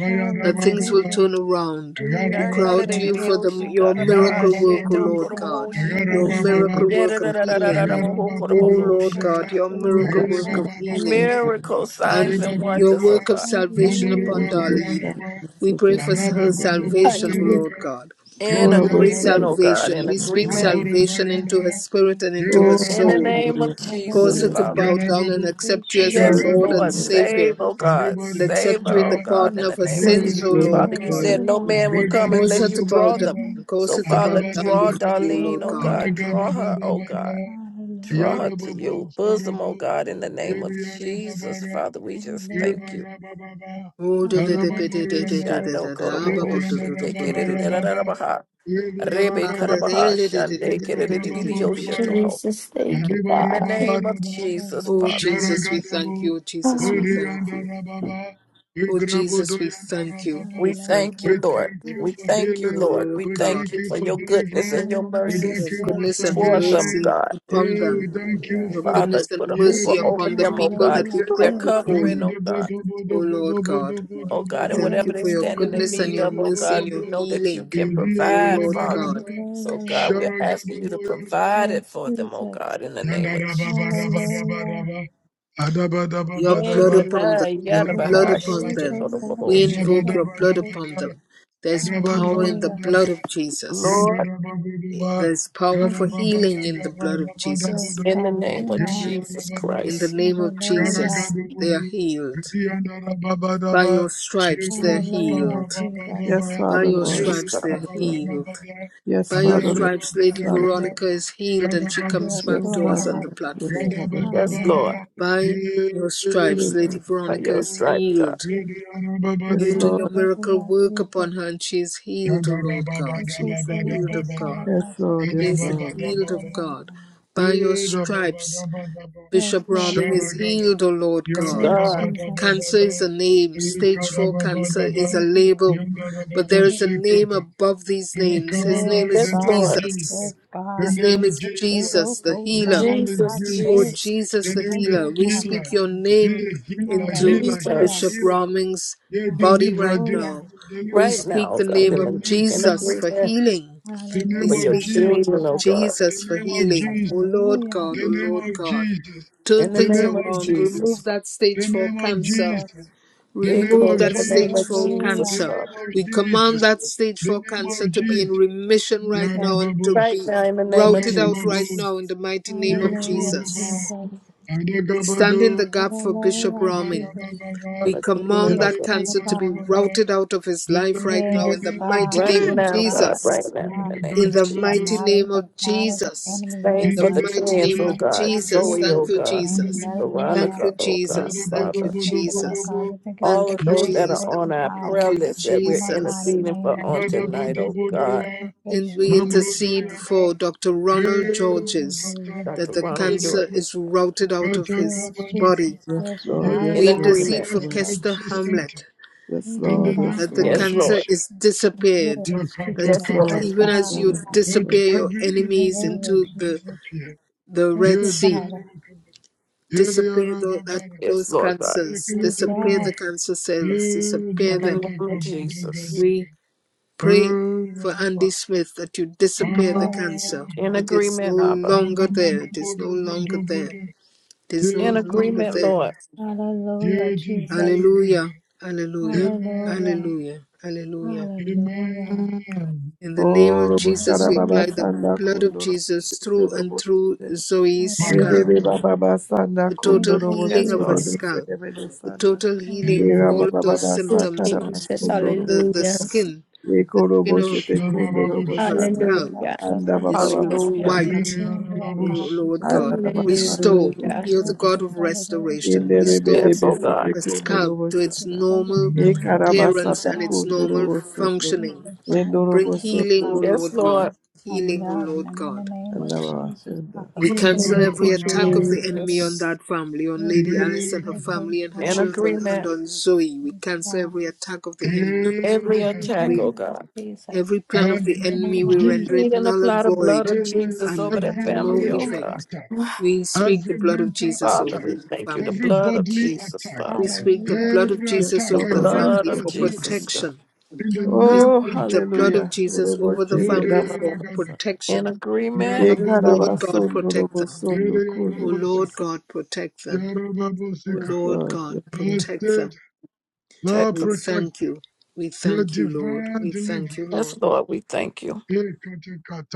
A: that things will
E: Hallelujah.
A: turn around. We
C: Turn
A: cry
C: that
A: out
C: it
E: Yes,
A: to
C: in
A: you
C: the
E: Lord
A: for the,
C: ocean,
E: God.
A: your
C: God, I'm a
B: Ayara
C: high
A: miracle work,
C: shit,
A: O
C: don't
B: Babudu,
C: go
A: Lord
C: to my
E: Jesus,
A: God,
C: ocean.
B: Ayara
A: your
D: Yes,
B: Baba
E: hallelujah.
D: Lord.
A: miracle
C: Yeah,
D: Yes,
C: da,
A: work
B: Badu,
A: of
C: da,
D: Lord.
C: da, da,
E: We
C: da, da, da,
E: praise
A: healing.
C: bo-
B: Ayara
E: you,
C: ho-
E: Lord.
C: go to
A: O
C: my
E: God.
B: Babudu
A: Lord
E: We
C: ocean,
A: God,
E: praise
B: Buddha,
C: God.
A: your
E: you,
D: All of
A: miracle
E: Lord.
B: Ayuri
D: us, all
A: work
D: of
E: God.
A: of
B: Baba
D: us,
E: We
A: healing
D: so
E: praise
B: Baba,
E: you,
D: good.
C: Miracles,
E: Lord.
B: Adi
C: signs,
A: and
E: God.
C: and
B: babu,
A: your
C: wonders, oh
A: work of
C: God.
B: Ayarabababu, Ayarabababado, Ayarababudubudia, Ayaribabababa, Adibabuduba,
A: salvation
D: Ora
E: Hallelujah,
A: upon
E: Jesus.
A: Darlene.
B: Mandaribabayaraba,
A: We pray for her
B: Adabababubu
A: salvation, O
E: Hallelujah.
G: Hallelujah.
A: Lord
B: Sirika,
A: God.
C: In
A: We pray
D: você,
C: agreement, oh
B: Idiandarababa,
C: God, in
A: salvation. We speak
C: agreement.
B: babu,
A: salvation into her spirit
E: Hallelujah.
A: and into
D: Oh,
A: her
C: In the
A: soul.
B: Idiarababu,
C: name
D: hallelujah,
C: of
A: Cause
C: Jesus,
E: Hallelujah.
A: her
D: hallelujah,
A: to
C: Father.
A: bow
D: hallelujah.
A: down
B: Yarababu,
A: and
E: We praise
A: accept you
E: you,
A: as her
E: Lord.
C: Yes,
D: Glory
E: Thank
D: to
A: Lord
D: you,
A: and
E: you,
C: Lord,
E: Lord.
B: babu.
D: Lord.
C: save,
A: Savior,
C: oh
B: Hare
C: God,
A: and
B: Bada
C: save
A: accept
B: Bada
A: you
C: her,
A: in
C: oh
A: the
B: Ba,
C: God,
A: pardon
C: in
E: Hallelujah.
C: the
A: of her
C: name
B: Hare
C: of
D: Glory
A: sins,
B: Bada
D: to
A: O
C: Jesus.
D: you,
B: Bada
D: Lord.
C: Father,
A: Lord
B: Ba,
C: you
A: God.
D: Glory
C: said no
E: Hallelujah.
C: man
D: to
C: will
B: Hare
D: you.
C: come
B: Gada
A: Cause
C: unless
A: her to
C: you
B: Bada
A: bow
C: draw
B: Bada
A: down.
C: them.
B: Ba,
E: Mm-hmm.
A: Cause
C: So,
A: her to
B: Hare
C: Father,
A: bow
B: Bada
A: down
C: draw
A: before you, O
B: Bada,
C: Darlene,
A: Lord
C: oh
A: God.
B: Hare
C: God,
E: Hallelujah.
B: Gada
C: draw her,
B: Bada
C: oh God,
B: Bada,
C: draw
E: Hallelujah.
C: her
B: Yara
C: to
B: Babo,
C: your bosom, oh
B: Sarabo,
C: God, in the name
B: Yara
C: of
B: Yara
C: Jesus.
B: Babara,
C: Father, we just thank
E: Hallelujah.
C: you.
B: Ibadabababa,
E: Hallelujah, Jesus.
B: Karababuruyandara,
C: Ishando koroboho shete
E: Hallelujah.
B: Idiyandarabababa,
C: kerererererabaha, rebe
A: Oh
B: Idiyandarababa,
C: karabaha shande
B: Idiyandarababaya,
C: kerererererioshetoho.
G: Jesus, thank you,
C: In the
G: Father.
C: name of
B: Adibarababaraba,
C: Jesus, Father.
A: Jesus, we
B: Sharagadabu,
A: thank you. Oh Jesus, we
G: Ah,
A: thank you.
B: Buriyandarababa,
A: Oh Jesus, we thank you.
B: Vigrabuduyandarababa.
A: We
C: We
A: thank
C: thank
B: We
E: Hallelujah.
A: you.
C: you,
A: Thank
C: Lord.
B: thank
A: you.
B: you
C: We
E: Hallelujah.
B: for
C: thank you,
A: Oh
B: healing.
C: Lord. We
A: Lord
B: We
A: God,
C: thank
B: thank
C: you
B: you
C: for
B: for
C: your goodness
B: deliverance.
C: and your
B: We
E: Hallelujah.
B: thank
A: your
C: mercies
B: you
E: Yes,
B: for
A: goodness
E: Lord
A: and
C: towards
E: God.
C: them,
B: salvation.
A: mercy
C: God.
A: upon
B: Yeah,
E: Jesus,
B: we
A: them.
B: thank you
E: Lord
A: Your
B: for
E: God.
B: bo-
C: Father,
A: goodness and
C: put a hoover
A: mercy
C: over
A: upon the
C: them, oh
A: people
B: yeah,
C: God.
A: that we
C: You're
E: Hallelujah.
C: their
A: bring before
C: covering,
B: Yanda
A: you.
C: oh God.
A: Oh Lord God,
C: Oh
A: we
C: God, and
A: thank
C: whatever
A: you
C: they're
A: for your
E: Hallelujah,
C: standing in
A: goodness
E: Jesus.
A: and
C: need
A: your
C: of, oh
A: mercy and
C: God, we
A: your
C: know that you
A: healing.
C: can
A: Oh
C: provide,
A: Lord
C: Father.
A: God.
C: So,
E: Hallelujah, Lord
C: God, we're
E: God.
C: asking you to provide it
E: Yes,
C: for them, oh
E: Jesus.
C: God, in the name of Jesus.
E: Hallelujah.
A: Your
E: Thank
C: In
A: blood
C: your
A: upon them.
C: name,
A: Your blood
E: you,
C: Yarabahash,
A: upon them.
E: Jesus.
A: We
E: Saraka
A: invoke your blood
E: Bakasa.
A: upon them. There's power in the
E: Hallelujah.
A: blood of Jesus.
C: Lord,
A: There's power
E: Thank
A: for
E: you, God.
A: healing in the blood of Jesus.
E: Yes,
C: in the
E: God.
C: name of
E: Amen.
C: Jesus
A: In the
C: Christ.
A: name of Jesus,
E: Hallelujah.
A: they are
B: Sharagadumuni,
A: healed. By
B: Yandarababadaba,
A: your stripes, they're
E: Hallelujah,
A: healed.
E: Jesus.
D: Yes,
B: Yetorobabababababa,
A: By
D: Father,
A: your
D: Lord.
C: Yes,
A: stripes,
C: God.
A: they're
D: Father, Lord.
A: healed.
B: Yedarababababada,
D: Yes,
A: By your
D: Father, Lord.
A: stripes, Lady
D: Father,
B: Adearababadagada,
D: Lord.
A: Veronica is healed and she comes
E: Yes,
A: back
D: Yes,
A: to
E: Lord
A: us
B: Yarabadabadobada,
D: Father,
A: on
E: God.
A: the
D: Lord. Yes,
A: platform.
D: Father,
C: Yes,
B: Yadabababaha,
D: Lord.
C: Lord.
E: Hallelujah.
A: By your stripes, Lady
D: Hallelujah.
C: By
A: Veronica
C: your
B: Yetasablo,
A: is
C: stripes, God.
A: healed You
D: Yes,
B: Yedarababado,
A: do your
D: Lord.
A: miracle
E: Hallelujah,
A: work upon
E: Jesus.
A: her, and she is healed, O Lord God.
E: Thank
A: She
E: you,
A: is the healed
E: Shiriko
A: of God.
E: Saraka.
D: Yes,
E: Thank
D: Lord.
A: She
D: Yes,
A: is the
D: Lord.
A: healed
E: you,
A: of
B: Yandarababadababadababada,
E: Lord
A: God.
E: God.
A: By your stripes,
B: Idabababababa,
E: Yes,
A: Bishop
E: Lord
A: Roming
E: God.
A: is
B: Sharagada,
A: healed, O Lord
C: Yes,
A: God.
E: Yes,
C: God.
E: Jesus.
A: Cancer
B: Yarabababababada,
A: is a name. Stage 4 cancer is
B: Ikadababababa,
A: a
E: Jesus.
A: label. But there is a name
B: Yandarababosikata.
A: above these
B: It will
A: names.
B: come
A: His
B: around
A: name
B: in
E: Yes,
A: is
B: the
C: Yes,
B: name
E: God.
C: Lord.
A: Jesus.
B: Jesus.
E: Yes,
B: The
E: God.
A: His name
B: name
E: Thank
A: is
E: you,
B: Jesus.
E: Lord,
A: Jesus, the
E: for
B: The
E: God.
A: healer.
B: name is
E: I
C: Jesus,
A: O
E: say,
B: Jesus.
C: Jesus,
A: Jesus
B: The
A: the
B: name
E: thank
B: is
A: healer,
E: you,
A: we
E: Father
A: speak
B: healer.
A: your
E: God.
B: The
A: name
B: healer,
A: into
B: healer, healer,
E: Hallelujah.
A: Bishop
C: Jesus.
B: healer.
A: Roming's
B: Yeah,
A: body
B: deliverer,
A: right
E: Hallelujah.
A: now.
B: deliverer,
A: We
B: deliverer.
C: Right
A: speak
C: now,
A: the
C: God,
B: At
A: name
C: in,
B: the
C: the,
A: of
C: in
B: mention of
A: Jesus for
B: you.
C: agreement
A: healing.
B: The
A: We
C: for
B: name
C: your
B: of
E: Hallelujah,
A: speak the name
C: children,
A: of
B: Jesus.
C: oh
E: Jesus.
C: God.
B: The
A: Jesus for
B: name of
A: healing. O
B: Jesus.
A: Lord
E: Hallelujah.
A: God, O
B: The name
A: Lord
B: of
A: God,
B: Jesus.
A: turn
C: In the
B: The
A: things
C: name
B: name
C: of
B: of
A: around.
E: Hallelujah,
B: Jesus.
A: Remove
C: Jesus.
A: that stage
B: The
A: four
B: name of
A: cancer.
B: Jesus.
E: Jesus.
B: The
C: Hey,
B: name
A: Remove
B: of
C: glory in
A: that
C: the name
A: stage
B: Jesus.
C: of
A: four
C: Jesus,
B: The
E: Hallelujah,
A: cancer.
B: name
C: Father.
B: of
A: We command
B: Jesus.
A: that stage
B: The
A: four
B: name
A: cancer
B: of
A: to be in
B: Jesus.
A: remission right now
E: Jesus.
A: and to
B: Yarababos.
C: Right
A: be
C: now, in the name of
A: routed out right
B: Yarababos.
C: Jesus.
A: now in the mighty name of
E: Hallelujah, Jesus.
B: Yarabodoba.
A: Jesus. We stand in the
B: Adagabado.
A: gap for Bishop
E: Hallelujah,
B: Yarabababa.
A: Roming.
E: Jesus.
B: Yarabababa.
C: In
A: We
B: Yarak. In
A: command
C: agreement, oh
E: Yes,
A: that
C: God.
E: Father
A: cancer to be
E: God.
A: routed out of his life right now
B: the
A: in
E: Yes,
A: the
B: name of
A: mighty
E: God.
C: Right
A: name
E: Yes,
A: of
C: now,
B: Jesus.
E: God.
C: God.
E: Yes,
C: Right
A: Jesus.
C: now, in
E: God.
C: the name
A: In
C: of
A: the
B: Yaragadabodo.
A: mighty
C: Jesus.
A: name
E: annihilate the
A: of
E: plot of the
A: Jesus.
E: enemy,
C: Same
A: In
E: Lord
B: In
A: the
C: for
B: the
E: God.
C: the
E: We
B: name
A: mighty
B: of
E: all
C: twins,
A: name
C: oh
E: apply
A: of
B: Jesus.
E: this
B: In
C: God.
B: the name
A: Jesus.
E: active
B: of
C: Zoe,
A: Thank
C: oh
A: you,
C: God.
B: Jesus. In the
E: and
A: Jesus.
B: name of
E: medicine,
B: Jesus.
A: Thank
C: Veronica,
A: you,
C: oh God,
A: Jesus.
C: Father.
A: Thank you,
E: We thank you, Lord
A: Jesus.
B: Yarabodobodobodobo.
E: God. We thank you for
C: all
A: Thank
E: your
C: of
A: you,
C: those
B: Yodo
C: that
E: miracle
C: are
A: Jesus.
C: on
E: working
B: brosi
C: our
A: Thank
E: power.
C: prayer
A: you,
B: katani
C: list that
E: In
C: we're
E: the
B: bana,
A: Jesus.
E: mighty
C: interceding
E: name
C: for
E: of
C: on
B: ibada
C: tonight,
B: bada
E: Jesus.
C: oh God,
B: bodoya,
E: Thank you,
A: And we
E: Yeshua
B: mamro
E: Christ.
A: intercede for
B: doyada,
A: Dr. Ronald
B: e
A: Georges
E: Hallelujah.
B: katara
C: Dr.
A: that the
C: Ronald
B: brandeli
A: cancer
B: bro,
C: Jordan,
A: is routed out of
B: kataka
A: his
E: Yes,
B: badaka.
A: body
E: Jesus.
D: Yes,
E: Yes, you
B: Yeah,
D: Lord.
E: rout it
C: in
A: We
D: Yes,
B: we
E: out in the
D: Lord.
A: intercede
C: agreement.
A: for
B: flash
E: name of
B: back
A: Kester
B: this
E: Jesus.
B: center
A: Hamlet
D: Yes,
E: Thank
B: in
E: you,
B: the
D: Lord. Yes, Lord. Yes, Lord.
E: Father
B: name
A: that the
E: God.
B: of
C: Yes,
A: cancer
C: Lord.
B: Jesus.
A: is disappeared,
E: Yes,
B: Yakata
A: that
C: Yes,
D: Yes,
E: Jesus.
C: Lord.
B: kataka.
E: Yes,
D: Lord.
A: even
D: Yes,
A: as
E: God.
A: you
D: Lord. Yes,
B: Let
D: Lord.
A: disappear your
B: every evil
A: enemies
B: disease
E: Hallelujah,
B: be
A: into the
E: Jesus.
B: disappear.
A: the
E: Thank
A: Red
B: Yeah,
E: you,
B: dear
A: Sea,
E: Father.
B: Rabakaba. Yeah, dear
A: disappear tho- that
B: Rababara.
C: Yes,
A: those
C: Lord God.
B: Yeah,
A: cancers, disappear
B: Katoroba.
A: the
E: Jesus.
A: cancer cells,
B: Yeah,
A: disappear
C: In the name
A: them.
C: of
B: Dikataka
C: Jesus.
A: We pray for
B: Bodogadaga.
A: Andy Smith that you
B: There
A: disappear the
E: Jesus.
A: cancer.
C: In
A: It is no
C: agreement, Abba.
A: longer there. It is no longer there. It is no
C: In
B: is no
A: longer
C: agreement,
B: longer
A: there.
C: Lord.
B: that. There
E: Hallelujah,
B: is no
E: Jesus.
B: longer
A: Hallelujah.
B: that.
A: Hallelujah.
E: Hallelujah.
B: Amen.
A: Hallelujah. Hallelujah.
E: Hallelujah.
B: Amen.
A: In the name
D: Oh,
A: of
D: Robo
A: Jesus,
D: Shara
A: we
D: Baba
A: apply
E: Hallelujah,
A: the
D: Sanda
A: blood
E: Jesus.
A: of
D: Kundo Robo
A: Jesus
D: Shete
A: through and
D: Robo
A: through
D: Shete.
A: Zoe's
B: My
E: Hallelujah.
D: Ebebe
A: scalp
B: Jacob.
D: Baba Baba Sanda
A: for
E: Thank
D: Kundo
A: total
E: you,
D: Robo
A: healing
C: Yes,
D: Shete
A: of her
C: Lord.
E: Jesus.
D: Bebe
A: scalp,
D: Sebebe
A: for
D: Sanda.
A: total healing for
D: Era
A: all
E: Hallelujah,
A: of
D: Baba
A: those
D: Baba
G: Thank
A: symptoms
D: Sakara
A: of
G: you, Jesus,
D: Basundo
A: the,
E: Jesus.
D: Robo.
A: the, the
G: hallelujah.
A: skin. The
D: Eko
A: skin
D: Robo
A: of,
D: Shete Kundo Robo
B: Yarababus.
A: of her
D: Sanda.
E: Hallelujah.
A: scalp
E: God
G: Hallelujah.
E: bless the
D: Anda Baba
E: Lord
A: is,
D: Baba
E: God.
A: is
E: Bless
C: Hallelujah.
E: us,
D: Sakara
A: white,
E: King, Lord
A: O
D: Robo.
B: Yarababus.
E: God,
A: Lord
E: Jesus.
A: God.
D: Ara Baba
E: Let us
D: Sanda
A: Restore.
G: Hallelujah.
D: Kundo
A: You're the
E: enjoy
D: Robo
A: God
E: the
A: of
D: Shete.
E: quality it should
A: restoration.
E: be
D: Ende
E: in
D: Rebe
A: Restore
C: Yes,
E: the
D: Bebe
C: oh
E: name
C: God.
E: of
D: shete,
A: the
D: Kundo
E: Jesus.
A: scalp
D: Robo
A: to its
E: The
D: Sanda.
E: further
A: normal
E: we think about
D: Ekara
E: Lord
A: appearance and
D: Basata
E: God,
A: its
D: Kundo
E: Jesus,
A: normal
D: Robo Sundo.
E: thank
A: functioning
E: you for our
D: Endo
A: Bring
D: Robo
E: God, Lord
D: Sundo
A: healing, O
E: God.
C: Yes,
A: Lord God.
C: Lord.
E: Bless our
A: Healing, O
E: melon,
A: Lord
E: and in the
A: God.
E: name of Jesus,
D: Alabasanda.
E: Father
A: We
E: God.
B: Good,
A: cancel
B: good,
G: Thank you,
A: every
B: my
A: attack of
B: Yarabas.
A: the enemy
E: Hallelujah.
A: on
G: Jesus.
A: that family, on
E: Thank
A: Lady
E: you,
A: Alice and her
B: And
E: Shiroko
A: family and her
C: In
E: Sharaka.
A: children, and
C: agreement.
A: on Zoe. We
E: Yes,
A: cancel
E: God.
A: every attack of the enemy.
C: Every attack,
A: We
C: oh
E: Hallelujah,
C: God.
E: Jesus.
A: every plan
B: the
A: of the
E: Thank
B: name of
E: you,
A: enemy we
C: We
E: Lord.
B: Jesus,
A: render it
C: plead in the
A: null and
C: of blood
A: void
C: of Jesus over
A: and
C: that
B: every
A: no
C: family, oh
B: spiritual
E: Hallelujah.
C: God.
A: effect.
B: attack.
A: We speak the
B: Every
A: blood of
B: mental
A: Jesus over
C: Father,
B: attack,
A: the
C: we thank you. The
A: family.
B: every
C: blood of
B: bodily
C: Jesus,
B: attack,
A: We
C: Father.
A: speak the
E: Hallelujah,
A: blood of
B: every
E: Jesus.
D: Yes,
A: Jesus
C: the
B: attack
A: over the
D: Lord. Yes,
B: against
C: blood
A: family
C: of
D: Lord.
B: the
A: for
D: Yes,
B: nerves
C: Jesus.
D: Lord.
C: God.
A: protection.
B: in the
A: We
B: name
D: Oh,
B: of
A: speak
E: Hallelujah.
A: the blood of
D: hallelujah.
B: Jesus.
A: Jesus over the
B: Bode
D: Oroboshende
A: family for
D: rabababasa.
B: yaragadaka,
C: In
A: protection.
C: agreement,
A: O Lord
B: yarababoduka,
A: God,
D: Ekarabasondo
A: protect them.
B: ere
D: robosondo
A: O Lord
B: yarabasika,
D: kondorobosi.
A: God, protect them. O
D: Yes,
B: yarababosika.
A: Lord
D: Lord.
A: God,
D: Yes, Lord.
B: Lord
A: protect them.
B: saved, Lord
C: text.
A: We
B: protect
A: thank you. We
B: your
A: thank you, Lord.
B: divine
A: We thank you,
B: deliverance.
C: Yes,
A: Lord.
C: Lord, we thank you.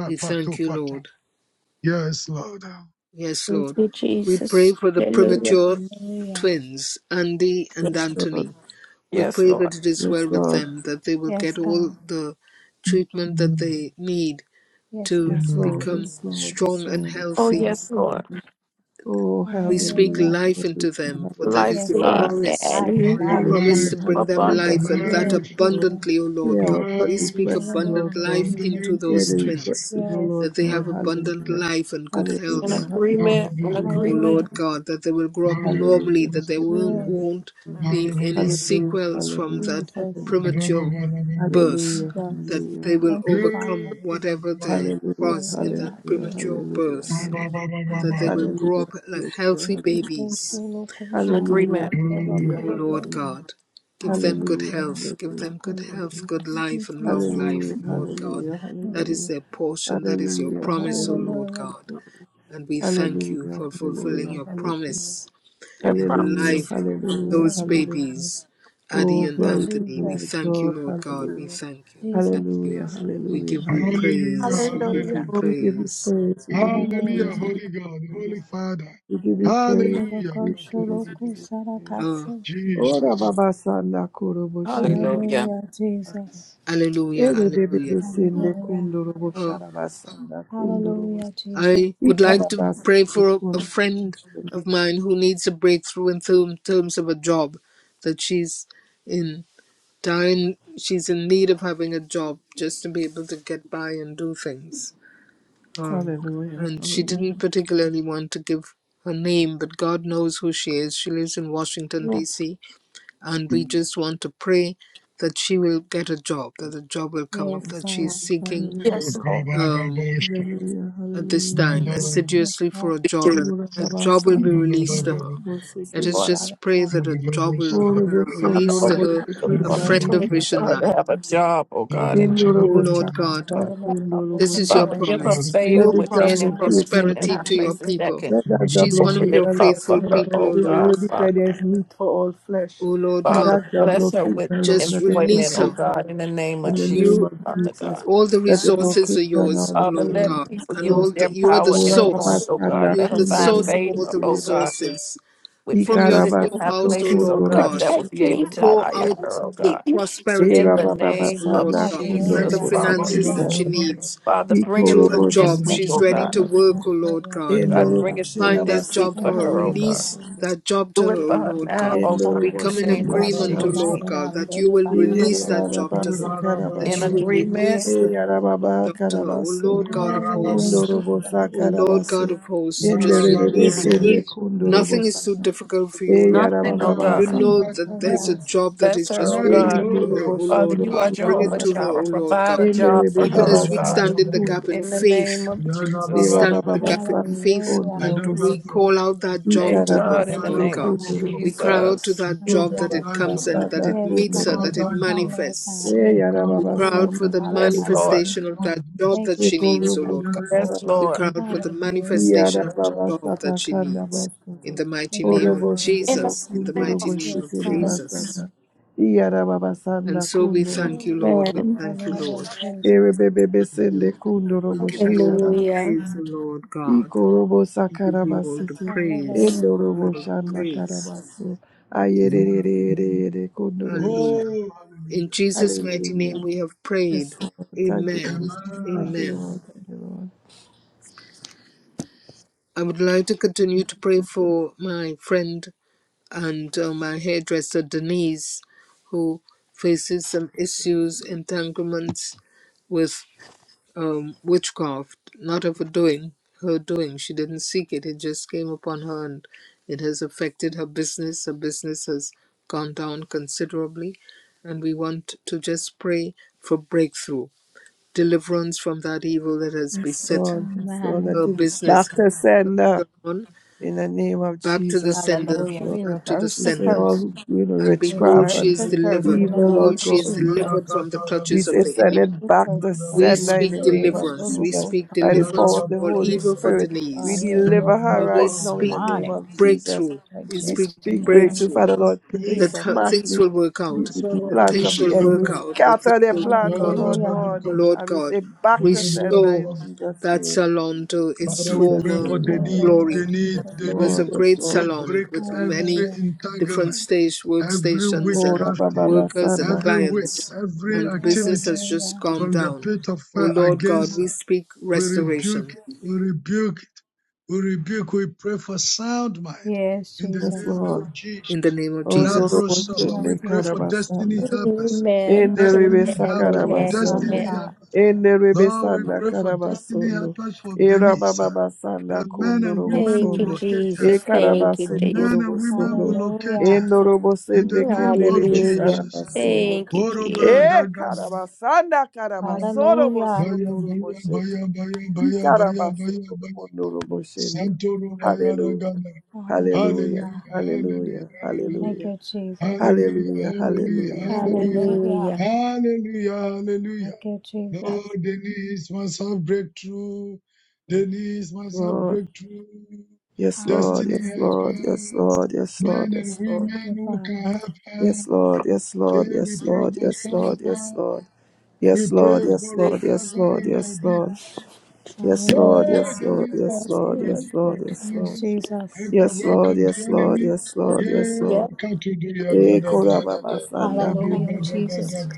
A: We thank you, Lord.
B: Yes, Lord.
A: Yes,
G: Thank
A: Lord.
G: you,
A: We pray
G: Jesus.
A: for the
G: Hallelujah.
A: premature
E: Hallelujah.
A: twins, Andy and
D: Yes, Lord.
A: Anthony. We
C: Yes,
A: pray
C: Lord.
A: that it is
D: Yes,
A: well with
D: Lord.
A: them, that they will
E: Yes,
A: get all
E: God.
A: the treatment that
B: Mm,
A: they need
E: Yes,
A: to
E: God.
D: Yes,
B: mm.
D: Lord.
A: become
D: Yes, Lord. Yes,
A: strong and
D: Lord. Yes,
C: Oh,
A: healthy
D: Lord.
E: Yes,
C: yes,
E: God.
C: Lord.
D: Oh,
A: We speak
E: Hallelujah.
D: hallelujah.
A: life into
D: Hallelujah.
A: them, for that
D: Hallelujah.
A: is
E: Yes,
A: your
C: Lifestyle
E: God.
A: promise.
E: Life,
B: By
G: Amen.
A: You
B: your
E: life,
D: Hallelujah.
E: life.
A: promise
D: Hallelujah.
A: to
B: life,
A: bring them
D: hallelujah.
C: abundant.
A: life and that
E: Yes,
B: life,
E: Jesus.
A: abundantly, O
D: Hear
A: Lord God.
D: our prayer
A: We speak
B: life,
D: requests, O Lord
A: abundant
E: Hallelujah,
D: God.
B: in
A: life
B: the
E: Jesus.
A: into
B: name
D: Hear
A: those
D: the
B: of Jesus.
D: request,
A: twins,
D: O
E: Yes.
D: Lord
A: that they
D: God.
A: have abundant
D: Hallelujah.
A: life and good
C: In
A: health,
D: Hallelujah.
C: agreement,
B: Hallelujah,
C: in
A: O
E: Hallelujah.
D: Hallelujah.
C: agreement,
A: Lord God, that they will grow
D: Hallelujah.
A: up
B: hallelujah,
A: normally,
D: Hallelujah.
A: that there won't,
D: Hallelujah.
E: Yes,
A: won't be any
D: Hallelujah.
A: sequels from
D: Hallelujah.
A: that
E: Jesus.
D: Hallelujah.
A: premature birth,
D: Hallelujah.
E: Jesus.
A: that they will
D: Hallelujah.
E: Thank you, Father.
A: overcome whatever there
D: Hallelujah. Hallelujah. Hallelujah. Hallelujah.
A: was in
E: Hallelujah.
A: that
E: Hey,
A: premature
D: Hallelujah. Hallelujah.
A: birth, and that they will
E: Hallelujah.
A: grow
D: Hallelujah.
A: up like healthy
E: We go so
A: babies
D: Hallelujah. Hallelujah. Hallelujah.
E: local,
C: in
E: shout
D: Hallelujah.
E: out
C: agreement.
E: for
A: O
D: Hallelujah.
A: Lord
E: local.
A: God, give them good
D: Hallelujah. Hallelujah.
E: Hallelujah.
A: health, give them good health,
D: Hallelujah.
A: good
E: Thank you,
A: life, and long
E: Jesus.
A: life,
D: Hallelujah,
A: O Lord God.
D: hallelujah,
A: That is their portion, that is your promise, O Lord
E: Hallelujah.
A: God. And we thank you for fulfilling
D: hallelujah,
A: your
D: hallelujah,
A: promise
C: Your
A: in the
D: Hallelujah,
C: promises.
A: life of
D: hallelujah,
A: those
E: Hallelujah.
D: hallelujah.
A: babies, Addie
E: Thank
D: Oh,
A: and
E: you,
D: glory to the
A: Anthony. We
E: Jesus.
D: Lord
A: thank you,
D: God.
A: Lord God. We
D: Hallelujah,
A: thank you. We thank
E: Jesus.
A: you.
D: hallelujah,
A: We
D: hallelujah,
A: give you
D: hallelujah.
A: praise. We give
C: Hallelujah.
A: you
D: Oh, we give you
A: praise.
D: praise, we give you
B: hallelujah,
D: praise,
E: Hallelujah.
D: we give
B: Holy
D: you
B: God, Holy
D: praise.
B: Father,
D: We give you
E: Thank you,
D: praise, we give
B: hallelujah,
E: Sholoko,
D: you praise, we
E: Sholoku,
D: give you praise.
A: Oh,
E: Sarakasi.
D: Oh,
B: Jesus.
D: Rababa Sanda Kurobo Shiri.
C: Hallelujah.
E: Hallelujah, Jesus.
A: hallelujah,
D: Ere bebe
A: hallelujah.
D: besende
E: Hallelujah.
D: kundorobo
A: Oh,
D: sharabasanda kundorobo.
E: Hallelujah, Jesus.
A: I would like to
D: Ikarabasa
A: pray for a
D: kundorobo.
A: friend of mine who needs a breakthrough in term, terms of a job that she's in dying she's in need of having a job just to be able to get by and do things um,
D: Hallelujah,
A: and she didn't
D: hallelujah.
A: particularly want to give her name but god knows who she is she lives in washington d.c and we just want to pray that she will get a job that a job will come up
E: Yes,
D: Yes,
A: that she's
D: Lord,
E: God.
A: seeking
D: hallelujah.
B: Mandara,
C: Yes, Lord.
A: Um,
D: Hallelujah,
A: at this
D: hallelujah,
A: time
D: hallelujah.
E: Yes,
A: assiduously for
E: God.
A: a
C: Yes,
A: job and
D: Lord
A: a
D: Baba
A: job will be
D: San,
B: Mandara,
A: released to her. Let us
E: Yes,
C: Lord.
D: Borsikiribas,
A: just
E: Father
A: pray
E: God.
A: that a job will
B: Mandara,
D: Oroboson,
C: Father,
A: release
E: God
A: to
C: open
E: will
A: her
C: up
E: be
C: the
A: a
E: released in the
D: Lorobosikiribas,
A: friend of
E: name
C: opportunities for
A: Vision
C: her
E: of
C: to
A: Life.
C: have a job, oh God, and
E: Jesus.
A: O Lord
E: I
A: God,
E: thank
D: Indoroboshakarabas,
C: Father,
E: you, Lord, for
A: this
E: open
A: is your
C: Father,
E: doors
D: Indorobosun.
C: give
E: for
C: her
E: her.
B: Mandara,
A: promise. You
D: Let
C: favor
A: have
D: the
C: with
E: In
D: job
E: the
C: men
A: promised
C: and women
E: mighty
D: locate her,
E: name
C: sitting in
A: prosperity
E: of
D: Lord.
C: high
A: to your
C: places
E: Jesus.
C: that
A: people.
C: can
D: Let
B: No,
D: that job
A: She's one of
C: open
D: locate
B: nothing,
A: your
C: it
D: her,
C: up
D: Lord.
C: for
A: faithful
D: Father
C: her,
A: people, O
C: oh
D: God, we
A: Lord
C: God,
D: already
A: God.
D: declare
C: Father.
D: there is meat for all flesh.
A: O Lord
D: Let
A: God,
C: Father,
D: that job
C: bless her
D: locate
C: with
D: her, Lord.
A: just
D: Let it
C: employment,
A: release
C: oh
D: locate
A: her.
D: her,
C: God, in
D: Lord.
C: the name
D: In
C: of
D: the
C: Jesus,
D: name
A: You,
D: of
C: Father
D: Jesus.
C: God.
A: all the
D: Let it
A: resources
D: locate
A: are
D: her now,
A: yours, O
C: Father,
A: Lord
C: let
D: Lord.
A: God,
C: people
A: and
C: use
A: all
D: Lord.
C: their
A: the, you are the
C: power and
D: Ora Baba
C: influence,
A: source.
C: oh
D: San,
C: God.
A: You
C: Let
A: are
C: them
A: the
C: find
A: source of all
C: favor,
A: the
C: oh God,
D: Kundorobosikiribas.
A: resources.
C: with
A: from
C: people
A: your
C: sitting in high
D: Ikarabasoto
A: storehouse, O
C: places, oh
A: Lord
D: kundoro
C: God,
A: God.
C: that would
G: Protect
C: be
D: mushindoro
C: able
G: me,
C: to
G: Father
A: Pour
C: hire
D: mushindoro.
G: God.
A: out
C: her, oh
A: the
C: God.
G: Keep me.
A: prosperity
D: Era
C: In the
D: baba
A: blessings, O
C: name of
A: Lord
D: basana
A: God,
B: nothing, nothing,
D: kundoro
A: and
C: Jesus,
A: the
E: Hallelujah,
C: Father.
A: finances that she
E: Jesus.
D: mushindoro.
A: needs
C: Father, bring it
D: Ikoro
A: through a
C: through this
A: job.
D: mushana
C: week,
A: She's
C: oh
D: kunda
A: ready
C: God.
A: to
D: basu.
A: work, O Lord
E: Hallelujah,
A: God.
C: God,
E: Jesus.
D: Endoro
C: bring it through
D: mushira
A: Find
C: this
A: that
C: week
A: job
D: basana
E: Thank
C: for
A: for
E: you,
A: her.
C: her,
D: kuro
C: oh
E: Lord
C: God.
A: Release
E: God.
D: mushindoro.
A: that job
C: Do
A: to
C: it
A: her, O
C: for her
A: Lord
C: now,
A: God.
E: Yes,
C: oh God,
E: God.
D: Endoro
A: We
C: in
A: come
E: This
C: the
A: in
E: is
C: name
D: mushondo
C: of
E: job to
D: kura
A: agreement, O
E: the
C: Jesus.
A: Lord
E: right
D: basana.
A: God,
E: job,
A: that
E: the
A: you will
E: divine
D: Ere
A: release
E: order,
A: that
E: Lord
D: baba
A: job
E: God.
A: to
D: basa
A: her, that
E: We
C: In
A: you
D: karabaso.
A: will
E: just- we
C: agreement,
E: go
A: release
E: to
A: that
D: Eyara
E: you.
D: baba
A: job to her, O
D: karabaso.
A: Lord God of
E: Hallelujah,
A: hosts.
D: Kundoro
E: Jesus.
D: bosa
A: O Lord
D: karabase.
A: God of hosts, just
D: Endere bebe
E: Hallelujah,
A: release. it.
E: Jesus.
D: sende kundoro
A: Nothing is too
D: bosana.
A: difficult for you, Lord.
D: Eyara
C: nothing,
D: baba
C: oh
A: You
D: basa
C: God.
A: know that there's
E: Hallelujah.
A: a
D: karabaso.
A: job that
C: Bless
A: is
C: her,
A: just
C: oh
D: Eyo
B: nothing,
A: waiting
C: God.
A: for
B: oh
D: loro
A: her,
B: God.
A: O
C: Father,
A: Lord
D: boshindo
C: you are
A: God.
D: kura
A: Bring it
C: Jehovah
A: to her,
D: babasa.
A: O
C: Jireh.
A: Lord
C: Provide
A: God.
C: a
D: Endere
C: job
D: be
C: for
A: Even
C: her, oh
A: as we
C: God.
D: babasanda
A: stand in the
D: kundo
A: gap in
C: In the
D: lobo.
C: name
A: faith,
C: of
A: we
C: Jesus.
D: Era
A: stand in the gap in
D: bababasanda
A: faith
D: kondo
B: I
E: Hallelujah.
A: and
D: lobo
B: don't know.
A: we
D: sondo.
A: call out that job
E: Yes,
C: Thank
D: Ikara
A: to her,
E: Lord
C: God, in the
D: basete
A: Lord
B: Father, we
C: name
E: Jesus.
C: of
A: God.
D: kondo
B: call for,
D: lobo
A: We cry
D: sondo.
A: out to
C: Jesus.
B: we
A: that
B: call
A: job
D: Era
E: Hallelujah.
B: for
A: that it
B: thy joy,
A: comes and that
D: bababasanda
A: it
E: Yes,
D: kondo
B: we
A: meets her,
E: God,
B: call
D: lobo.
E: it
A: that it
E: will
B: thy
E: come,
B: joy,
E: Lord
A: manifests.
E: God.
B: we
E: Yes,
D: Eya
E: It is
B: come
A: We cry
B: for,
E: beautiful,
A: out
D: rababasanda
A: for the
D: kondo
C: Yes,
E: God.
B: in the
D: lobo.
C: Lord.
B: name
A: manifestation of
B: of
A: that job
E: Thank
A: that
B: Jesus.
E: you,
A: she
D: Eko
A: needs, O
D: lobo
E: Jesus.
A: Lord God.
D: shatara
C: Yes,
A: We
C: Lord.
A: cry out
D: basundo.
A: for the
E: Hallelujah.
A: manifestation
D: Iyara
A: of the job
D: babasata
A: that she
D: kanda
A: needs.
D: basundo.
A: In the mighty
E: Thank you,
A: name
E: Lord
D: Orobo
A: of
E: God.
C: In
D: sondo
B: Amen.
C: the
A: Jesus. In the
D: kondo
C: name
A: mighty
D: lobo
C: of
A: name of
E: Yes,
D: shitere
E: God.
C: Jesus.
A: Jesus.
D: basanda. Iyara babasanda
A: And so we
D: kondo
A: thank you, Lord. We
D: lobo.
G: Amen.
A: thank you, Lord.
E: Hallelujah, Jesus.
D: Erebebebe
A: Thank
D: sende
A: you. We
D: kundorobo
A: give you all the
D: shakaraba.
G: Hallelujah.
A: praise, O Lord God.
D: Ikorobo
A: We give you all the
D: sakarabasete.
A: praise.
E: Hallelujah.
A: All
D: Endorobo
A: the
D: shanda
A: praise.
D: karabaso. Ayerere kundorobo shak.
A: Hallelujah.
B: Oh,
A: In
B: hallelujah.
A: Jesus' mighty name
D: Hallelujah.
A: we have prayed.
D: Yes, Lord. Thank you,
A: Amen.
D: Jesus.
B: Amen.
D: Thank you,
A: Amen.
D: Lord. Thank you, Lord.
A: I would like to continue to pray for my friend and uh, my hairdresser Denise, who faces some issues, entanglements with um, witchcraft, not of her doing, her doing. She didn't seek it, it just came upon her and it has affected her business. Her business has gone down considerably, and we want to just pray for breakthrough, deliverance from that evil that has
D: Yes,
A: beset
D: Lord. Yes, Lord.
E: Amen.
D: That
A: her
D: if it's
A: business,
D: back to sender
A: her salon
D: in the name of
A: back to the
D: Jesus. Yes,
A: sender,
E: Hallelujah.
D: Lord
E: We
D: God.
A: back to the
E: reverse
D: We
E: the
D: say
A: sender.
D: all
E: curse.
D: who do in
A: And behold,
D: witchcraft
E: Reverse
A: she
D: and
A: is
E: the curse
A: delivered.
E: in
B: Nandiribabayana,
E: the
D: evil, Lord
A: Behold,
E: name
A: she
E: of
A: is
D: God. we
E: Jesus.
A: delivered from the
D: We
A: clutches
B: nadakatarama,
A: of
D: say,
A: the
D: send
A: enemy.
E: Reverse
D: it
E: the
D: back
E: curse,
D: to
A: We
E: God.
D: sender in
A: speak
D: the
E: God,
B: nadababodiyana,
D: name of
E: this
A: deliverance. We
D: Jesus.
E: local
A: speak
E: Father,
D: By the
A: deliverance
D: power of
A: from
D: the
A: all
D: Holy
A: evil
B: nadababarababa.
A: for
D: Spirit, we
A: Denise.
B: In the
D: deliver
E: arrest
D: her
E: every
A: And
B: name
A: we
D: right
B: of
D: now in the
A: speak
D: name
E: demonic
D: of Jesus.
A: breakthrough. We
D: We
A: speak
E: rejection
D: speak
E: in the
D: breakthrough,
A: breakthrough
D: Father
E: name of
D: Lord. We
B: Jesus.
A: that
E: Jesus.
A: her,
D: smash
A: things
D: the,
A: will work
D: the,
A: out,
D: the- the
A: that
D: plans of
A: things
D: the
A: will
D: enemy,
A: work
B: Nusarababushikata,
A: out, that things
D: scatter their
A: will
D: plans, oh
A: work out.
D: Lord
E: Hallelujah.
D: God.
A: Oh
B: yarabababakata,
A: Lord
D: And we
A: God,
D: say, back to sender
A: restore
D: in
B: nandabiyarababa.
D: Jesus'
A: that
D: name.
A: salon to
D: In
A: its
B: Father, we
D: Jesus'
B: pray
A: former
B: for
D: name,
B: the
D: Lord.
B: need,
E: Hallelujah,
A: glory.
B: the need,
D: Yes,
E: Jesus.
B: the
A: It was
B: need.
A: a
D: Lord. Yes,
A: great
D: Lord.
B: We
D: Yes,
A: salon
B: break
A: with
D: Lord.
B: every
A: many
E: Hallelujah.
A: different
B: entanglement,
A: stage
B: every
A: workstations
D: Oh,
E: Hallelujah,
A: and
B: witchcraft,
D: Rabba Baba
E: Jesus.
A: workers and
D: Sanda.
B: every witch,
A: clients,
B: every
A: and business
B: activity
A: has just
E: Hallelujah.
A: gone
B: from the
A: down.
B: pit of
A: Oh
B: fire
A: Lord God,
B: against
E: Mhm.
A: we
B: her.
A: speak
B: We rebuke
A: restoration
B: it. We rebuke it. We rebuke. We pray for sound mind
E: Yes,
B: in the
D: Yes,
B: name
E: Jesus.
D: Lord.
B: of
A: in the
B: Jesus.
A: name of Jesus.
B: Labro
E: In the Name
B: Saba. We
D: Ondorobosene
E: of
B: pray for
E: Jesus.
D: karabasana.
B: destiny helpers.
G: Amen. Amen.
B: Destiny
D: Enerebesa
B: helpers.
E: Thank
G: Amen.
E: you, Father
D: karabasono.
B: Destiny
G: Amen.
E: God.
B: helpers. Lord, we
D: Enerebesana
B: pray for destiny
D: karabasono.
B: helpers for Denise. uh,
D: Erabababasana
B: The men and women
G: Thank
B: will
G: you,
D: kondorobosono.
B: locate her.
D: E
G: Jesus. Thank you,
D: karabasono
G: Jesus.
B: Men and women will
D: robosono.
B: locate her
E: Hallelujah.
B: in the
D: Enorobosene
B: name of
G: Hallelujah.
B: Jesus.
D: kenerebesarabasono.
G: Thank you,
B: Borobra
G: Jesus.
D: E
B: dagada.
D: karabasana karabasono
E: Hallelujah.
D: bosono
B: Baya baya
D: roboshete.
B: baya baya
D: I
B: baya baya baya
D: karabasono
B: baya.
D: kondoroboshene.
B: Santoro baya
D: Hallelujah.
B: ragana.
D: Hallelujah.
E: Hallelujah.
B: Hallelujah,
D: Hallelujah.
B: hallelujah,
E: Thank
B: hallelujah,
D: Hallelujah.
E: you, Jesus.
B: hallelujah,
D: Hallelujah,
B: hallelujah,
D: hallelujah,
B: hallelujah,
D: hallelujah.
E: Hallelujah.
G: Hallelujah.
B: hallelujah, hallelujah.
E: Thank you, Jesus.
B: Lord, Denise must have breakthrough. Denise must have
D: Lord,
B: breakthrough.
D: yes, Lord,
B: Destiny
D: yes,
E: Hallelujah,
D: Lord,
E: Jesus.
B: helper,
D: yes, Lord, yes, Lord,
B: men and
D: yes, Lord.
E: Thank
B: women
E: you,
B: who can
E: Father.
B: help her.
D: Yes, Lord, yes, Lord,
B: Yeah, we
D: yes,
B: pray
D: Lord,
B: for
D: yes, Lord, yes,
B: Sandman.
D: Lord.
B: We
D: Yes, Lord,
B: pray
D: yes,
B: for
D: Lord, yes,
B: revival
D: Lord,
B: in
D: yes,
B: her
D: Lord. Yes,
B: Yeah,
D: Lord,
E: Hallelujah.
D: yes,
B: the
D: Lord,
B: list
D: yes,
G: Yes,
B: one why
D: Lord,
B: we do.
G: Lord.
D: yes,
B: We
D: Lord,
B: come
D: yes, Lord.
E: Yes,
B: against
E: Jesus.
B: every
D: Yes,
B: work
D: Lord,
B: of the
D: yes, Lord,
B: enemy.
D: yes, Lord, yes,
B: Yeah,
G: Hallelujah.
D: Lord.
B: can't you do ya da da da? You do
E: Hallelujah,
B: ba da ba da
E: Jesus.
B: ba.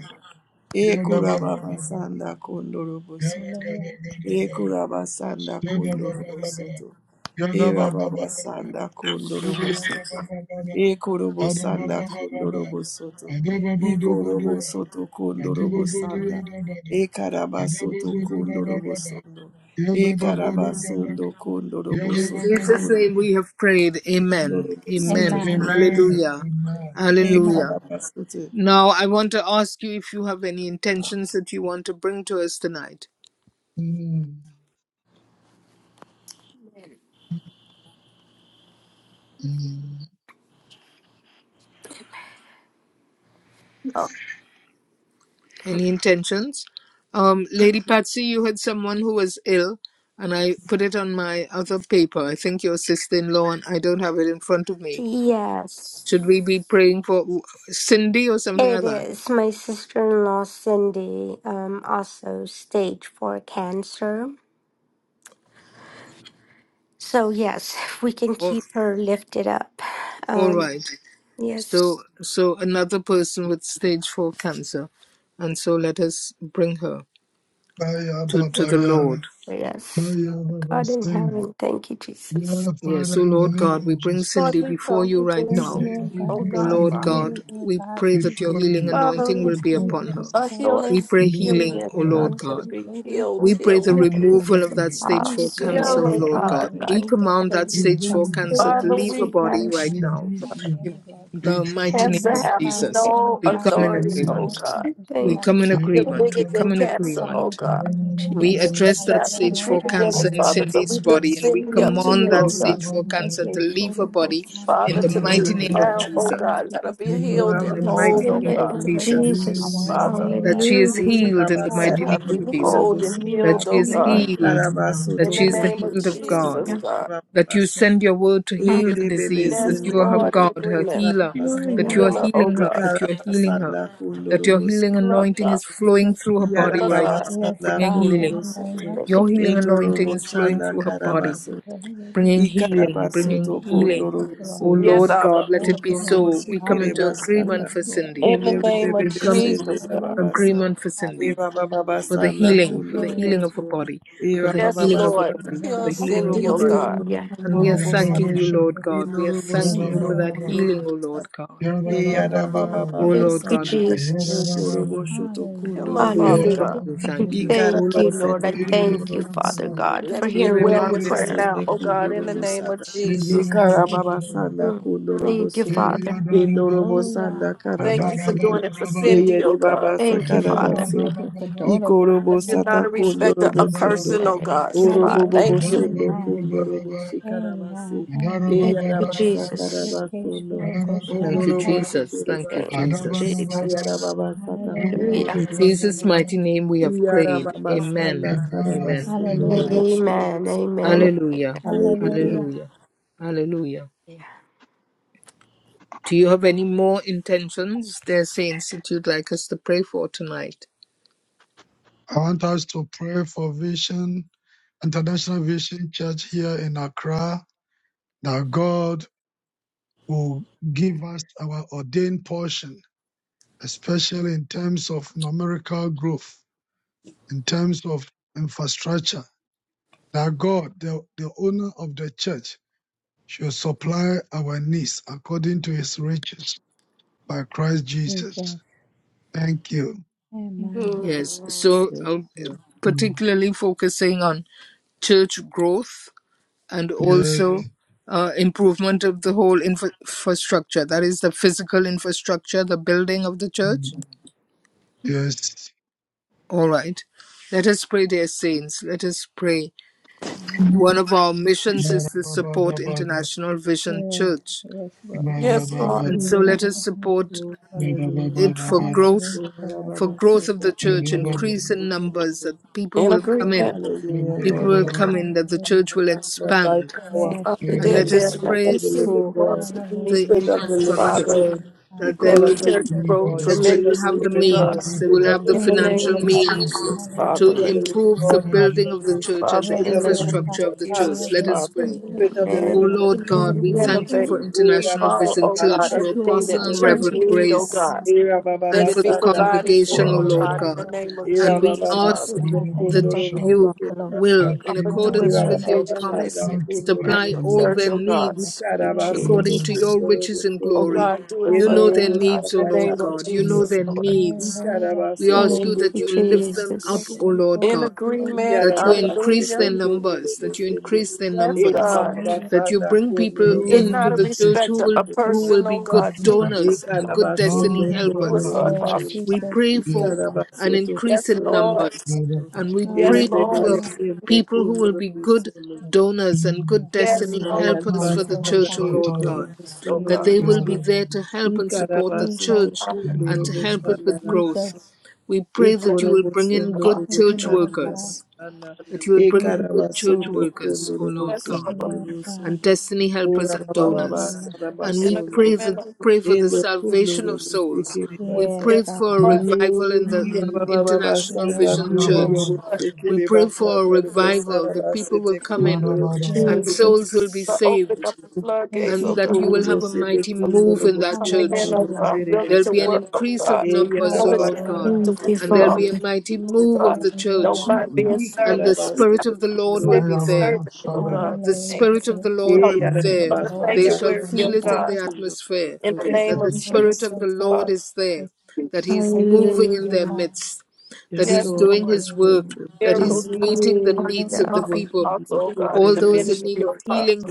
B: Ya da
D: Ekura
B: ba ba
D: baba
B: da ba.
D: sanda kundorobo
B: Ya da
D: soto.
B: ga
E: Hallelujah.
B: da ga da ba.
D: Ekura baba sanda kundorobo soto. Ekura baba sanda
B: Ya da ba ba
D: kundorobo
B: da ba.
D: soto.
B: Ya da
D: Era
B: ba ba ba
D: baba
B: da ba.
D: sanda
B: You do
D: kundorobo
B: ya da ba
D: soto.
B: ba ba da.
D: E korobo
B: Ada ba,
D: sanda
B: ba ba ba ba.
D: kundorobo soto.
B: Ada ba
D: I
B: ba do ba do
D: korobo
B: ya.
D: soto
B: Adi ba
D: kundorobo
B: ba do ya
D: sanda.
B: da ba da
D: E karaba soto
B: Adababababa,
D: kundorobo sondo. E
B: adababodobodoya, ba
D: karaba sondo kundorobo
A: In
B: dabada, adababodobabadaba,
D: soto
A: Jesus' name
B: yadababodogabak,
A: we have prayed. Amen.
D: kundorobo soto
A: Amen.
E: Amen.
D: kundorobo.
B: Amen.
A: Hallelujah.
B: Amen.
D: E
E: Amen.
A: Hallelujah.
D: karaba soto.
A: Now I want to ask you if you have any intentions that you want to bring to us tonight.
B: Mm. Mm.
A: Any intentions? Um, Lady Patsy, you had someone who was ill, and I put it on my other paper. I think your sister in law, and I don't have it in front of me.
G: Yes.
A: Should we be praying for Cindy or something
G: It
A: like that?
G: is. My sister in law, Cindy, um, also stage four cancer. So, yes, if we can
A: Or,
G: keep her lifted up.
A: all
G: Um,
A: right. So,
G: yes.
A: so another person with stage four cancer, and so let us bring her
B: Baya
A: to to the
B: babaya.
A: Lord.
G: Yes.
B: Baya baba
G: God in
B: sende.
G: heaven. Thank you, Jesus.
B: Yeah,
A: Yes,
B: Father,
A: oh
B: in the
A: Lord
B: name
A: God, we
B: of
A: bring
C: Lord,
B: Jesus,
A: Cindy
C: we
A: before
C: come
A: you
C: with
A: right
B: let
E: Thank
C: this,
E: you,
A: now.
E: Lord
B: the
E: God.
C: oh
E: We
A: Oh
B: grace
C: God,
E: need
B: of
A: Lord
B: the
C: Father.
B: Lord
A: God,
E: you, Lord
A: we pray that
E: God.
A: your
B: before
A: healing
B: you,
C: Father,
A: anointing
E: Iki
A: will
C: with
A: be
B: before
E: solo
A: upon her.
B: us,
C: a
E: kosara
C: healing
A: We
G: Lord.
A: pray
C: from
B: in the
A: healing,
B: name
C: Gilead,
A: O
C: oh
B: of
C: God,
E: solo
A: Lord
C: that
A: God.
B: Jesus.
C: it be
E: kosoro
C: healed,
A: We pray
C: healed,
A: the
E: kosara.
B: We
C: oh
B: pray
A: removal
B: for
G: It's
A: of that
B: you.
A: stage four
C: God.
A: cancer,
G: impossible,
C: heal,
A: O
E: Yes,
B: We
C: oh
E: Lord,
A: Lord
B: pray
E: God,
G: Father
C: God.
A: God.
B: for
A: We
B: you.
G: God.
E: remove that
A: command that
E: stain
B: We
G: Everything
E: of
A: stage
E: cancer
A: four
B: believe
E: in the
B: you.
A: cancer to
C: Father,
E: name of
G: is
A: leave her
C: we
A: body
G: within
E: Jesus.
C: ask
A: right
E: Now
B: We
C: you,
E: we
A: now.
B: believe
E: apply
B: you.
A: In
E: Lord God.
B: We
A: the mighty
E: We
A: name of
C: cancer have
E: notify to
A: Jesus,
E: any
C: no
A: we
G: you,
E: side of
A: come in
C: authority,
E: the
G: Jesus.
C: oh
A: agreement.
E: medicine
C: God.
E: that she
A: We
G: Thank
E: has.
G: you,
A: come in
C: You're
E: Lord,
G: Father.
A: agreement. We
C: bigger than
A: come in
E: we
C: cancer,
E: call
C: oh
E: it
A: agreement.
E: to
C: God.
E: move
B: favor
E: in one
A: We
E: Lord.
B: you.
C: And
E: I
A: address
G: Jesus.
E: love
A: that
C: that you're
E: the
A: stage
E: Lord,
A: four
C: bigger
E: our
C: than
B: We
A: cancer
C: it,
E: God,
A: in
C: Father.
E: that
C: So
A: Cindy's
C: we
E: we
C: lift
A: body and we
C: Cindy up to you,
A: command
G: Hallelujah,
C: oh
A: that
C: God.
A: stage four
B: believe
E: take
A: cancer
E: a
A: to
B: you.
A: leave her
E: solo
A: body
E: kosara
A: in
C: Father,
A: the
C: to
B: Yere
E: cancer.
A: mighty
C: live
E: In
A: name
G: Father.
A: of
C: now,
E: the
C: oh
A: Jesus.
E: name
C: God,
E: of
C: let
E: Jesus,
C: her be
E: we
C: healed
A: In
D: Ora
E: will
C: and
A: the
D: baba
E: give
G: In
E: your
C: whole,
G: the
A: mighty
C: oh
D: sanda
A: name
C: God.
A: of
G: name
E: miracle
G: of
E: work of
A: Jesus
D: kundorobo soto.
E: power in
G: Jesus.
E: the
C: Father,
E: name
A: that
E: of
A: she is
D: E
G: Hallelujah.
A: healed in
D: karaba
A: the
E: Jesus.
C: let
A: mighty
D: sete
C: her
A: name of
C: be
A: Jesus,
C: whole
D: kundorobo
C: and
A: that
D: sanda.
E: Hallelujah,
C: healed,
A: she
C: oh
A: is
D: I
G: Hallelujah.
E: Jesus.
C: God.
A: healed,
D: karaba
A: that
C: In
D: soto
C: the
A: she is the
C: name of
A: healed
D: kundorobo
A: of God,
C: Jesus,
D: sondo.
C: God.
A: that you send your word to heal her
D: Ere bebe
A: disease, that
C: Yes,
D: sende
A: you are her
G: Hallelujah.
C: Lord,
D: kundo
C: in
A: God,
D: robo
A: her
C: agreement.
A: healer, that
G: Hallelujah.
D: sarabasanda.
A: you are
C: Heal
E: Hallelujah,
C: her, oh
A: healing her,
C: God.
A: that you are healing her,
D: Ikarabasanda kundo
A: that your
D: robo
A: healing
D: so-
C: Love
A: anointing
C: God.
A: is
E: Jesus.
A: flowing through her
C: Heal
A: body
C: her,
A: right
C: God.
A: now,
D: Iarababasanda
E: Yes,
A: bringing
E: God, in
D: kurobo
A: healing.
E: the name
D: soto.
E: of
G: Hallelujah.
A: Your
E: Jesus.
A: healing
D: Endo robo
A: anointing is
E: God,
A: flowing
D: shanda
A: through her body,
E: let
D: karabasoto.
E: it
A: bringing
E: resurrect God,
A: healing,
D: Ikarabasoto
A: bringing
E: Lord God,
D: kundo
A: healing.
E: thank
D: robo
E: you,
A: Oh
E: Lord God.
D: sondo.
C: Yes,
A: Lord God,
C: Abba.
A: let
E: Let
A: it
E: it
D: Ondo
A: be
E: be a
D: robo
A: so. We come
D: shikere
E: constant
A: into
E: and
D: basanda.
A: agreement
E: peace,
A: for
E: Lord
A: Cindy.
C: In
E: God.
D: Ende
C: the
E: Thank
D: bebe
C: name of
A: We
D: bebe
A: come
E: you,
A: into
D: sende
C: Jesus, God.
E: Lord
D: rababasa.
E: Jesus.
A: agreement for Cindy
D: Eva
A: for the
D: bababasanda
A: healing, for
D: kundo
A: the
D: robo
E: Hallelujah,
A: healing of the
D: so.
E: Jesus.
A: body, for
D: Eva
A: the
C: Yes,
E: Thank
A: healing
E: you,
A: of the
C: Lord.
D: bababasanda.
A: body, for
C: Heal
A: the
E: Lord
A: healing of
C: Cindy,
A: the
D: Kurobo
C: oh
E: Jesus.
A: body.
C: God.
D: sondo kundo
A: And we are
D: robo
E: Hallelujah,
A: thanking you, Lord
E: Jesus.
A: God. We are
D: Inorobo
E: Thank
A: thanking
E: you,
A: you
D: sondo
A: for
E: Lord
A: that
E: God.
A: healing,
D: kondorobo
A: O
D: sa.
A: Lord God.
E: Thank you,
D: Eyara baba
E: Lord
A: O
D: baba
E: host.
G: Thank
A: Lord
G: you,
A: God,
D: sana.
A: we thank you.
G: Jesus.
D: Okorobo shoto
C: Heal her,
A: O
D: kondorobo
E: Hallelujah.
C: Father
A: Lord God,
C: God.
G: Hallelujah.
A: we thank you. O
G: Thank you,
A: Lord God,
G: Lord.
D: Ikarabasete
G: I
A: we thank you.
G: thank
D: kundoro
G: you, Father
D: musondo.
G: God.
C: Let it be well
G: our
C: with
D: Irebebebe
C: her
G: prayer.
D: sende
C: now, oh God,
D: kundoro
C: in the name of
D: musaka.
C: Jesus.
D: Ikarababasanda
G: Mm.
D: kundoro
G: Thank
D: musuku.
G: you,
D: Indoro
E: Hallelujah.
D: musanda
C: Thank you for
D: karabasuku.
C: doing it for Cindy,
D: Eyere
C: oh God.
D: babasa
G: Thank you,
E: Thank you,
G: Father.
E: Lord.
D: karabasu.
E: Thank you for doing it for
D: Ikoro
E: her
C: But
E: in the
C: you're not
D: musata
C: a
E: name of
D: kundoro
C: respecter of
E: Jesus.
D: musondo.
C: person, oh
G: Thank
C: God.
G: you,
C: So we
G: Father.
D: Orobobo
E: Hallelujah.
C: thank you.
D: musondo
E: Amen.
D: kundoro mushikarabasi.
E: Amen.
B: Amen.
G: Thank
E: Amen.
B: Amen.
G: you,
D: Eyarabasa
G: Jesus.
D: karabasundo.
A: Thank you,
D: Ondoro
E: Ikeshilokoshadakasi.
A: Jesus. Thank you,
G: Thank you,
D: mushikiribasata.
A: Jesus.
G: Jesus.
D: Ayarababasata
E: Hallelujah.
D: kundoro
G: Hallelujah.
A: In Jesus'
D: musondo.
A: mighty name we have prayed.
D: Yarababasanda
A: Amen. Amen.
D: karabasundo
E: Hallelujah.
G: Amen.
D: robosurubusu.
G: Amen.
A: Hallelujah.
D: Hallelujah.
E: Hallelujah.
A: Hallelujah. Hallelujah.
G: Yeah.
A: Do you have any more intentions, dear saints, that you'd like us to pray for tonight?
B: I want us to pray for Vision, International Vision Church here in Accra, that God will give us our ordained portion, especially in terms of numerical growth, in terms of infrastructure, that God, the, the owner of the church, should supply our needs according to his riches by Christ Jesus.
E: Jesus.
B: Thank you.
E: Amen.
G: Amen.
A: Yes. So,
D: Yes,
A: uh,
D: Lord.
B: Mm.
A: particularly focusing on church growth and
B: Yes.
A: also Mm. uh, improvement of the whole infra- infrastructure that is, the physical infrastructure, the building of the church.
B: Mm. Yes.
A: All right. Let us pray, dear saints. Let us pray.
E: Amen.
A: One of our missions is to support
B: Marababababada.
A: International Vision
E: Yes.
A: Church.
E: Yes, Lord God.
C: Yes, Lord.
A: And
G: Amen.
B: Marabababada.
A: so
E: Thank
A: let us
E: you, Jesus.
A: support
D: Oh,
E: God.
D: hallelujah.
E: I
A: it for
E: found
B: Marababababada.
E: that
A: growth,
D: Oh,
E: in the Lord
A: for
E: God.
A: growth of
D: Yarababasanda
A: the church,
D: kundo
B: Marabababada.
A: increase in
E: Hallelujah.
A: numbers that
D: robosurubusu.
A: people
C: In
A: will
E: Yes,
A: come
E: Lord
A: in
C: agreement,
E: God.
D: Hallelujah,
A: people
D: Lord
A: will
D: God.
A: come
B: Marabababada.
A: in, that the
E: Hallelujah.
A: church will
D: and Not by
A: expand.
D: power,
E: Yes,
C: Father,
D: but
A: And
C: they're
D: by
E: Jesus.
A: let
D: the mighty
C: there.
A: us
B: Marabababada.
C: Let
D: Spirit
C: you
D: of
A: pray
D: the
C: see what
D: living
A: for
D: God.
C: wants and you need,
A: the
E: Hallelujah.
D: Spirit of
E: Praise
D: the living
C: Father.
A: infrastructure,
D: God, we
E: God,
A: that there
E: we
D: call
C: Let the
A: will
E: honor
A: be,
D: upon
C: church
E: you,
D: you,
B: Holy
C: grow
B: Father
E: Lord
D: God.
A: that
B: God,
E: God.
A: they
D: Spirit of
A: will
D: the
C: tremendously,
A: have the
C: oh
D: living
E: In
B: we
C: God.
D: God,
E: the
A: means,
B: pray
A: they
E: name
D: Spirit
A: will
B: for
E: of
D: of
A: have the
D: the
C: In the
D: living God,
E: Jesus.
C: name
A: financial
G: Amen.
C: of
B: hope in
A: means
C: Jesus, Father.
A: to
E: Hallelujah.
C: Let,
A: improve
B: the
A: the
B: name
E: Jesus.
B: of
D: have
A: building
D: your
B: Jesus.
A: of the
D: way.
A: church and
C: Father,
A: the
D: Spirit
C: in
E: Yes,
D: of
C: the
D: the
E: Lord
B: In
C: name
D: living
C: of
A: infrastructure
E: God.
A: of the
D: God, have
C: Jesus,
D: your
A: church. Let
D: way.
A: us
E: Hallelujah.
C: Father.
A: pray.
E: Thank
D: Spirit of the living God, have your way. Spirit of the
A: O
G: Amen.
D: living God,
A: Lord
B: of
D: have
B: the
A: God, we
D: your
B: enemy.
A: thank
D: way.
A: you
C: Renovate,
E: Mhm.
A: for
G: Thank
D: Oh,
A: International
D: Rabba
C: remodel,
D: Baba
A: Vision
C: oh
A: Church,
C: God,
A: for
D: Basanda,
E: Yes, Lord
C: everything
A: Apostle
C: that
D: Kundo,
C: the
E: God.
A: and
E: Do
C: church
E: it
A: Reverend
E: again,
C: need, oh
E: Lord
A: Grace
C: God.
E: God. Thank
D: Rabba
E: you, Lord
D: Baba
C: Let
A: and
E: God.
C: it
A: for
C: be
A: the
D: Basanda,
E: We
C: provided
E: worship
A: congregation,
C: for,
A: O
E: you,
C: oh
E: Lord
D: Kundo,
A: Lord
C: God, in
E: God,
C: the
A: God.
B: Marabababada.
E: Lord
C: name of
E: God,
D: Ira
A: And
E: Jesus.
A: we
D: baba
C: Jesus,
A: ask
C: Father.
E: And
D: bakundo
E: I thank you
A: that
D: kundoro
E: for
B: Marabababada.
A: you
D: bosekere
E: overflow.
A: will,
B: I
D: basanga.
A: in
B: pray,
C: Father,
E: In
B: O
E: the
C: do it
D: Ira
A: accordance
C: for
E: name
B: Lord,
A: with
D: baba
E: of
A: your
C: Vision Life
D: basanda
E: Jesus.
A: promise,
B: out to
D: kundoro
B: us,
A: supply
B: my
C: International
A: all
D: bosekere.
B: name,
C: Church,
A: their
C: oh God.
E: Hallelujah.
A: needs
D: Ikara
G: you,
E: Yes,
B: the
E: Lord
D: basoto
B: name
A: according to
B: of
E: God.
G: Jesus.
A: your
D: kundoro
A: riches and
C: Oh
D: bosondo.
A: glory.
C: God, do it
A: You
C: for
A: know
C: them,
D: Endoro
A: their
E: Hallelujah,
C: God, in
A: needs, O
C: the
D: bosanda
A: Lord
C: name
E: Jesus.
D: kara
C: of
A: God. You
B: Jesus.
A: know
C: Jesus,
D: basondo.
A: their
C: Lord.
B: We
A: needs.
D: Ikara
E: Hallelujah.
A: We
D: basoto
A: ask you
G: Thank you,
A: that you
D: kundoro
A: lift them
D: bosondo.
E: Overflow,
A: up,
G: Jesus.
A: O Lord
C: In
A: God,
E: overflow.
C: agreement,
D: Iyara
A: that you
D: baba
A: increase
D: soto
C: hallelujah.
A: their
D: kundoro
A: numbers, that you
D: bosondo.
A: increase their
C: Yes,
D: Ira
A: numbers,
D: baba
C: God.
E: Hallelujah.
A: that you
D: basanda
A: bring people
D: kundoro
B: pray,
C: You're
B: O Lord,
A: into
C: not a
A: the
D: bosondo.
B: increase
A: church who
C: respecter
A: will
C: of
A: who
C: person,
A: will be
C: oh God.
A: good
C: Do it
B: increases.
C: for
A: donors and
C: them.
A: good
D: Ikarabaso no
B: No,
A: destiny
B: no
C: Do
B: problem.
C: it
D: kodoro
A: helpers,
B: I'll
C: for
E: Yes,
D: musuno.
B: church.
C: us.
A: we
E: Jesus.
A: pray
B: You
A: for
B: are
D: Ikarabaso
A: an
D: to
A: increase
C: Yes,
A: in
D: kodoro
C: Lord.
B: you
A: numbers,
B: are
D: musuno.
B: welcome.
A: and we
C: Yes,
A: pray
C: Lord.
D: Ebebebebe
A: for
E: Hallelujah.
D: sende
A: people who will
D: kundoro
A: be good
D: musuno.
A: donors and
B: Mm,
A: good
C: Yes,
A: destiny
E: Hallelujah.
C: Lord.
B: No,
A: helpers
E: Yes,
A: for
B: you are
A: the
E: Lord
B: very
D: Ayarabasanda
A: church, O
E: God.
B: sure,
A: Lord
B: Torah.
D: kundoro
A: God,
C: Oh
D: musuno
A: that
C: God.
E: Jesus.
A: they
B: You are
A: will be
D: robosuno.
B: right
A: there
B: on
A: to
B: this.
A: help and support the
D: Ikarabaso to
E: Jesus.
A: church
D: kundoro
A: and to
B: Mm,
A: help it with growth.
D: boshanda
E: Jesus.
A: We pray
C: In
A: that you will bring in
D: Ikorobosondo
A: good
C: agreement.
E: Thank
A: church
E: you,
D: roboshanda
E: Lord God.
A: workers,
D: rabasanda.
A: that you will
E: Thank
A: bring
E: you,
A: in good
E: Lord
A: church
E: God.
D: Ikarabasondo
A: workers,
D: kondo
A: O Lord
C: Yes,
E: Thank you,
D: robosondo
A: God
C: Lord.
E: Lord God.
A: and
D: robosondo.
A: destiny helpers
D: Ora
A: and
D: baba baba
A: donors.
E: Hallelujah.
A: And
C: In
A: we
D: sarabasondo.
A: pray
C: agreement.
A: that pray for the
D: Eno kondo
A: salvation of souls.
D: robosekere
A: We
D: basa.
E: Yes,
A: pray
C: Yes,
E: God.
A: for a
B: Hey,
C: Lord.
A: revival in the
D: Iwa
A: in
B: hallelujah.
D: baba baba
A: International
D: sanda
E: Yes,
A: Vision
B: Maya
D: kondo
E: yes,
A: Church.
B: Babu,
A: We
D: robosekere
A: pray
D: basa.
A: for a
D: Robosara
A: revival that people
D: basete
A: will come
D: kondo
A: in
B: Mara Bara Bara.
A: and
E: yes.
D: robosondo.
A: souls will be
C: But
G: Jesus.
C: open
A: saved
C: up the
E: Thank
C: floodgates,
A: and
E: you,
C: oh
A: that you
C: God.
A: will
E: Jesus.
A: have a
D: Ikorobose
A: mighty
C: So
A: move in that
D: tekundorobose
C: coming in,
A: church.
C: oh
D: dorobose
E: Hallelujah.
C: God, willing
A: There'll
C: to
A: be
D: rebasa.
A: an
C: work, oh
A: increase
C: God.
A: of numbers, O
C: Diligent,
A: Lord
D: Eyarababasa
C: oh
A: God,
E: Hallelujah.
C: God, to
G: Thank you,
C: what you
A: and there'll
C: call
A: be
C: me,
D: takundorobose
A: a
G: Father.
A: mighty
C: oh
A: move
C: God.
A: of the
D: tekundorobose.
C: Don't
A: church,
E: Hallelujah.
C: mind
B: Mm,
C: being
A: and the
C: servants, oh
D: Ikarabaso
C: God.
A: Spirit of the Lord
C: Just
A: will
C: let
A: be
C: me
B: Maya
D: tokundorobose
A: there
C: serve
B: Babu,
C: you, oh
B: Shara.
D: kuraba.
C: God.
A: the
C: In the name
E: Hallelujah.
A: Spirit
C: of
A: of
E: Yes,
A: the Lord
E: God.
A: will be
E: The
C: help
B: Mm,
A: there.
C: of
E: freedom,
C: the
D: Eyarababasa
E: Lord,
A: They
E: is
A: shall
C: sanctuary,
E: there.
C: oh
A: feel
E: No
A: it in
E: doubt
C: God.
A: the
E: about
D: takundorobose
A: atmosphere
C: In the
D: dorobose.
E: Thank
A: that
C: name
E: you,
A: the
C: of
B: mm,
E: Lord,
A: Spirit
C: Jesus,
A: of the
E: for
A: Lord
E: God.
C: Father.
A: is
E: Thank
A: there, that He's
E: you,
A: moving in
E: Father
A: their
G: Hallelujah.
E: God.
A: midst, that
D: Yes,
A: He's
C: Yes,
D: Lord.
A: doing
C: Lord.
D: Yes,
A: His
E: Hallelujah.
D: Lord.
E: Jesus.
A: work,
D: Yes,
A: that
D: Lord.
A: He's
C: Miracles because of
A: meeting the
C: the
A: needs
C: kindness
A: of
G: Hallelujah.
A: the
E: Hallelujah.
C: of God.
D: Kundorobose
A: people.
C: also, oh God, in
A: All
C: the
A: those in
D: dokundorobose.
A: need
C: ministry
A: of
C: oh God.
A: healing,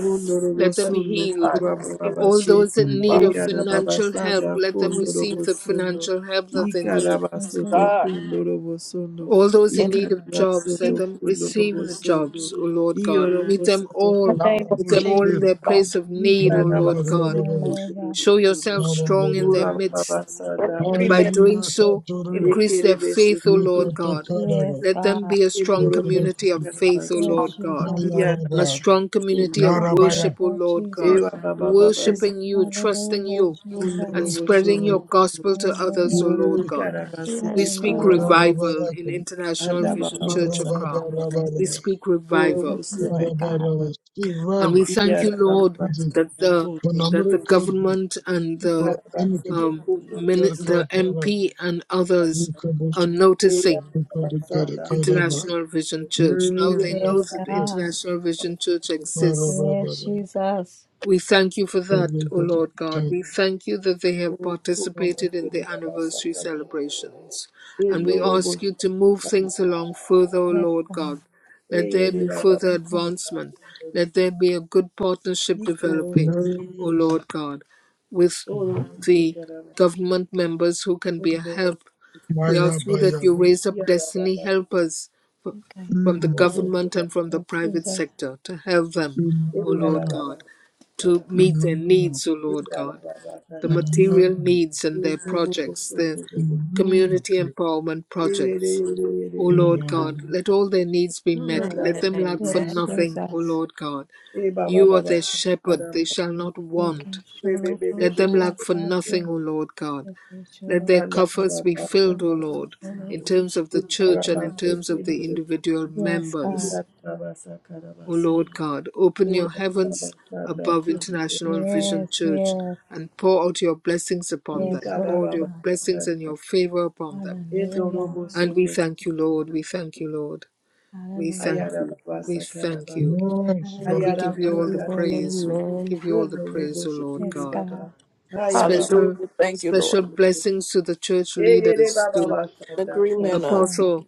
A: let them
C: But
A: be healed.
C: God, in the name of
A: All
D: kurababase
C: Jesus,
A: those in
B: mm.
A: need
C: Father.
A: of
E: Hallelujah.
A: financial
D: eyarababasanda
A: help, let them receive the
D: kunorobosuno
A: financial help that they need.
E: Thank
D: ikarabasoto
E: you.
C: God.
D: kunorobosuno
A: All those in need of jobs,
D: ikarabasoto
A: let
C: In
A: them receive the
D: kunorobosuno
A: jobs, O Lord God. Meet them
D: iorobosoto
C: the
A: all.
B: Ya
D: kuno
C: name of
A: Meet
B: Babu,
A: them all
C: Jesus.
A: in
B: Shir.
A: their place
E: Amen.
A: of need, O
B: Mm,
A: Lord
B: Bara
D: ikarabasete
A: God.
B: Bara Bara.
E: Hallelujah.
A: Show
D: kunorobosuno
A: yourself
B: Mara Bara
A: strong in their
B: Bara.
A: midst,
D: kurababasanda
A: and by
D: kana
C: Agreement.
A: doing
B: Hallelujah,
A: so,
B: Torah.
A: increase their faith,
D: ekerebesete
A: O Lord
B: Nikota
A: God.
D: kuno
E: Yes,
B: Kadaba.
A: Let them
E: God.
A: be a strong
B: Nikota
A: community of
B: Kisiki.
A: faith, O
D: enorobosikarabasete
E: Yes,
A: Lord God,
E: Jesus.
B: Maya
A: and a
B: Rabba.
A: strong
D: iyarababasuno
A: community of
B: Yarabaya.
A: worship, O
E: Hallelujah,
A: Lord God.
E: Jesus.
D: ewabababasa
B: Yes,
A: Worshipping you, trusting
E: Hallelujah,
A: you,
E: Jesus.
A: and
D: Unorobo
A: spreading
D: sholo
A: your gospel to others, O
E: Hallelujah.
A: Lord God. We
D: ikarabasete
G: Yes.
A: speak
D: kuloro
E: Hallelujah.
A: revival in
B: Yarababaraka,
A: International
E: Mm.
A: Vision Church
D: andababasaka
A: Accra.
B: Marabarabaraba,
A: We speak
D: orobo
E: Thank
A: revival.
E: you,
D: sende
E: Lord God.
D: karaba
B: Marabaraba,
A: And we
B: Siraba,
E: Thank
A: thank you,
E: you.
A: Lord,
B: which is
D: iyarababasa
A: that the
D: kuloro
A: that
B: phenomenal
A: the
B: group
A: government and the
B: for any
D: ikarabasoto
B: particular
A: um,
D: kuloro
A: min- the
B: Yarka
D: bosoto
B: Para,
A: MP and others are
B: Yukabush,
A: noticing
B: Yukadakada
D: eyarababasa
B: Kadaba.
D: kuloro
A: International Vision Church. Now they
B: Yes,
A: know
E: Yes,
A: that
D: iyarababasa
B: yes,
E: God.
A: International Vision Church exists
E: Yes,
B: Marababara,
E: Jesus.
A: We thank you for that, O Lord God.
B: Yukadakada.
A: We thank you that they have
D: orobo
A: participated in
D: sende
A: the
D: babasa
A: anniversary celebrations. And we
D: elorobo
A: ask you to move things along further, O
E: Yes,
A: Lord God.
E: God.
A: Let there
D: eyere
A: be further
E: Okay,
D: babasa
A: advancement.
D: kuloro
A: Let there be a good partnership
D: ikorobo
A: developing, O
B: Yes,
A: Lord God, with the
D: orobo
A: government members who can be a help
D: Iya,
A: we
B: Maya
A: ask you that you
B: Bayaba.
A: raise up destiny
D: Baba,
A: helpers f-
E: okay.
A: from the
B: Mm,
D: ondo baba,
A: government and from the
E: Yes,
A: private
E: Jesus.
A: sector to help them,
D: Sakara, baba.
A: O
D: yara
A: Lord
B: Imana,
D: baba,
A: God,
D: yara
A: to meet their
B: Imana,
A: needs, O Lord God,
D: baba,
A: the
D: yara baba.
A: material
B: Imana.
A: needs and their
D: Ozo bobo,
A: projects,
D: ozo
A: their
B: Yes,
D: bobo,
A: community empowerment
D: yere
A: projects.
D: yere yere
A: O
B: and,
D: yere
A: Lord
D: ka.
A: God,
B: um,
A: let all their needs be met.
D: Anda
A: Let
G: Amen.
A: them
D: baba,
A: lack for
G: Amen.
E: Yes,
A: nothing, O
E: Jesus.
A: Lord God.
D: e baba
A: You are
D: baba,
A: their
D: yara
A: shepherd, they shall
D: baba.
A: not
E: Eke
A: want.
D: Be be
E: sholo
D: be be
E: ko
A: Let
D: be
A: them
D: be.
E: shara
A: lack for nothing,
E: kase.
A: O Lord God.
E: Eke
A: Let
E: sholo
A: their
E: ko
D: Anda
E: shara
A: coffers be
D: baba, yara
A: filled,
D: baba. Yara baba, yara
E: kase.
A: O
D: baba, yara
A: Lord,
E: Sholo
A: in
E: ko
A: terms
E: sh-
A: of the church and in terms of the individual
E: Yes, God.
A: members. O Lord
D: baba.
A: God, open your
D: Ora,
A: heavens
D: Baba, Sada,
A: above International
D: Kundo,
A: Vision
E: Yes,
A: Church
E: yes,
A: and pour out your blessings upon
E: yes,
A: them. Pour
E: Lord
A: out your
E: God.
A: blessings
D: Ikarababasakara.
A: and your favor upon them.
E: Hallelujah.
A: And we
D: Endorobosondo.
A: thank you, Lord. We thank you, Lord. We
E: Hallelujah.
A: thank you. We thank
D: Ayarababasakaraba.
A: you.
B: yes,
A: And we
B: Lord.
E: Hallelujah,
A: give you all the
E: Jesus.
D: Ayarababakarabasa.
A: praise. We
G: Amen.
A: give you all the praise, O Lord
E: Yes,
D: Wondoroboshikiri
A: God.
D: baba.
E: God.
D: Ayababa.
C: Hallelujah.
A: Special
C: Thank you, Lord.
A: special blessings to the church
D: Eyere
A: leaders,
D: baba
A: to
D: basandako.
C: Agreement.
E: Yes,
C: Of,
E: God.
A: apostle,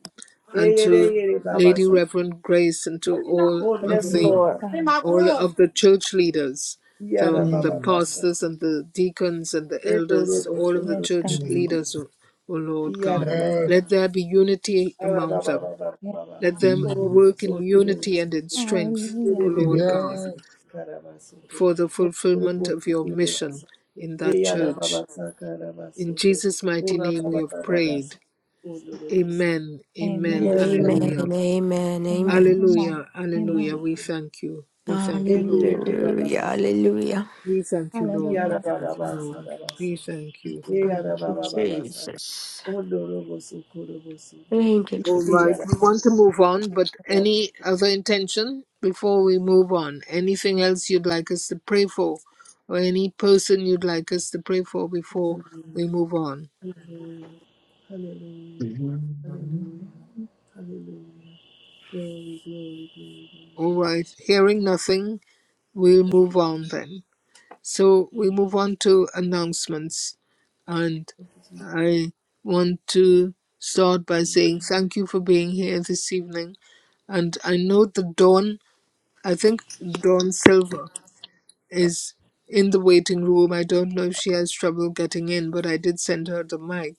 A: and
D: Eyere
A: to
D: yere baba
A: Lady
D: sa.
A: Reverend Grace, and to all of
C: yes,
B: Mm,
A: the
E: Yes,
C: Lord.
D: Ondorobosa.
C: In
E: God.
C: my
A: all
C: room.
A: of the church leaders, the the
B: mm,
A: pastors
D: Iyarababasaka.
A: and the deacons and the elders, all of the
D: Endorobosondo.
E: Yes,
A: church
E: God.
B: mm,
A: leaders, O, o Lord God.
B: Yes,
D: Iyarababasaka.
A: Let there be unity
D: Ora
A: among them.
E: Yes,
A: Let
E: God.
A: them
B: mm,
A: work in unity and in strength, O
E: Hallelujah.
A: Lord God,
B: yes,
A: for the fulfillment of your mission in that church. In Jesus' mighty name we have prayed. Amen. Amen.
E: Amen.
G: Amen.
E: Amen.
A: Alleluia.
B: amen.
G: Amen.
E: Amen.
G: Amen.
E: Amen.
A: Hallelujah. Hallelujah.
E: Amen.
A: We thank you. We thank you, Lord.
G: Hallelujah. Hallelujah.
A: We thank you, Lord. We
E: Hallelujah.
A: thank you, Lord. We thank you.
G: Thank you, Jesus. Thank you,
A: All
G: Jesus.
A: right. We want to move on, but any other intention before we move on? Anything else you'd like us to pray for? Or any person you'd like us to pray for before we move on?
D: Hallelujah.
B: Amen,
D: Hallelujah. Hallelujah. Glory, glory, glory, glory.
A: All right. Hearing nothing, we'll
D: Thank
A: move
D: you.
A: on then. So we move on to announcements. And
D: Thank you,
A: I want to start by saying thank you for being here this evening. And I know that Dawn, I think Dawn Silver is in the waiting room. I don't know if she has trouble getting in, but I did send her the mic.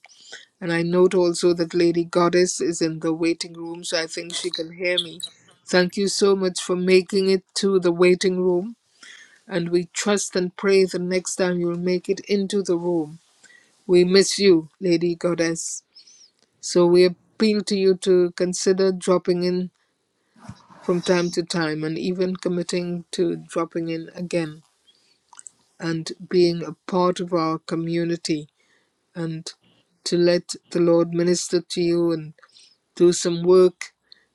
A: And I note also that Lady Goddess is in the waiting room, so I think she can hear me. Thank you so much for making it to the waiting room and we trust and pray the next time you'll make it into the room. We miss you, Lady Goddess. So we appeal to you to consider dropping in from time to time and even committing to dropping in again and being a part of our community and to let the Lord minister to you and do some work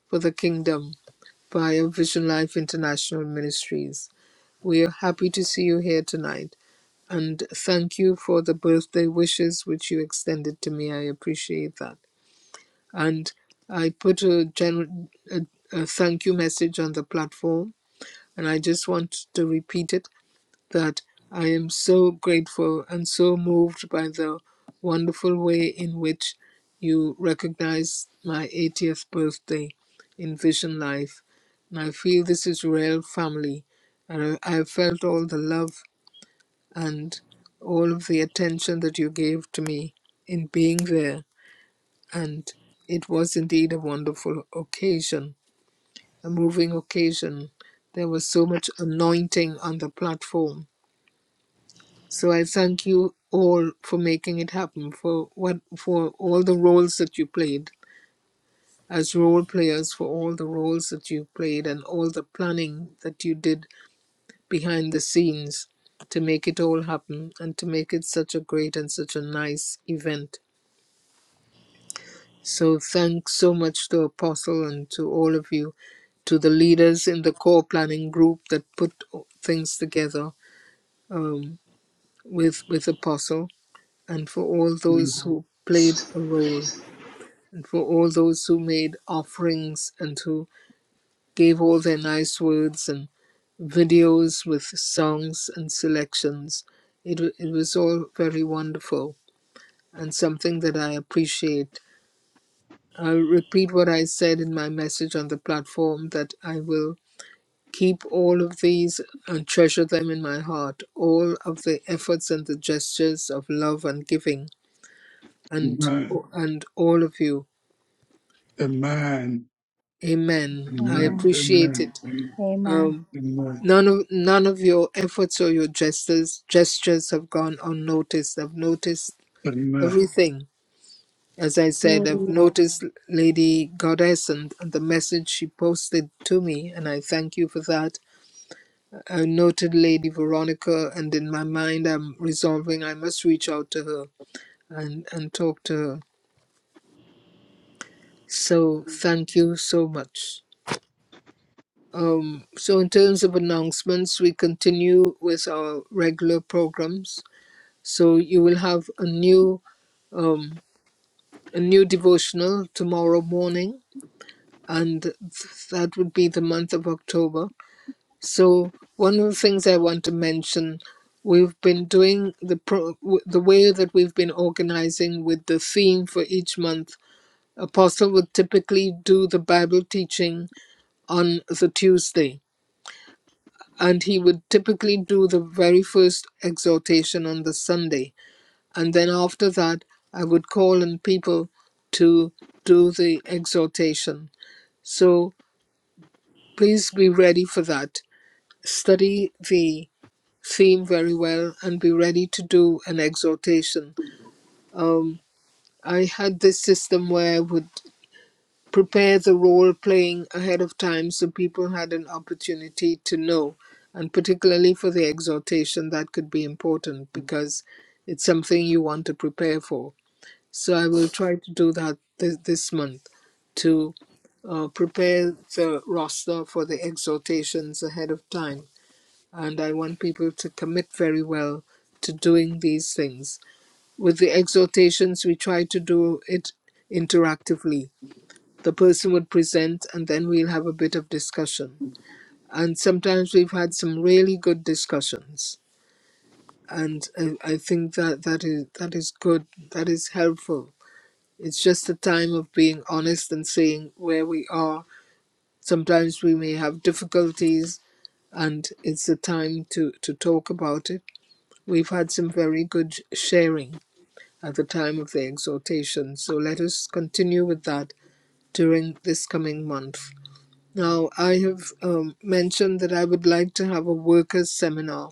A: for the kingdom via Vision Life International Ministries. We are happy to see you here tonight. And thank you for the birthday wishes which you extended to me. I appreciate that. And I put a, gen- a, a thank you message on the platform, and I just want to repeat it that I am so grateful and so moved by the wonderful way in which you recognize my 80th birthday in Vision Life. And I feel this is real family. And I, I felt all the love and all of the attention that you gave to me in being there. And it was indeed a wonderful occasion, a moving occasion. There was so much anointing on the platform. So I thank you all for making it happen, for what for all the roles that you played as role players, for all the roles that you played and all the planning that you did behind the scenes to make it all happen and to make it such a great and such a nice event. So thanks so much to Apostle and to all of you, to the leaders in the core planning group that put things together um, with with Apostle, and for all those who played a role, and for all those who made offerings and who gave all their nice words and videos with songs and selections. It, it was all very wonderful and something that I appreciate. I'll repeat what I said in my message on the platform that I will keep all of these and treasure them in my heart, all of the efforts and the gestures of love and giving, and
B: amen,
A: and all of you.
B: amen,
A: Amen. I
B: amen,
E: Amen.
A: appreciate
B: amen,
A: it.
E: Amen.
A: Um.
B: amen.
A: None of none of your efforts or your gestures gestures have gone unnoticed. I've noticed
B: amen.
A: everything. As I said, I've
G: Amen.
A: noticed Lady Goddess and, and the message she posted to me, and I thank you for that. I noted Lady Veronica, and in my mind, I'm resolving I must reach out to her and, and talk to her. So, thank you so much. Um, so, in terms of announcements, we continue with our regular programs. So you will have a new um, a new devotional tomorrow morning, and th- that would be the month of October. So one of the things I want to mention, we've been doing the pro- w- the way that we've been organizing with the theme for each month. Apostle would typically do the Bible teaching on the Tuesday, and he would typically do the very first exhortation on the Sunday and then after that i would call on people to do the exhortation so please be ready for that study the theme very well and be ready to do an exhortation um, i had this system where i would prepare the role playing ahead of time so people had an opportunity to know and particularly for the exhortation that could be important because it's something you want to prepare for So I will try to do that this, this month to uh, prepare the roster for the exhortations ahead of time. And I want people to commit very well to doing these things. With the exhortations, we try to do it interactively. The person would present, and then we'll have a bit of discussion. And sometimes we've had some really good discussions. And I, I think that that is, that is good, that is helpful it's just a time of being honest and saying where we are. Sometimes we may have difficulties, and it's a time to, to talk about it. We've had some very good sharing at the time of the exhortation, so let us continue with that during this coming month. Now, I have um, mentioned that I would like to have a workers' seminar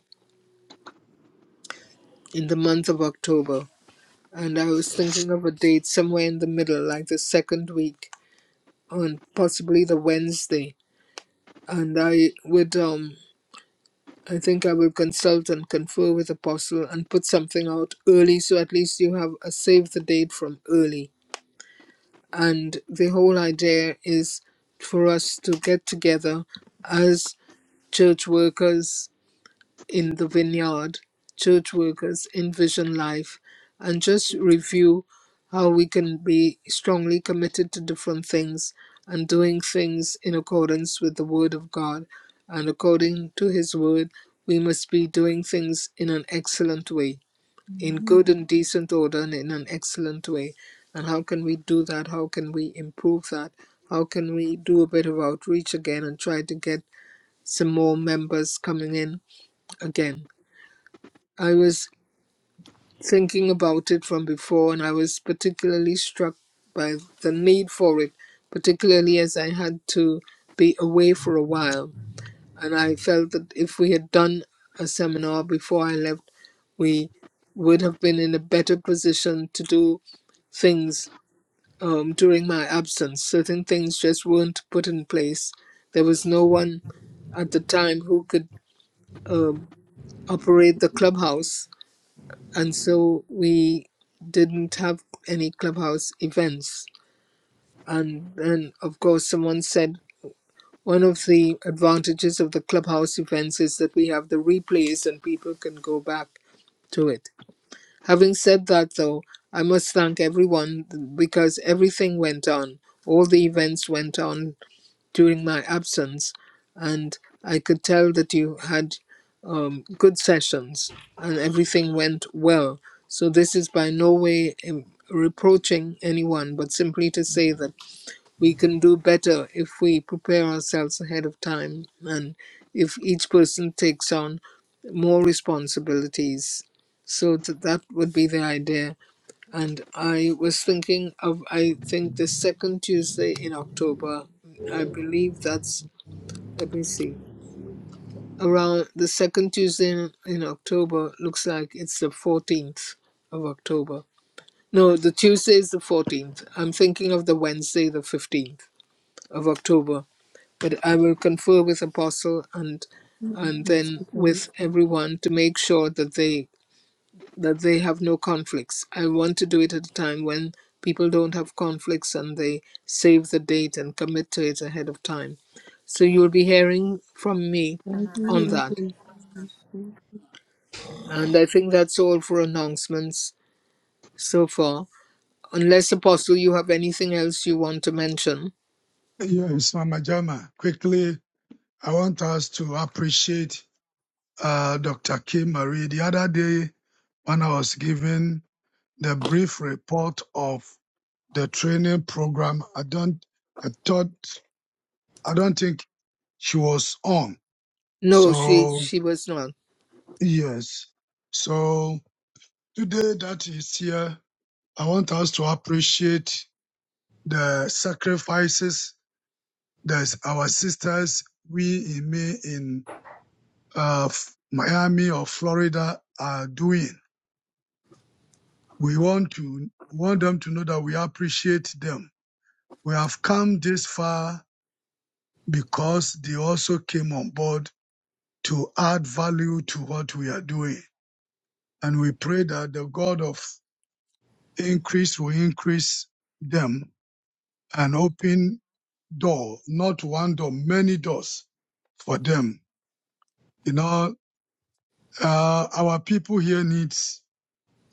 A: in the month of October, and I was thinking of a date somewhere in the middle, like the second week, on possibly the Wednesday and I would um I think I will consult and confer with Apostle and put something out early so at least you have a save the date from early. And the whole idea is for us to get together as church workers in the vineyard, church workers, envision life, and just review how we can be strongly committed to different things and doing things in accordance with the Word of God. And according to His Word, we must be doing things in an excellent way, in
E: Mm-hmm.
A: good and decent order, and in an excellent way. And how can we do that? How can we improve that? How can we do a bit of outreach again and try to get some more members coming in again? I was thinking about it from before, and I was particularly struck by the need for it, particularly as I had to be away for a while. And I felt that if we had done a seminar before I left, we would have been in a better position to do things um, during my absence. Certain things just weren't put in place. There was no one at the time who could um, operate the clubhouse and so we didn't have any clubhouse events and then of course someone said one of the advantages of the clubhouse events is that we have the replays and people can go back to it having said that though i must thank everyone because everything went on all the events went on during my absence, and I could tell that you had um, good sessions and everything went well. So, this is by no way um, reproaching anyone, but simply to say that we can do better if we prepare ourselves ahead of time and if each person takes on more responsibilities. So, th- that would be the idea and I was thinking of, I think, the second Tuesday in October. I believe that's, let me see, around the second Tuesday in, in October looks like it's the 14th of October. No, the Tuesday is the 14th. I'm thinking of the Wednesday, the 15th of October. But I will confer with Apostle and and
D: Jesus. Thank
A: then
D: you for
A: with everyone to make sure that they that they have no conflicts. I want to do it at a time when people don't have conflicts and they save the date and commit to it ahead of time. So you'll be hearing from me
D: this.
A: on that.
D: Hallelujah.
A: And I think that's all for announcements so far. Unless Apostle, you have anything else you want to mention?
B: Yes, Mama Jama, quickly, I want us to appreciate uh, Dr. Kim Marie. The other day, when I was giving the brief report of the training program. I don't, I thought, I don't think she was on.
A: No, she
B: So
A: she was not.
B: yes. So today that is here, I want us to appreciate the sacrifices that our sisters, we in me in uh, F- Miami or Florida are doing. We want to want them to know that we appreciate them. We have come this far because they also came on board to add value to what we are doing. And we pray that the God of increase will increase them and open door, not one door, many doors for them. You know, uh, our people here needs,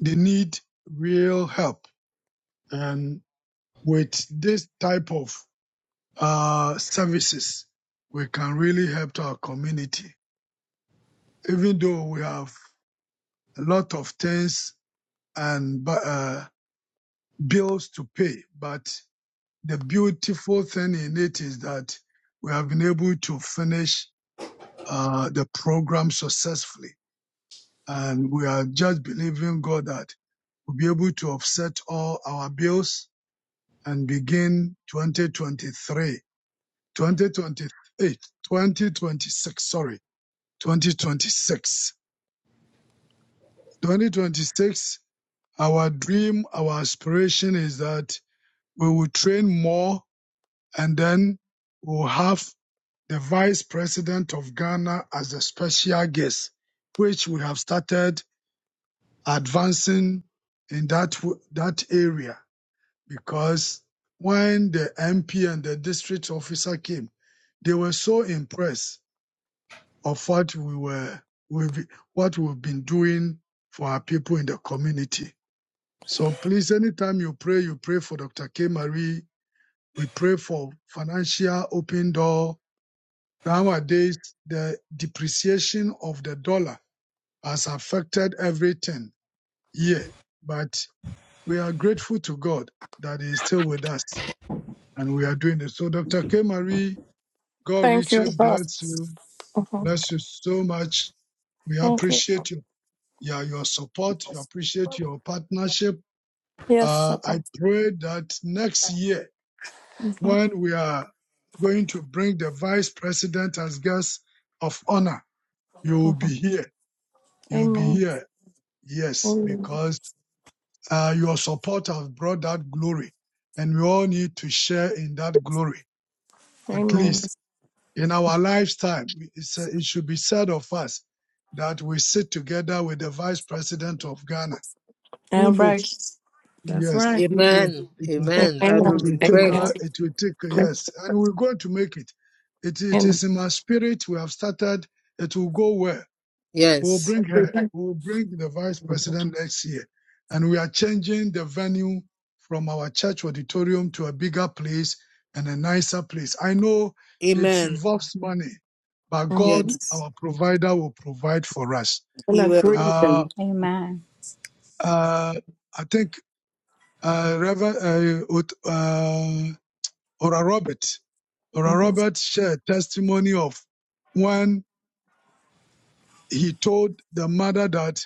B: they need real help. And with this type of, uh, services, we can really help our community. Even though we have a lot of things and, uh, bills to pay. But the beautiful thing in it is that we have been able to finish uh, the program successfully. And we are just believing God that we'll be able to offset all our bills and begin 2023, 2028, 2026, sorry, 2026. 2026, our dream, our aspiration is that we will train more and then we'll have the Vice President of Ghana as a special guest, which we have started advancing in that that area because when the MP and the district officer came, they were so impressed of what we were what we've been doing for our people in the community. So please, anytime you pray, you pray for Dr. K. Marie. We pray for financial open door Nowadays, the depreciation of the dollar has affected everything here, but we are grateful to God that He is still with us and we are doing it. So, Dr. K. Marie, God
C: Thank you,
B: richly
C: Father.
B: bless you.
C: hmm
B: Bless you so much. We
C: Thank you.
B: appreciate you. Yeah, your support. We appreciate your partnership.
C: Yes,
B: Uh,
C: Father.
B: I pray that next year,
C: hmm
B: when we are going to bring the vice president as guest of honor, you will
C: hmm
B: be here You'll be
C: Amen.
B: here. Yes,
C: Amen.
B: because uh, your support has brought that glory. And we all need to share in that glory. At
C: Amen.
B: least in our lifetime, it's, uh, it should be said of us that we sit together with the vice president of Ghana. Who
C: All right.
B: knows?
C: That's
B: Yes,
C: right.
B: who knows?
A: Amen.
B: It will,
A: Amen. That
C: Amen.
B: it
A: will be
B: will take,
C: Amen.
B: uh,
A: great.
B: it will take, uh, yes. And we're going to make it. It, it
C: And
B: is in my spirit. We have started. It will go well We will
A: Yes.
B: bring her.
C: agreement.
B: We will bring the vice
C: Mm-hmm.
B: president next year. And we are changing the venue from our church auditorium to a bigger place and a nicer place. I know it
A: Amen.
B: involves money, but God,
C: And
A: Yes.
B: our provider, will provide for us.
A: He will.
C: agreement.
B: Uh,
E: Amen.
B: uh, I think uh, Reverend uh, Ut- uh, Ora Robert, Ora Robert shared testimony of when he told the mother that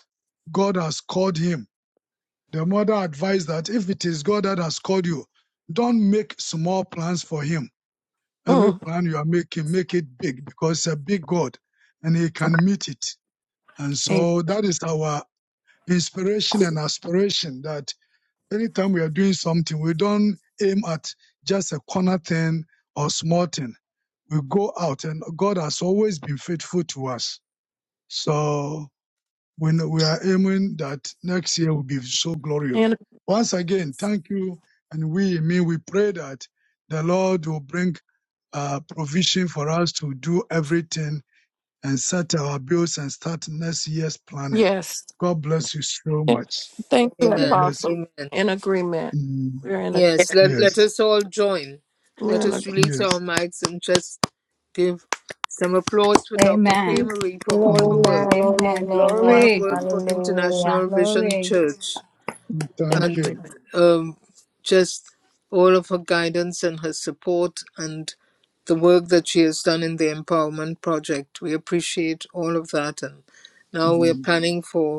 B: God has called him The mother advised that if it is God that has called you, don't make small plans for him. Every
C: Mm-hmm.
B: plan you are making, make it big because it's a big God and he can meet it. And so that is our inspiration and aspiration that anytime we are doing something, we don't aim at just a corner thing or small thing. We go out and God has always been faithful to us. So when we are aiming that next year will be so glorious.
C: Mm.
B: Once again, thank you. And we, me, we pray that the Lord will bring uh, provision for us to do everything and set our bills and start next year's planning.
C: Yes.
B: God bless you so
C: And
B: much.
C: Thank you,
B: God
A: Amen.
B: bless
C: Apostle.
B: you.
A: Amen.
C: In agreement.
B: Mm,
C: We're in a
A: Yes, let, let
B: yes,
A: us all join.
C: we're
A: Let
C: in
A: us release our
B: yes.
A: mics and just give some applause for Dr. K.
C: a
E: Amen.
A: Marie for all her
B: Mm,
A: work,
G: Amen. Amen.
E: Amen.
A: all
G: Amen.
A: her
E: Glory.
A: work for
G: Hallelujah.
A: International Vision
E: Glory.
A: Church,
C: in
B: thank
A: and
B: you.
C: agreement.
A: um, just all of her guidance and her support and the work that she has done in the Empowerment Project. We appreciate all of that. And now we're
B: Mm,
A: planning for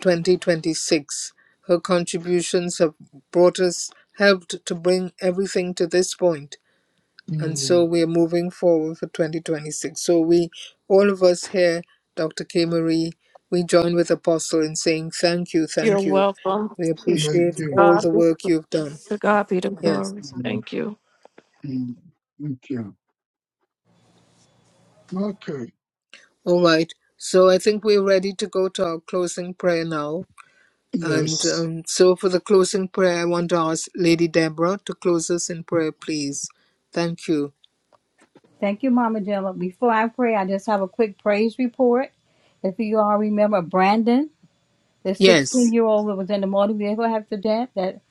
A: 2026. Her contributions have brought us, helped to bring everything to this point, and
B: mm,
A: so we are moving forward for 2026. So we, all of us here, Dr. K. Marie, we join with Apostle in saying thank you,
C: You're
A: thank you.
C: welcome.
A: We
B: thank
A: appreciate
B: you.
A: all
C: God
A: the
C: be
A: work
C: the,
A: you've done.
C: to God be the
A: Yes.
C: glory.
B: Mm,
C: Thank you.
B: mm, thank you. Okay.
A: All right. So I think we're ready to go to our closing prayer now. And
B: Yes.
A: um, so for the closing prayer, I want to ask Lady Deborah to close us in prayer, please. Thank you.
E: Thank you, Mama Gemma. Before I pray, I just have a quick praise report. If you all remember Brandon, the 16
A: Yes,
E: year old that was in the motor vehicle accident that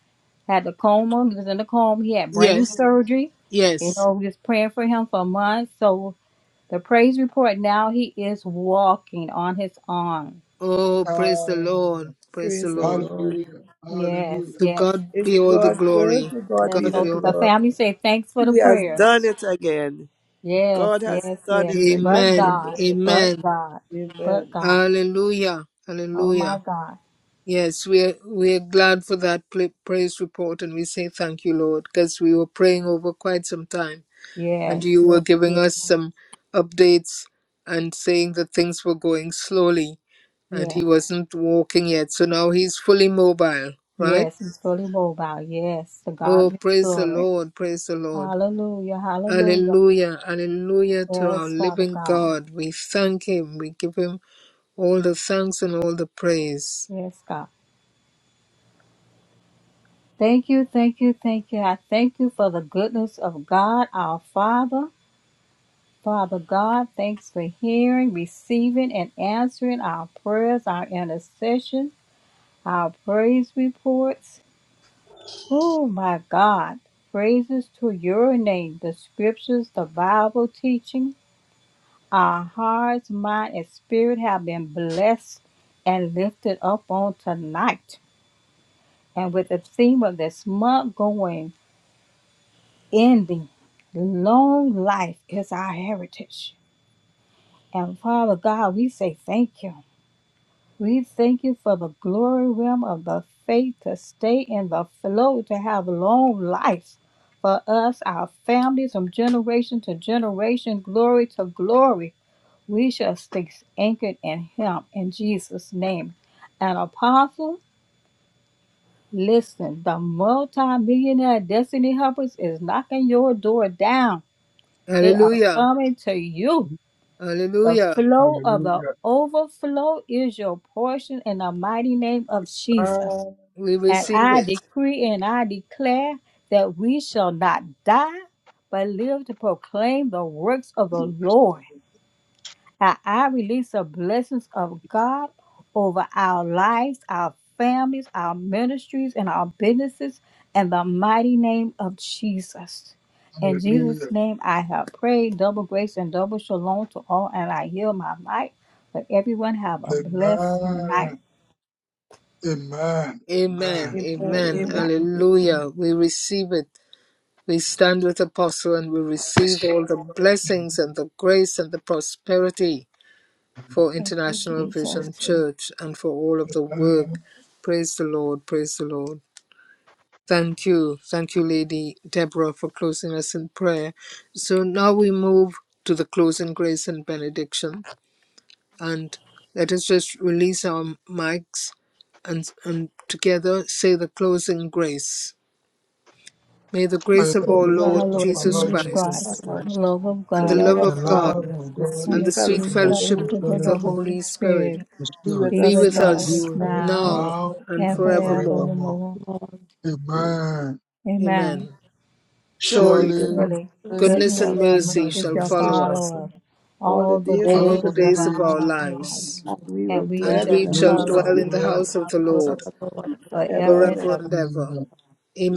E: had the coma, he was in the coma, he had brain
A: yes,
E: surgery. You
A: yes.
E: know, we was praying for him for months. So the praise report now he is walking on his arm.
A: Oh, praise the
B: Ah,
A: Lord. Praise the
D: Praise the
A: Lord.
D: Lord.
B: hallelujah.
E: Yes,
B: Hallelujah.
A: To
E: yes.
A: God be
D: Isn't
A: all the
D: God good?
A: glory.
D: To
A: To
D: God
E: And
D: be
A: God
D: the
A: be
E: so
A: all.
E: the
D: glory.
E: family say thanks for the
D: He has done
E: prayers.
D: it again.
E: Yes,
D: God has
E: yes,
D: done it
E: yes.
D: again.
E: But
A: Amen.
E: God,
D: Amen.
E: but
A: Amen.
E: God, but
D: Amen.
E: God.
A: Hallelujah.
E: Oh my
A: Hallelujah.
E: God.
A: Yes, we're we're glad for that pla- praise report, and we say thank you, Lord, because we were praying over quite some time. and
E: Yes,
A: you were
E: yes,
A: giving us
E: yes,
A: some updates and saying that things were going slowly and he
E: yes.
A: wasn't walking yet. So now he's fully mobile, right?
E: Yes, he's fully mobile. Yes, to God
A: Oh,
E: be the
A: praise the
E: glory.
A: Lord, praise the Lord.
E: Hallelujah, hallelujah.
A: Alleluia, alleluia to our
E: Yes, Father
A: living
E: God.
A: God. We thank him, we give him all the thanks and all the praise.
E: Yes, God. Thank you, thank you, thank you. I thank you for the goodness of God, our Father. Father God, thanks for hearing, receiving, and answering our prayers, our intercession, our praise reports. Oh my God. Praises to your name. The scriptures, the Bible teaching, our hearts, mind, and spirit have been blessed and lifted up on tonight. And with the theme of this month going, ending, long life is our heritage. And Father God, we say thank you. We thank you for the glory realm of the faith to stay in the flow, to have long life for us, our families, from generation to generation, glory to glory. We shall stay anchored in Him in Jesus' name. An apostle, listen, the multi-millionaire destiny helpers is knocking your door down. They are
A: Hallelujah,
E: coming to you. The
A: hallelujah.
E: flow of the
B: Hallelujah.
E: overflow is your portion in the mighty name of Jesus.
B: Ah,
A: We
E: And
A: receive
E: I
A: it.
E: decree and I declare that we shall not die, but live to proclaim the works of the
B: the worst
E: Lord.
B: of it.
E: And I release the blessings of God over our lives, our families, our ministries, and our businesses in the mighty name of Jesus. In Jesus'
B: Hallelujah.
E: name, I have prayed double grace and double shalom to all, and I heal my might. But everyone have a blessed night.
B: Amen. Amen.
A: Amen,
B: Amen.
D: Amen.
A: amen,
D: Amen.
E: Amen.
A: hallelujah. We receive it. We stand with Apostle and we receive all the blessings and the grace and the prosperity for
E: Thank you,
A: International Vision
E: Jesus.
A: Church and for all of the
B: Amen.
A: work. Praise the Lord. Praise the Lord. Thank you. Thank you, Lady Deborah, for closing us in prayer. So now we move to the closing grace and benediction. And let us just release our mics and, and together say the closing grace. May the
B: By
A: grace of
B: the
E: This
A: our
D: The
E: is
B: grace
D: grace
E: our
A: Lord
B: of
E: Lord
B: our
D: of
A: Jesus
D: our
B: Lord
E: Jesus
B: Jesus
D: Jesus
A: Christ
E: Christ,
D: Christ,
E: the
B: Christ,
E: love of
A: and
D: the
A: the
E: God,
D: love
A: love
B: the
D: of
A: of God,
B: love
D: God,
B: of
D: the
B: God,
E: and
A: and
D: sweet
E: the
A: the sweet
D: fellowship
E: sweet
B: and the
D: of the Holy
A: fellowship
D: Spirit
B: sweet
E: fellowship
A: of
E: of
B: fellowship
A: the
E: the
B: of
E: Holy
A: Holy Spirit
E: Spirit
B: the
D: be with
E: be
B: Spirit
A: be
D: us
E: with
A: with
D: now.
B: be
A: us
E: us
B: with us
E: now
D: Now
A: now
B: now
A: and
E: and
D: and
B: and
D: forever.
A: forevermore.
B: forevermore.
E: forevermore.
D: Amen.
B: Amen.
E: Amen.
A: Amen.
D: Surely
A: Surely,
B: Surely,
D: goodness
E: Surely,
D: and mercy
A: goodness
E: goodness
A: and
D: shall
B: His
E: and
A: mercy
B: goodness
E: mercy
A: shall
B: and
E: shall
B: mercy
A: follow
B: shall
A: us
E: follow
B: follow
E: us
B: us
D: all the
E: all the
D: days of
A: all
B: all
A: the
D: our
E: days
B: the
D: life,
E: of
A: days of
B: days
A: our
E: our
B: of our
E: lives,
A: lives,
D: and we will
E: and we
A: and
D: dwell in
A: we
E: shall
D: the
A: shall
B: Needs
E: dwell
D: house of
B: are
A: dwell
D: the
A: in the
D: Lord
B: good
E: in
A: house of
E: our
A: the
E: Lord
A: Lord
D: forever
E: forever
D: and
E: and
A: forever
D: ever.
E: ever.
A: and
B: and
A: ever.
B: the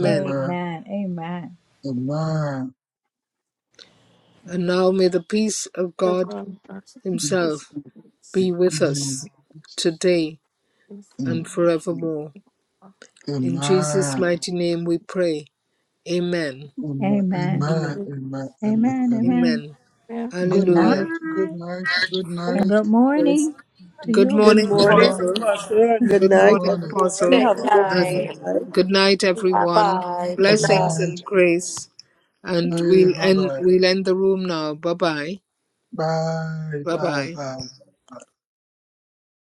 B: and the
E: Amen. Amen.
B: the mind
A: And now may the peace of God
B: the
A: Himself be with
B: the
A: us today and forevermore.
B: the
A: In Jesus'
B: mind
A: mighty name we pray. Amen.
B: and the and
E: Amen.
A: Amen.
B: my and my and the
E: Amen.
B: and
E: Amen.
A: Amen.
E: Good
B: good night,
A: Hallelujah.
B: good
E: night
B: night, good
E: and
B: night,
E: good
A: Yes.
E: morning to
A: Good
E: you,
D: Good
A: morning,
E: Apostle.
B: good
D: morning,
B: morning,
A: Apostle.
D: Pastor, and good
A: Good
B: good
D: night,
A: morning,
B: morning,
D: everyone.
A: Apostle.
G: Good
D: Have a
A: And
D: wonderful
B: good
G: night.
D: night.
A: good night,
G: Bye
A: everyone.
G: bye. Good
B: good
G: night.
A: Blessings
B: night.
A: and grace. And
B: Hey,
A: we'll
B: bye
A: end
B: bye.
A: we'll end the room now. Bye bye.
B: Bye
A: Bye
B: bye
A: bye.
B: bye.